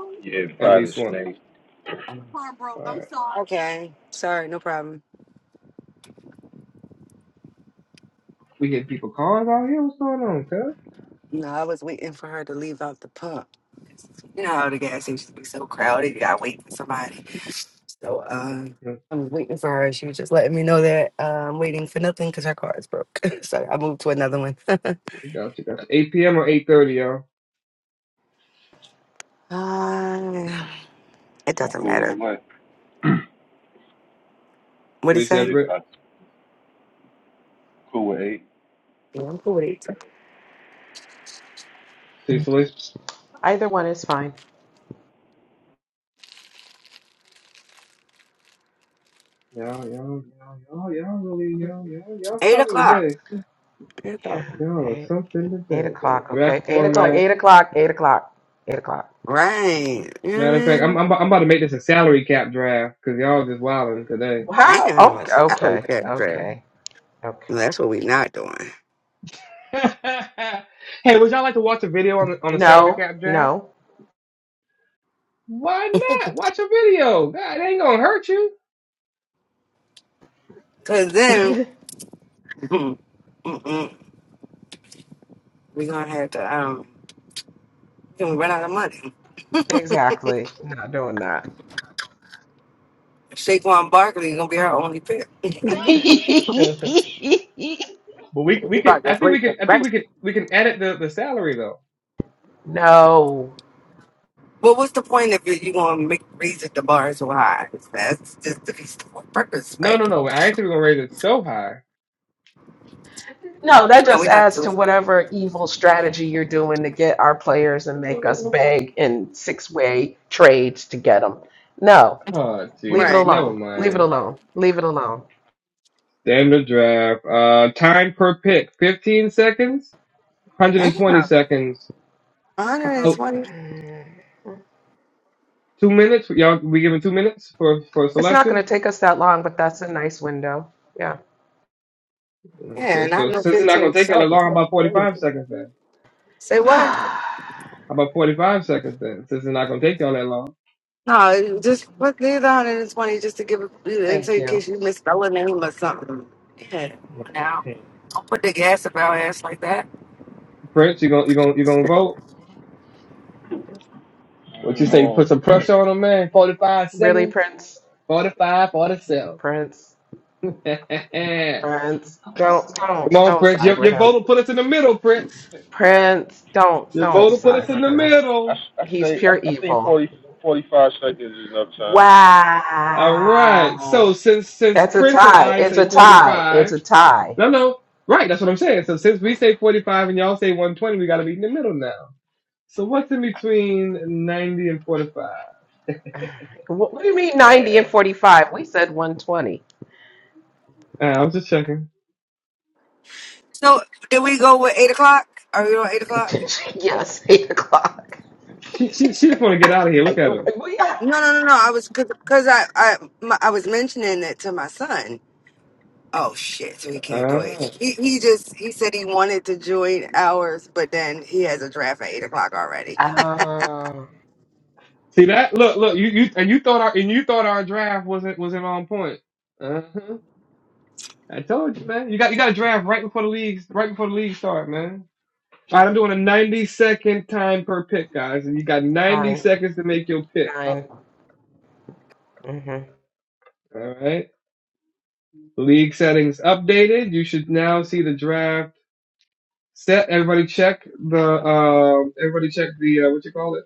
[SPEAKER 3] yeah,
[SPEAKER 2] at
[SPEAKER 3] probably the
[SPEAKER 2] least
[SPEAKER 4] Yes.
[SPEAKER 2] once.
[SPEAKER 3] snake.
[SPEAKER 4] Um,
[SPEAKER 2] All right,
[SPEAKER 4] Okay. Sorry, no problem.
[SPEAKER 2] we get people calls out here. What's going on, cuz?
[SPEAKER 4] No, I was waiting for her to leave out the pub. You know how the gas station be so crowded. You gotta wait for somebody. So uh,
[SPEAKER 2] Mhm.
[SPEAKER 4] I'm waiting for her. She was just letting me know that uh, I'm waiting for nothing because her car is broke. so I moved to another one.
[SPEAKER 2] Gotcha, gotcha. 8 p.m. or 8:30, y'all.
[SPEAKER 4] uh, it
[SPEAKER 3] Yeah, I'm
[SPEAKER 4] doesn't
[SPEAKER 3] cool either
[SPEAKER 4] matter.
[SPEAKER 3] way.
[SPEAKER 4] What do you
[SPEAKER 2] Please,
[SPEAKER 3] eight
[SPEAKER 4] say?
[SPEAKER 2] Everett,
[SPEAKER 3] o'clock. Cool with eight.
[SPEAKER 4] Yeah, I'm cool with eight.
[SPEAKER 2] Cecily.
[SPEAKER 1] Either one is fine.
[SPEAKER 2] Y'all, y'all, y'all, y'all, y'all really, y'all, y'all, y'all
[SPEAKER 4] Eight
[SPEAKER 2] something
[SPEAKER 4] o'clock.
[SPEAKER 2] today.
[SPEAKER 4] Eight
[SPEAKER 1] Yeah.
[SPEAKER 4] o'clock.
[SPEAKER 2] Y'all
[SPEAKER 1] Eight,
[SPEAKER 2] something
[SPEAKER 1] eight
[SPEAKER 2] today. The
[SPEAKER 1] o'clock. Okay.
[SPEAKER 2] draft
[SPEAKER 1] Eight o'clock.
[SPEAKER 2] format.
[SPEAKER 1] Eight o'clock. Eight o'clock. Eight o'clock.
[SPEAKER 4] Right. You know
[SPEAKER 2] Matter
[SPEAKER 4] what
[SPEAKER 2] of
[SPEAKER 4] I
[SPEAKER 2] fact, I'm,
[SPEAKER 4] mean?
[SPEAKER 2] I'm, I'm about to make this a salary cap draft because y'all just wilding today.
[SPEAKER 1] How?
[SPEAKER 4] Damn, I
[SPEAKER 1] Okay.
[SPEAKER 4] said, I
[SPEAKER 1] Okay.
[SPEAKER 4] don't get that.
[SPEAKER 1] Okay. Okay.
[SPEAKER 4] That's what we're not doing.
[SPEAKER 2] hey, would y'all like to watch a video on the, on the salary
[SPEAKER 1] No.
[SPEAKER 2] cap draft?
[SPEAKER 1] No.
[SPEAKER 2] Why not? Watch a video. God, it ain't gonna hurt you.
[SPEAKER 4] Because then mm-mm, we're going to have to, um, then we run out of money.
[SPEAKER 1] Exactly. Not doing that.
[SPEAKER 4] Saquon Barkley is going to be our only pick. we
[SPEAKER 2] But we we could
[SPEAKER 4] about to
[SPEAKER 2] I think we
[SPEAKER 4] break the
[SPEAKER 2] could I
[SPEAKER 4] bank.
[SPEAKER 2] think we could we can edit the, the salary though.
[SPEAKER 1] no.
[SPEAKER 4] Well, what's the point if you want to make raise it the bar so high? That's just defeats the whole purpose,
[SPEAKER 2] No
[SPEAKER 4] right?
[SPEAKER 2] no no I think we're gonna raise it so high.
[SPEAKER 1] No, that
[SPEAKER 4] No,
[SPEAKER 1] just
[SPEAKER 4] we're not
[SPEAKER 1] adds to
[SPEAKER 4] doing
[SPEAKER 1] whatever evil strategy you're doing to get our players and make us
[SPEAKER 4] it.
[SPEAKER 1] beg in six way trades to get them. No,
[SPEAKER 2] Oh
[SPEAKER 1] leave it
[SPEAKER 2] Jesus,
[SPEAKER 4] Right.
[SPEAKER 2] never
[SPEAKER 1] alone. Leave it
[SPEAKER 2] mind.
[SPEAKER 1] alone. Leave it alone.
[SPEAKER 2] Standard draft. Uh time per pick. Fifteen seconds, hundred and twenty
[SPEAKER 4] Damn.
[SPEAKER 2] seconds. How-
[SPEAKER 4] 120.
[SPEAKER 2] two minutes? Y'all we giving two minutes for, for
[SPEAKER 1] It's not.
[SPEAKER 2] selection?
[SPEAKER 1] No. Yeah.
[SPEAKER 4] Yeah,
[SPEAKER 2] Okay,
[SPEAKER 4] not
[SPEAKER 2] so
[SPEAKER 4] no
[SPEAKER 2] since it's not gonna
[SPEAKER 4] 15
[SPEAKER 2] take y'all that
[SPEAKER 4] seconds.
[SPEAKER 2] long, how
[SPEAKER 4] That's
[SPEAKER 2] about forty five
[SPEAKER 4] crazy.
[SPEAKER 2] seconds then?
[SPEAKER 4] Say what?
[SPEAKER 2] How about forty five seconds then? Since it's not gonna take y'all that long.
[SPEAKER 4] No, just put these 120 just to give it until
[SPEAKER 1] Thank
[SPEAKER 4] in
[SPEAKER 1] you.
[SPEAKER 4] case you misspell a name or something. Yeah. come on Now,
[SPEAKER 2] Mhm.
[SPEAKER 4] don't put the gas up our ass like that.
[SPEAKER 2] Prince, you gonna you gonna you gonna vote? What you
[SPEAKER 3] Mm-hmm.
[SPEAKER 2] say?
[SPEAKER 3] Um,
[SPEAKER 2] Put some pressure on him, man. Forty five
[SPEAKER 1] Really,
[SPEAKER 2] seconds.
[SPEAKER 1] Prince?
[SPEAKER 2] Forty-five, forty-seven.
[SPEAKER 1] Prince? Prince? Don't,
[SPEAKER 2] Come
[SPEAKER 1] don't,
[SPEAKER 2] on,
[SPEAKER 1] don't
[SPEAKER 2] Prince.
[SPEAKER 1] side
[SPEAKER 2] Your,
[SPEAKER 1] with
[SPEAKER 2] your vote
[SPEAKER 1] him.
[SPEAKER 2] will put us in the middle, Prince.
[SPEAKER 1] Prince, don't,
[SPEAKER 2] Your
[SPEAKER 1] don't
[SPEAKER 2] vote will put us
[SPEAKER 1] side
[SPEAKER 2] in
[SPEAKER 1] with
[SPEAKER 2] the
[SPEAKER 1] him.
[SPEAKER 3] I
[SPEAKER 2] middle.
[SPEAKER 3] s- I
[SPEAKER 1] He's
[SPEAKER 3] say I,
[SPEAKER 1] pure
[SPEAKER 3] I think
[SPEAKER 1] evil.
[SPEAKER 3] 40 45 seconds is enough time.
[SPEAKER 2] All right.
[SPEAKER 1] Wow.
[SPEAKER 2] So since since
[SPEAKER 1] That's a
[SPEAKER 2] Prince and
[SPEAKER 1] tie.
[SPEAKER 2] I
[SPEAKER 1] It's
[SPEAKER 2] say
[SPEAKER 1] a tie. It's
[SPEAKER 2] 45,
[SPEAKER 1] a tie.
[SPEAKER 2] no, no, right. That's what I'm saying. So since we say 45 and y'all say 120, we got to be in the middle now. So what's in between 90 and 45?
[SPEAKER 1] What, do you mean 90 and
[SPEAKER 2] Yeah.
[SPEAKER 1] 45? We said 120.
[SPEAKER 2] Uh, I was just checking.
[SPEAKER 4] So, did we go with 8 o'clock? Are we on 8 o'clock?
[SPEAKER 1] yes, 8 o'clock.
[SPEAKER 2] She, she, she just want to get out of here. Look
[SPEAKER 1] I,
[SPEAKER 2] at her.
[SPEAKER 1] well, yeah.
[SPEAKER 4] No, no, no, no. I was because I I my, I was mentioning it to my son. Oh shit! So he can't do it.
[SPEAKER 2] Ah.
[SPEAKER 4] He he just he said he wanted to join ours, but then he has a draft at eight o'clock already.
[SPEAKER 1] Oh,
[SPEAKER 2] See that? Look, look. You, you and you thought our and you thought our draft wasn't wasn't on point. Uh-huh. I told you, man. You got you got to draft right before the leagues, right before the league start, man. All
[SPEAKER 4] Wait
[SPEAKER 2] right, I'm doing a 90 second time per pick, guys, and you got 90
[SPEAKER 1] fine,
[SPEAKER 2] seconds to make your pick.
[SPEAKER 1] fine. hmm
[SPEAKER 2] All right. League settings updated. You should now see the draft set. Everybody check the um. Everybody check the uh, what you call it?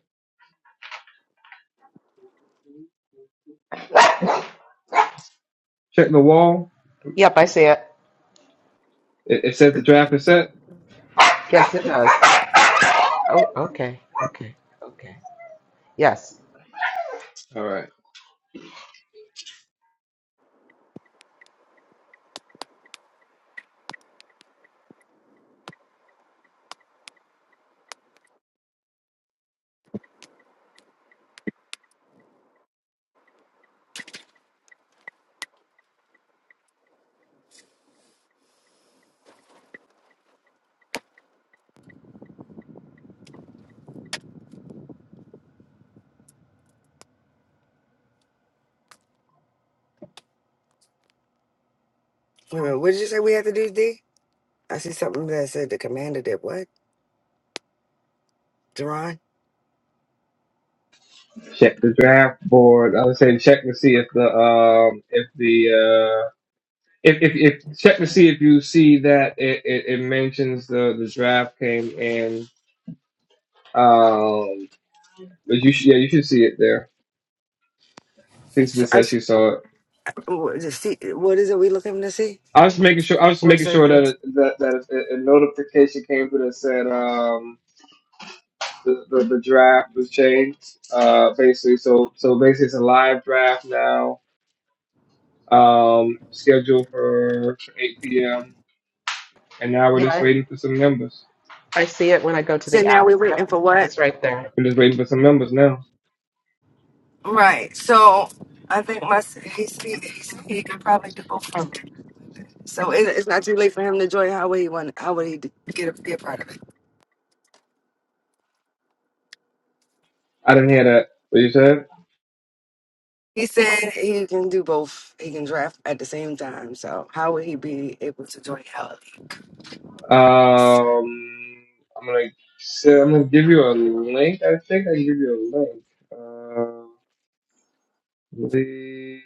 [SPEAKER 2] Check the wall.
[SPEAKER 1] Yep, I see it.
[SPEAKER 2] It, it says the draft is set.
[SPEAKER 1] Yes, it does. Oh, okay, okay, okay. Yes.
[SPEAKER 2] All right.
[SPEAKER 4] a minute, what did you say we had to do, D? I see something that said the commander did what? Duran.
[SPEAKER 2] Check the draft board. I was saying check to see if the um if the uh, if, if, if check to see if you see that it, it, it mentions the, the draft came in. Um, but you should, yeah, you should see it there. Since
[SPEAKER 4] So
[SPEAKER 2] it
[SPEAKER 4] I
[SPEAKER 2] says
[SPEAKER 4] s-
[SPEAKER 2] she saw it,
[SPEAKER 4] what is it see- what is it we looking to see?
[SPEAKER 2] I was making sure. I was
[SPEAKER 4] What is
[SPEAKER 2] making
[SPEAKER 4] it?
[SPEAKER 2] sure that
[SPEAKER 4] says-
[SPEAKER 2] it, that that a, a notification came through that said um the, the, the draft was changed. Uh, basically, so so basically it's a live draft now. Um, scheduled for 8 p.m. And now we're
[SPEAKER 1] Yeah,
[SPEAKER 2] just
[SPEAKER 1] I,
[SPEAKER 2] waiting for some members.
[SPEAKER 1] I see it when I go to
[SPEAKER 4] So
[SPEAKER 1] the
[SPEAKER 4] now
[SPEAKER 1] app.
[SPEAKER 4] we're waiting
[SPEAKER 1] Yep,
[SPEAKER 4] for what?
[SPEAKER 1] it's right there.
[SPEAKER 2] We're just waiting for some members now.
[SPEAKER 4] Right. So I think my s- he s- he, he said he could probably do both. So it, it's not too late for him to join. How would he want? How would he d- get a, be a part of it?
[SPEAKER 2] I didn't hear that. What you said?
[SPEAKER 4] He said he can do both. He can draft at the same time. So how would he be able to join our league?
[SPEAKER 2] Um, I'm gonna so I'm gonna give you a link. I think I can give you a link. Uh, please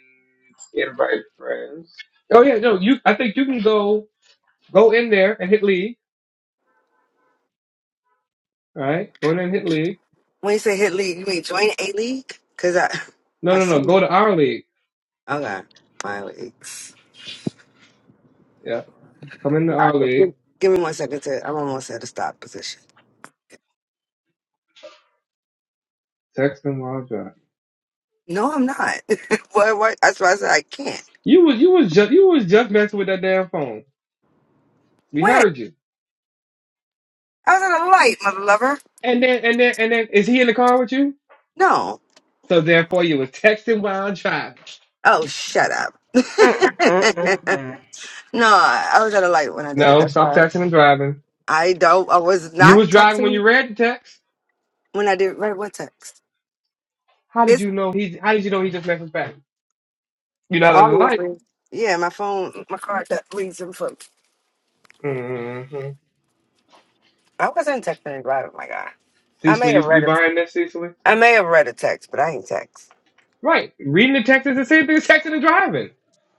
[SPEAKER 2] invite friends. Oh yeah, no, you. I think you can go go in there and hit league. All right, go in there and hit league.
[SPEAKER 4] When you say hit league, you mean join a league? Cause I,
[SPEAKER 2] No,
[SPEAKER 4] I
[SPEAKER 2] no,
[SPEAKER 4] see.
[SPEAKER 2] no. Go to our league.
[SPEAKER 4] Okay, my leagues.
[SPEAKER 2] Yeah, come into
[SPEAKER 4] Nah,
[SPEAKER 2] our
[SPEAKER 4] so Give,
[SPEAKER 2] league.
[SPEAKER 4] give me one second to. I'm almost at a stop position.
[SPEAKER 2] Text them while driving.
[SPEAKER 4] No, I'm not. what? What? That's why I said I can't.
[SPEAKER 2] You was you was just you was just messing with that damn phone. We
[SPEAKER 4] When?
[SPEAKER 2] heard you.
[SPEAKER 4] I was at a light, mother lover.
[SPEAKER 2] And then and then and then is he in the car with you?
[SPEAKER 4] No.
[SPEAKER 2] So therefore you was texting while driving.
[SPEAKER 4] Oh, shut
[SPEAKER 1] Mm, mm,
[SPEAKER 4] up.
[SPEAKER 1] mm, mm.
[SPEAKER 4] No, I I was at a light when I did it.
[SPEAKER 2] No,
[SPEAKER 4] That's
[SPEAKER 2] stop
[SPEAKER 4] why
[SPEAKER 2] texting and driving.
[SPEAKER 4] I don't. I was
[SPEAKER 2] You
[SPEAKER 4] not
[SPEAKER 2] was driving when
[SPEAKER 4] texting
[SPEAKER 2] you read the text.
[SPEAKER 4] when I did. Right, what text?
[SPEAKER 2] How did
[SPEAKER 4] It's
[SPEAKER 2] you know he? How did you know he just messaged back? You're not in the light.
[SPEAKER 4] obviously. Yeah, my phone, my card that leads them for.
[SPEAKER 2] Mm-hmm.
[SPEAKER 4] I wasn't texting anybody. Oh my god, I may
[SPEAKER 2] Cecily,
[SPEAKER 4] have
[SPEAKER 2] you, you
[SPEAKER 4] read a.
[SPEAKER 2] buying this, Cecily?
[SPEAKER 4] I may have read a text, but I ain't text.
[SPEAKER 2] Right. Reading the text is the same thing as texting and driving.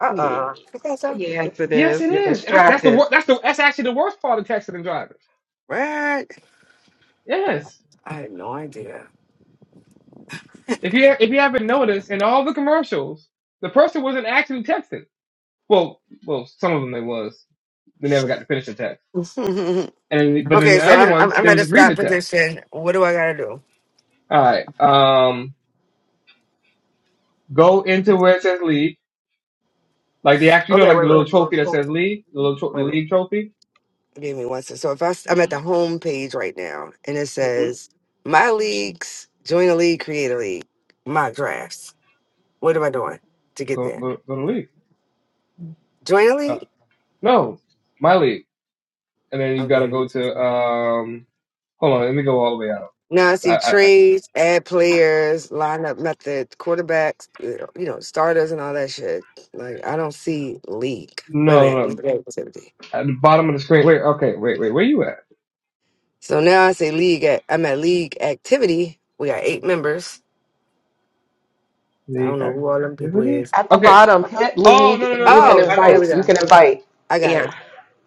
[SPEAKER 4] Uh
[SPEAKER 1] Yeah.
[SPEAKER 4] uh You think so?
[SPEAKER 1] Yes, it
[SPEAKER 2] Yes,
[SPEAKER 1] is.
[SPEAKER 2] it
[SPEAKER 1] You're
[SPEAKER 2] is. That- That's the
[SPEAKER 1] distracted.
[SPEAKER 2] wor- That's the. That's actually the worst part of texting and driving.
[SPEAKER 4] What? I
[SPEAKER 2] Yes.
[SPEAKER 4] had no idea.
[SPEAKER 2] If you if you haven't noticed, in all the commercials, the person wasn't actually texting. Well, well, some of them they was. They never got to finish the text.
[SPEAKER 4] okay, so
[SPEAKER 2] And but in the other
[SPEAKER 4] I'm, I'm
[SPEAKER 2] ones,
[SPEAKER 4] I'm
[SPEAKER 2] they were
[SPEAKER 4] at a
[SPEAKER 2] just reading
[SPEAKER 4] stop
[SPEAKER 2] the text.
[SPEAKER 4] position. What do I gotta do?
[SPEAKER 2] All right. Um, Go into where it says league, like the act, you know,
[SPEAKER 4] Okay, wait,
[SPEAKER 2] like the little
[SPEAKER 4] wait,
[SPEAKER 2] trophy that says league, the little tro- the
[SPEAKER 4] wait a
[SPEAKER 2] league trophy.
[SPEAKER 4] Give me one second. So if I, s- I'm at the home page right now, and it
[SPEAKER 2] hmm
[SPEAKER 4] says my leagues, join a league, create a league, my drafts. What am I doing to get
[SPEAKER 2] Go
[SPEAKER 4] there?
[SPEAKER 2] go go to league.
[SPEAKER 4] Join a
[SPEAKER 2] Uh,
[SPEAKER 4] league.
[SPEAKER 2] no, my league, and then you got to
[SPEAKER 4] Okay.
[SPEAKER 2] go to um. Hold on, let me go all the way out.
[SPEAKER 4] Now I
[SPEAKER 2] I,
[SPEAKER 4] see
[SPEAKER 2] I, I
[SPEAKER 4] trades, add players, lineup method, quarterbacks, you know, starters, and all that shit. Like I don't see league. Wait a
[SPEAKER 2] no,
[SPEAKER 4] minute,
[SPEAKER 2] no no
[SPEAKER 4] league activity.
[SPEAKER 2] at the bottom of the screen. Wait, okay, wait wait where you at?
[SPEAKER 4] So now I say league. At, I'm at league activity. We got eight members. I don't
[SPEAKER 2] League
[SPEAKER 4] know who all them people
[SPEAKER 2] activity.
[SPEAKER 4] is.
[SPEAKER 1] At the
[SPEAKER 2] Okay.
[SPEAKER 1] bottom, hit
[SPEAKER 2] Oh no
[SPEAKER 1] league,
[SPEAKER 2] no
[SPEAKER 1] and
[SPEAKER 2] no
[SPEAKER 1] you
[SPEAKER 2] no
[SPEAKER 1] can
[SPEAKER 2] no!
[SPEAKER 4] Oh,
[SPEAKER 2] I
[SPEAKER 4] there
[SPEAKER 2] know
[SPEAKER 1] invite.
[SPEAKER 4] we
[SPEAKER 1] You
[SPEAKER 4] go.
[SPEAKER 1] can invite.
[SPEAKER 4] I got it.
[SPEAKER 1] Yeah.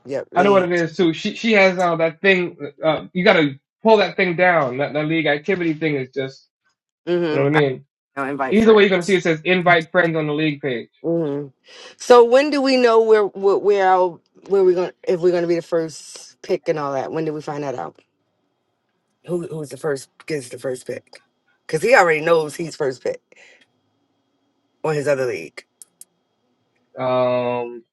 [SPEAKER 4] Yep,
[SPEAKER 2] I know what
[SPEAKER 4] lead.
[SPEAKER 2] it is too. She she has uh, that thing. Uh, you got to pull that thing down. That that league activity thing is just you know
[SPEAKER 4] Mm-hmm.
[SPEAKER 2] what I
[SPEAKER 4] I
[SPEAKER 2] mean.
[SPEAKER 4] now invite
[SPEAKER 2] Either way, you're gonna see
[SPEAKER 4] friends.
[SPEAKER 2] it says invite friends on the league page.
[SPEAKER 4] hmm So when do we know where where, where our where we going if we're gonna be the first pick and all that? When do we find that out? Who who's the first gets the first pick? Because he already knows he's first pick on his other league.
[SPEAKER 2] Um,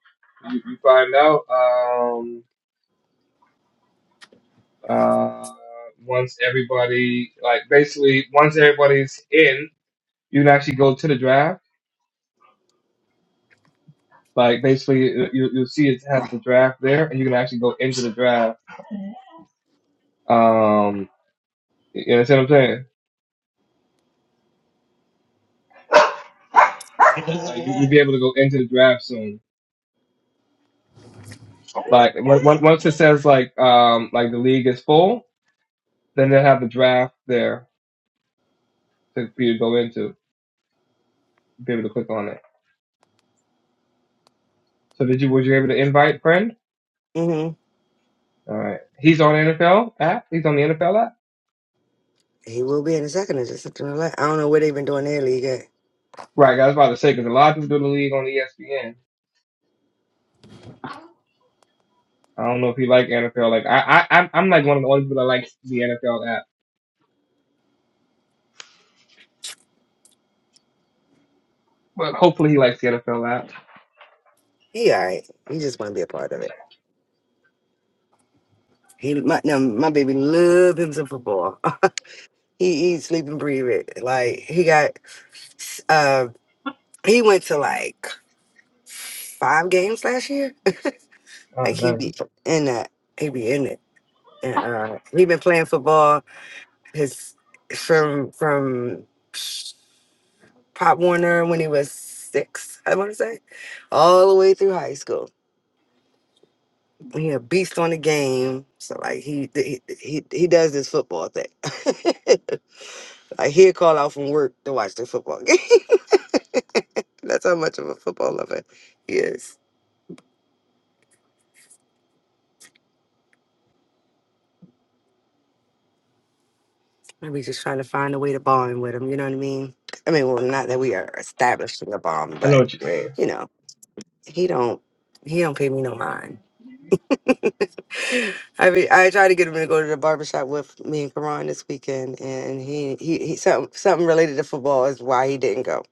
[SPEAKER 2] you, you find out um, uh, once everybody like basically once everybody's in, you can actually go to the draft. Like basically, you, you- will see it has the draft there, and you can actually go into the draft. Um, you understand what I'm saying? Like, you, you'll be able to go into the draft soon. Like when, when- once it says like um like the league is full, then they'll have the draft there for you to go into. Be able to click on it. So did you was you able to invite friend?
[SPEAKER 4] hmm
[SPEAKER 2] All right. He's on NFL app. He's on the NFL app.
[SPEAKER 4] He will be in the second or just something like that. I don't know what they've been doing their league at.
[SPEAKER 2] Right. I was about to say because a lot of people do the league on ESPN. I don't know if he like NFL. Like I, I, I'm I'm like one of the only people that likes the NFL app. But hopefully he likes the NFL app.
[SPEAKER 4] He all right. He just want to be a part of it. He my no, my baby love him some football. he eat, sleep, and breathe it. Like he got uh he went to like five games last year.
[SPEAKER 2] I
[SPEAKER 4] Like
[SPEAKER 2] don't
[SPEAKER 4] he
[SPEAKER 2] know.
[SPEAKER 4] be in that. He be in it. And uh he been playing football his from from Pop Warner when he was six, I wanna say, all the way through high school. He a beast on the game. So like he he he, he does this football thing. like he'll call out from work to watch the football game. That's how much of a football lover he is. Maybe just trying to find a way to bond with him. You know what I mean? I mean, well, not that we are establishing a bond,
[SPEAKER 2] I know
[SPEAKER 4] but
[SPEAKER 2] what you mean.
[SPEAKER 4] you know, he don't he don't pay me no mind. I mean, I tried to get him to go to the barbershop with me and Karan this weekend, and he he, he something something related to football is why he didn't go.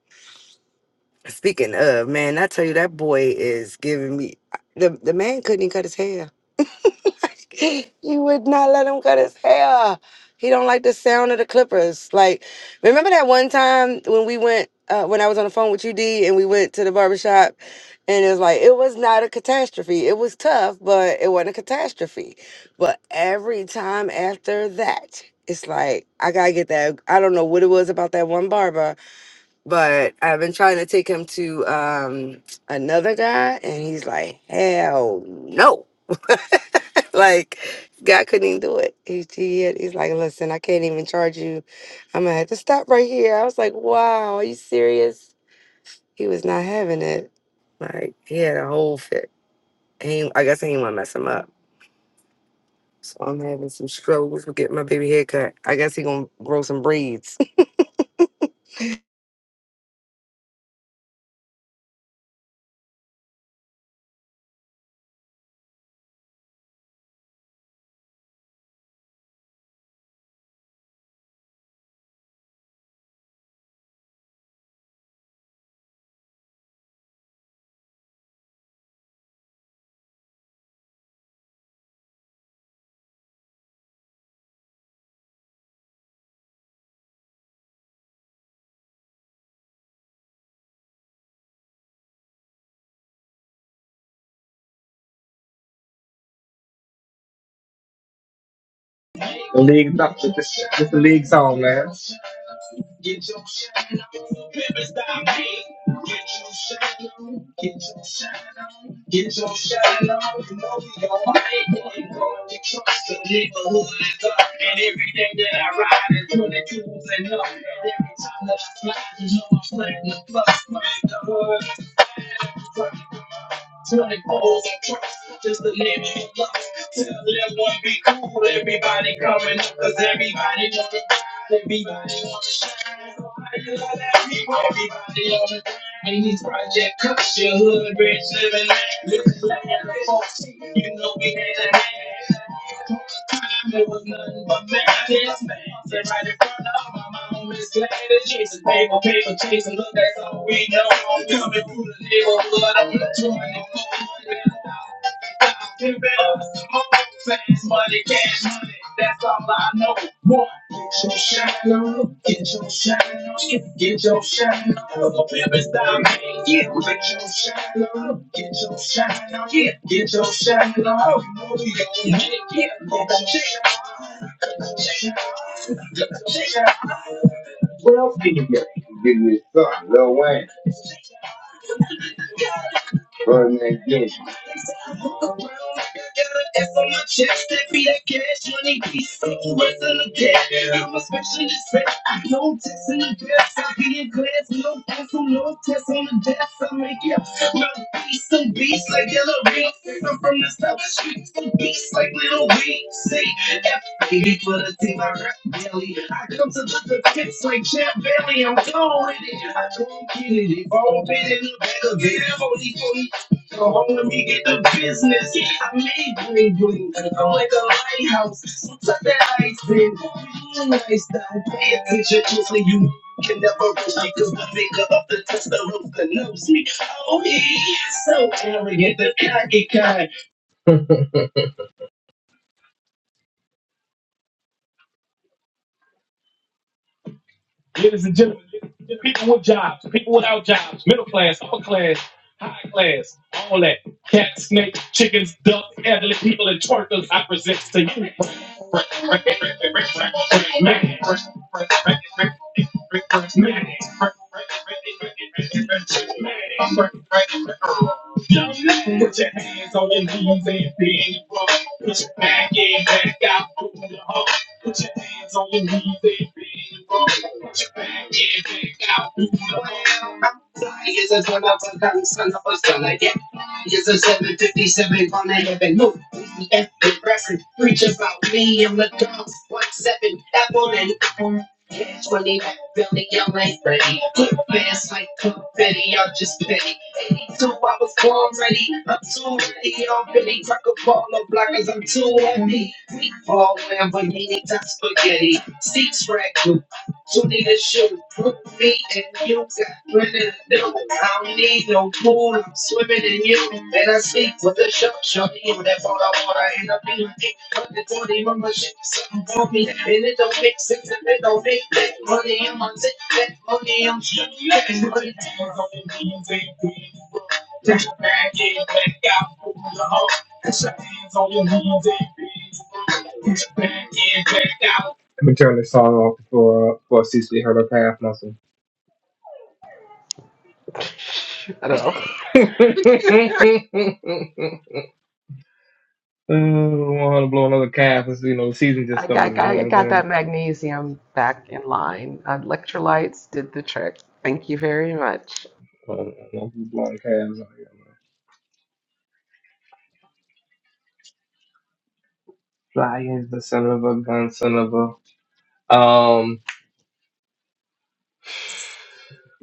[SPEAKER 4] Speaking of man, I tell you that boy is giving me the the man couldn't even cut his hair. he would not let him cut his hair. He don't like the sound of the clippers. Like, remember that one time when we went, uh, when I was on the phone with you, D, and we went to the barbershop, and it was like, it was not a catastrophe. It was tough, but it wasn't a catastrophe. But every time after that, it's like, I gotta get that. I don't know what it was about that one barber but I've been trying to take him to um another guy and he's like, Hell no. like God couldn't even do it. He, he had- he's like, Listen, I can't even charge you. I'm gonna have to stop right here. I was like, Wow, are you serious? He was not having it. Like he had a whole fit. And He, I guess he ain't wanna mess him up. So I'm having some struggles with getting my baby haircut. I guess he gonna grow some braids.
[SPEAKER 2] The league's up. with This, this the league song, man. Get your shine on, baby, stop me. Get your shine on, get your shine on, get your shine on. You know we gon' make it. You gon' get trust. The neighborhood is up, and everything that I ride is twenty-twos and up. And every time that I slide, you know I'm playing the plus. Playing the hood, playing the Till it falls across, just the name of the block. Till everyone be cool, everybody coming up, cause everybody wants to ride, everybody wants to shine. So how you let that people, everybody on the grind? These project cuts, your hood, rich living, living land, folks, you know we had a hand. It was nothing but madness. Sit right in front of my mom. Miss Gladys chasing paper, paper chasing. Look, that's all we know. I'm coming through the neighborhood. I'm 24. Two bills, smoke, fast money, cash money. That's all I know. One, get your shine on, get your shine on, get your shine on. The pimp is diamond. Yeah, get your shine on, get your shine on, yeah, get your shine on. You know we get it, yeah, get your shine on, get your shine on. Well, get Burn that dish. If on my chest, that be that cash money. Be something worse than a debt. I'm a specialist. bitch. I don't test in the best. I be in class. No pencil, no test on the desk. I make it. My beast some beast like yellow beats. I'm from the south streets. Some beast like little weeds. Say, F80 for the team. I rap daily. I come to the pits like Champ Bailey. I'm gone with it. I don't get it. If I don't fit in the bag of it, I'm only 40 Go home and get the business. I made green green. I'm like a lighthouse. Suck that ice in. Realize that. Pay attention closely. You can never rush me. Cause the bigger of the tester knows that me. Oh, he's so arrogant. The cocky kind. ladies and gentlemen, people with jobs, people without jobs, middle class, upper class, high class, all that. Cats, snakes, chickens, ducks, elderly people, and twerkers, I present to you. Young man, Put your hands on your knees and bend Put your back in, back out. move your heart. Put your hands on your knees, baby. Put your back in, back out. I'm hand. Yes, it's all about the gun, son of a son, I get. Yes, 757, on the heaven. Move, yeah, reference. Preach about me and the drums. One seven, apple and Catch when they back belly, y'all ain't ready. Put fast like confetti, I'm just petty ready, So I was born ready. I'm too ready. I'm really crack a ball of blockers. I'm too heavy. We fall when we need that spaghetti. Six track. You need a shoe, book me and you got music. Brennan, no, I don't need no pool. I'm swimming in you. And I sleep with a shark, shorty. And that's all I want. I end up being deep. But the 40 mama shit, something for me. And it don't make sense if it don't make that money. in my tick, that money, I'm shit. That money, I'm hungry, baby. That's a bad, get back out from the home. That's a hands on your knees, baby. That's a bad kid, black out. Let me turn this song off before before Cecily hurt her calf muscle.
[SPEAKER 1] I don't know.
[SPEAKER 2] Uh, I want her to blow another calf. It's, you know, the season just
[SPEAKER 1] I got,
[SPEAKER 2] started. You know
[SPEAKER 1] I
[SPEAKER 2] what I'm
[SPEAKER 1] got
[SPEAKER 2] saying?
[SPEAKER 1] that magnesium back in line. Uh, Electrolytes did the trick. Thank you very much.
[SPEAKER 2] I don't I do blowing calves out here, man. Fly is the son of a gun, son of a. Um,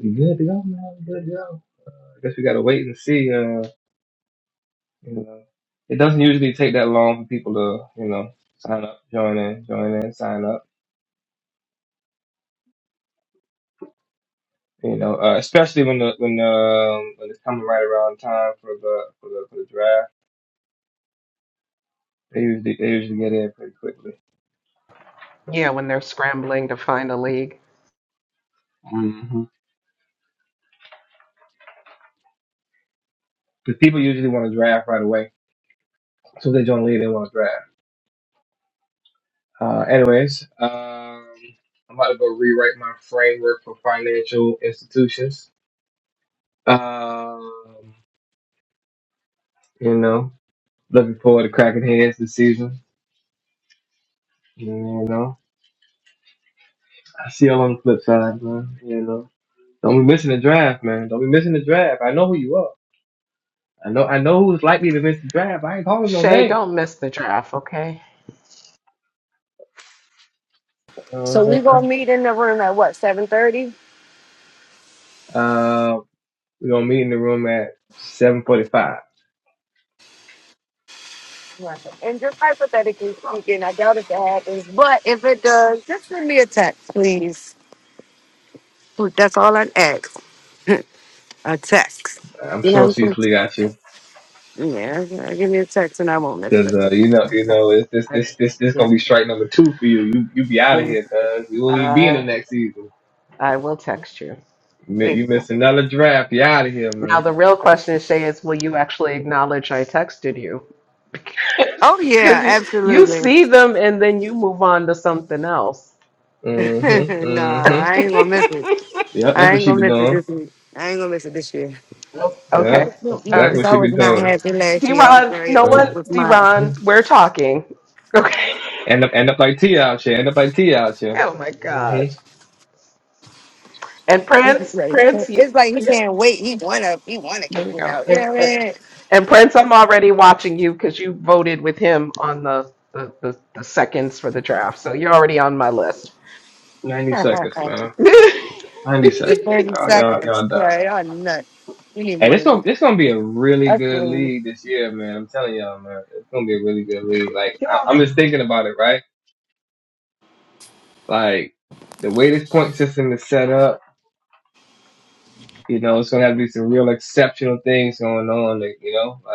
[SPEAKER 2] we good to go, man. We good to go. I guess we gotta wait and see. Uh, you know, it doesn't usually take that long for people to, you know, sign up, join in, join in, sign up. You know, uh, especially when the when um when it's coming right around time for the for the for the draft, they usually they usually get in pretty quickly.
[SPEAKER 1] Yeah, when they're scrambling to find a league.
[SPEAKER 2] Mm-hmm. Because people usually want to draft right away. So if they join the league, they want to draft. Uh, anyways, um, I'm about to go rewrite my framework for financial institutions. Um, you know, looking forward to cracking heads this season. You know, I see y'all on the flip side, man. You know, don't be missing the draft, man. Don't be missing the draft. I know who you are. I know I know who's likely to miss the draft. I ain't calling no
[SPEAKER 1] Shay,
[SPEAKER 2] name.
[SPEAKER 1] don't miss the draft, okay?
[SPEAKER 2] You know what I'm
[SPEAKER 4] So we
[SPEAKER 2] saying?
[SPEAKER 4] gonna meet in the room at what, seven thirty?
[SPEAKER 2] Uh, we're gonna meet in the room at seven forty five.
[SPEAKER 4] Right. And just hypothetically speaking, I doubt if it happens, but if it does, just send me a text, please. That's all I ask. A text.
[SPEAKER 2] I'm
[SPEAKER 4] You know
[SPEAKER 2] sure
[SPEAKER 4] what I'm
[SPEAKER 2] Cecily got you.
[SPEAKER 4] saying? Yeah, yeah, give me a text and I won't miss
[SPEAKER 2] Cause
[SPEAKER 4] it.
[SPEAKER 2] uh, you know, you
[SPEAKER 1] Okay.
[SPEAKER 2] know, it's this
[SPEAKER 1] I,
[SPEAKER 2] this this this
[SPEAKER 1] yeah,
[SPEAKER 2] gonna be strike number two for you. You you be out of
[SPEAKER 4] Mm,
[SPEAKER 2] here, cause you won't even be in the
[SPEAKER 1] I,
[SPEAKER 2] next season.
[SPEAKER 1] I will text you.
[SPEAKER 2] You mi-
[SPEAKER 4] Thank
[SPEAKER 2] you
[SPEAKER 4] you.
[SPEAKER 2] miss another draft, you out of here,
[SPEAKER 1] Now,
[SPEAKER 2] man.
[SPEAKER 1] the real question, Shay, is will you actually acknowledge I texted you?
[SPEAKER 4] Oh yeah,
[SPEAKER 1] Because you, you
[SPEAKER 4] absolutely.
[SPEAKER 1] see them and then you move on to something else.
[SPEAKER 2] Mhm,
[SPEAKER 4] nah,
[SPEAKER 2] mhm.
[SPEAKER 4] I ain't gonna miss it.
[SPEAKER 2] Yep, that's
[SPEAKER 4] I
[SPEAKER 2] what
[SPEAKER 4] ain't
[SPEAKER 2] she
[SPEAKER 4] gonna
[SPEAKER 2] be
[SPEAKER 4] miss it
[SPEAKER 2] doing.
[SPEAKER 4] this week. I ain't gonna miss it this year.
[SPEAKER 2] Yeah,
[SPEAKER 1] okay.
[SPEAKER 4] No, no, no,
[SPEAKER 2] that's
[SPEAKER 4] because
[SPEAKER 2] what
[SPEAKER 4] I
[SPEAKER 2] she
[SPEAKER 4] was
[SPEAKER 2] be
[SPEAKER 4] not
[SPEAKER 2] doing.
[SPEAKER 4] happy last year. I was
[SPEAKER 1] D-Ron,
[SPEAKER 4] very
[SPEAKER 1] no
[SPEAKER 4] upset
[SPEAKER 1] one,
[SPEAKER 4] with mine.
[SPEAKER 1] D-Ron,
[SPEAKER 2] Mhm.
[SPEAKER 1] we're talking. Okay.
[SPEAKER 2] End up end up like T out here. End up like T out here.
[SPEAKER 1] Oh my gosh.
[SPEAKER 2] Mhm.
[SPEAKER 1] And
[SPEAKER 4] He,
[SPEAKER 1] Prince,
[SPEAKER 4] right.
[SPEAKER 1] Prince, you,
[SPEAKER 4] It's like he can't wait. He wanna, he wanna
[SPEAKER 1] there
[SPEAKER 4] kick
[SPEAKER 1] you
[SPEAKER 4] me
[SPEAKER 1] go.
[SPEAKER 4] out. You
[SPEAKER 1] And,
[SPEAKER 4] know
[SPEAKER 1] and- and Prince, I'm already watching you because you voted with him on the, the, the, the seconds for the draft. So you're already on my list.
[SPEAKER 2] Ninety
[SPEAKER 4] what
[SPEAKER 2] seconds,
[SPEAKER 4] I mean?
[SPEAKER 2] man.
[SPEAKER 1] yeah.
[SPEAKER 2] 90
[SPEAKER 4] for
[SPEAKER 2] seconds.
[SPEAKER 4] 30
[SPEAKER 2] Y'all, y'all,
[SPEAKER 4] seconds.
[SPEAKER 2] y'all done.
[SPEAKER 4] Sorry, I'm nuts. You need
[SPEAKER 2] And
[SPEAKER 4] more
[SPEAKER 2] this
[SPEAKER 4] than
[SPEAKER 2] gonna
[SPEAKER 4] that.
[SPEAKER 2] this gonna be a really
[SPEAKER 4] That's
[SPEAKER 2] good
[SPEAKER 4] what
[SPEAKER 2] league this year, man. I'm telling y'all, man, it's gonna be a really good league. Like I, I'm just thinking about it, right? Like the way this point system is set up, you know, it's gonna have to be some real exceptional things going on. Like, you know, like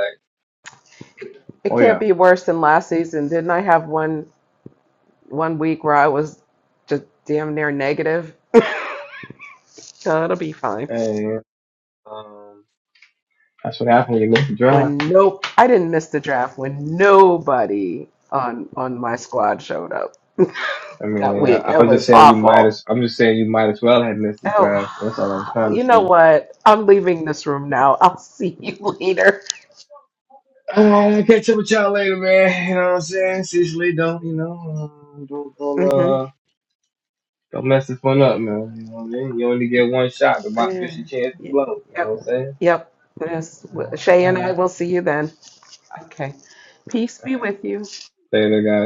[SPEAKER 1] It
[SPEAKER 2] oh
[SPEAKER 1] can't
[SPEAKER 2] yeah,
[SPEAKER 1] be worse than last season. Didn't I have one one week where I was just damn near negative? So it'll be fine.
[SPEAKER 2] and um, that's what happened when you miss the
[SPEAKER 1] When
[SPEAKER 2] drive.
[SPEAKER 1] I didn't miss half when nobody on my squad showed up
[SPEAKER 2] I
[SPEAKER 1] that
[SPEAKER 2] mean, I,
[SPEAKER 1] week. It
[SPEAKER 2] I was just
[SPEAKER 1] was
[SPEAKER 2] saying you might
[SPEAKER 1] awful.
[SPEAKER 2] as. I'm just saying you might as well have missed the drive. That's all I was
[SPEAKER 1] Oh,
[SPEAKER 2] trying to
[SPEAKER 1] you know
[SPEAKER 2] say.
[SPEAKER 1] what? I'm in this room now. I'll see you later.
[SPEAKER 2] Uh, I'll catch up with y'all later, man. You know what I'm saying? Seriously, don't, you know, uh, don't, don't,
[SPEAKER 1] Mm-hmm.
[SPEAKER 2] uh, don't mess this one up, man. You know what I mean? You only get one shot to mock
[SPEAKER 1] Yeah.
[SPEAKER 2] this your chance to
[SPEAKER 1] Ye-
[SPEAKER 2] blow. You know what I'm
[SPEAKER 1] Yep.
[SPEAKER 2] saying?
[SPEAKER 1] Yep. Yes. Well, Shay
[SPEAKER 2] All
[SPEAKER 1] and I
[SPEAKER 2] right.
[SPEAKER 1] will see you then. Okay. Peace be with you.
[SPEAKER 2] Later, guys.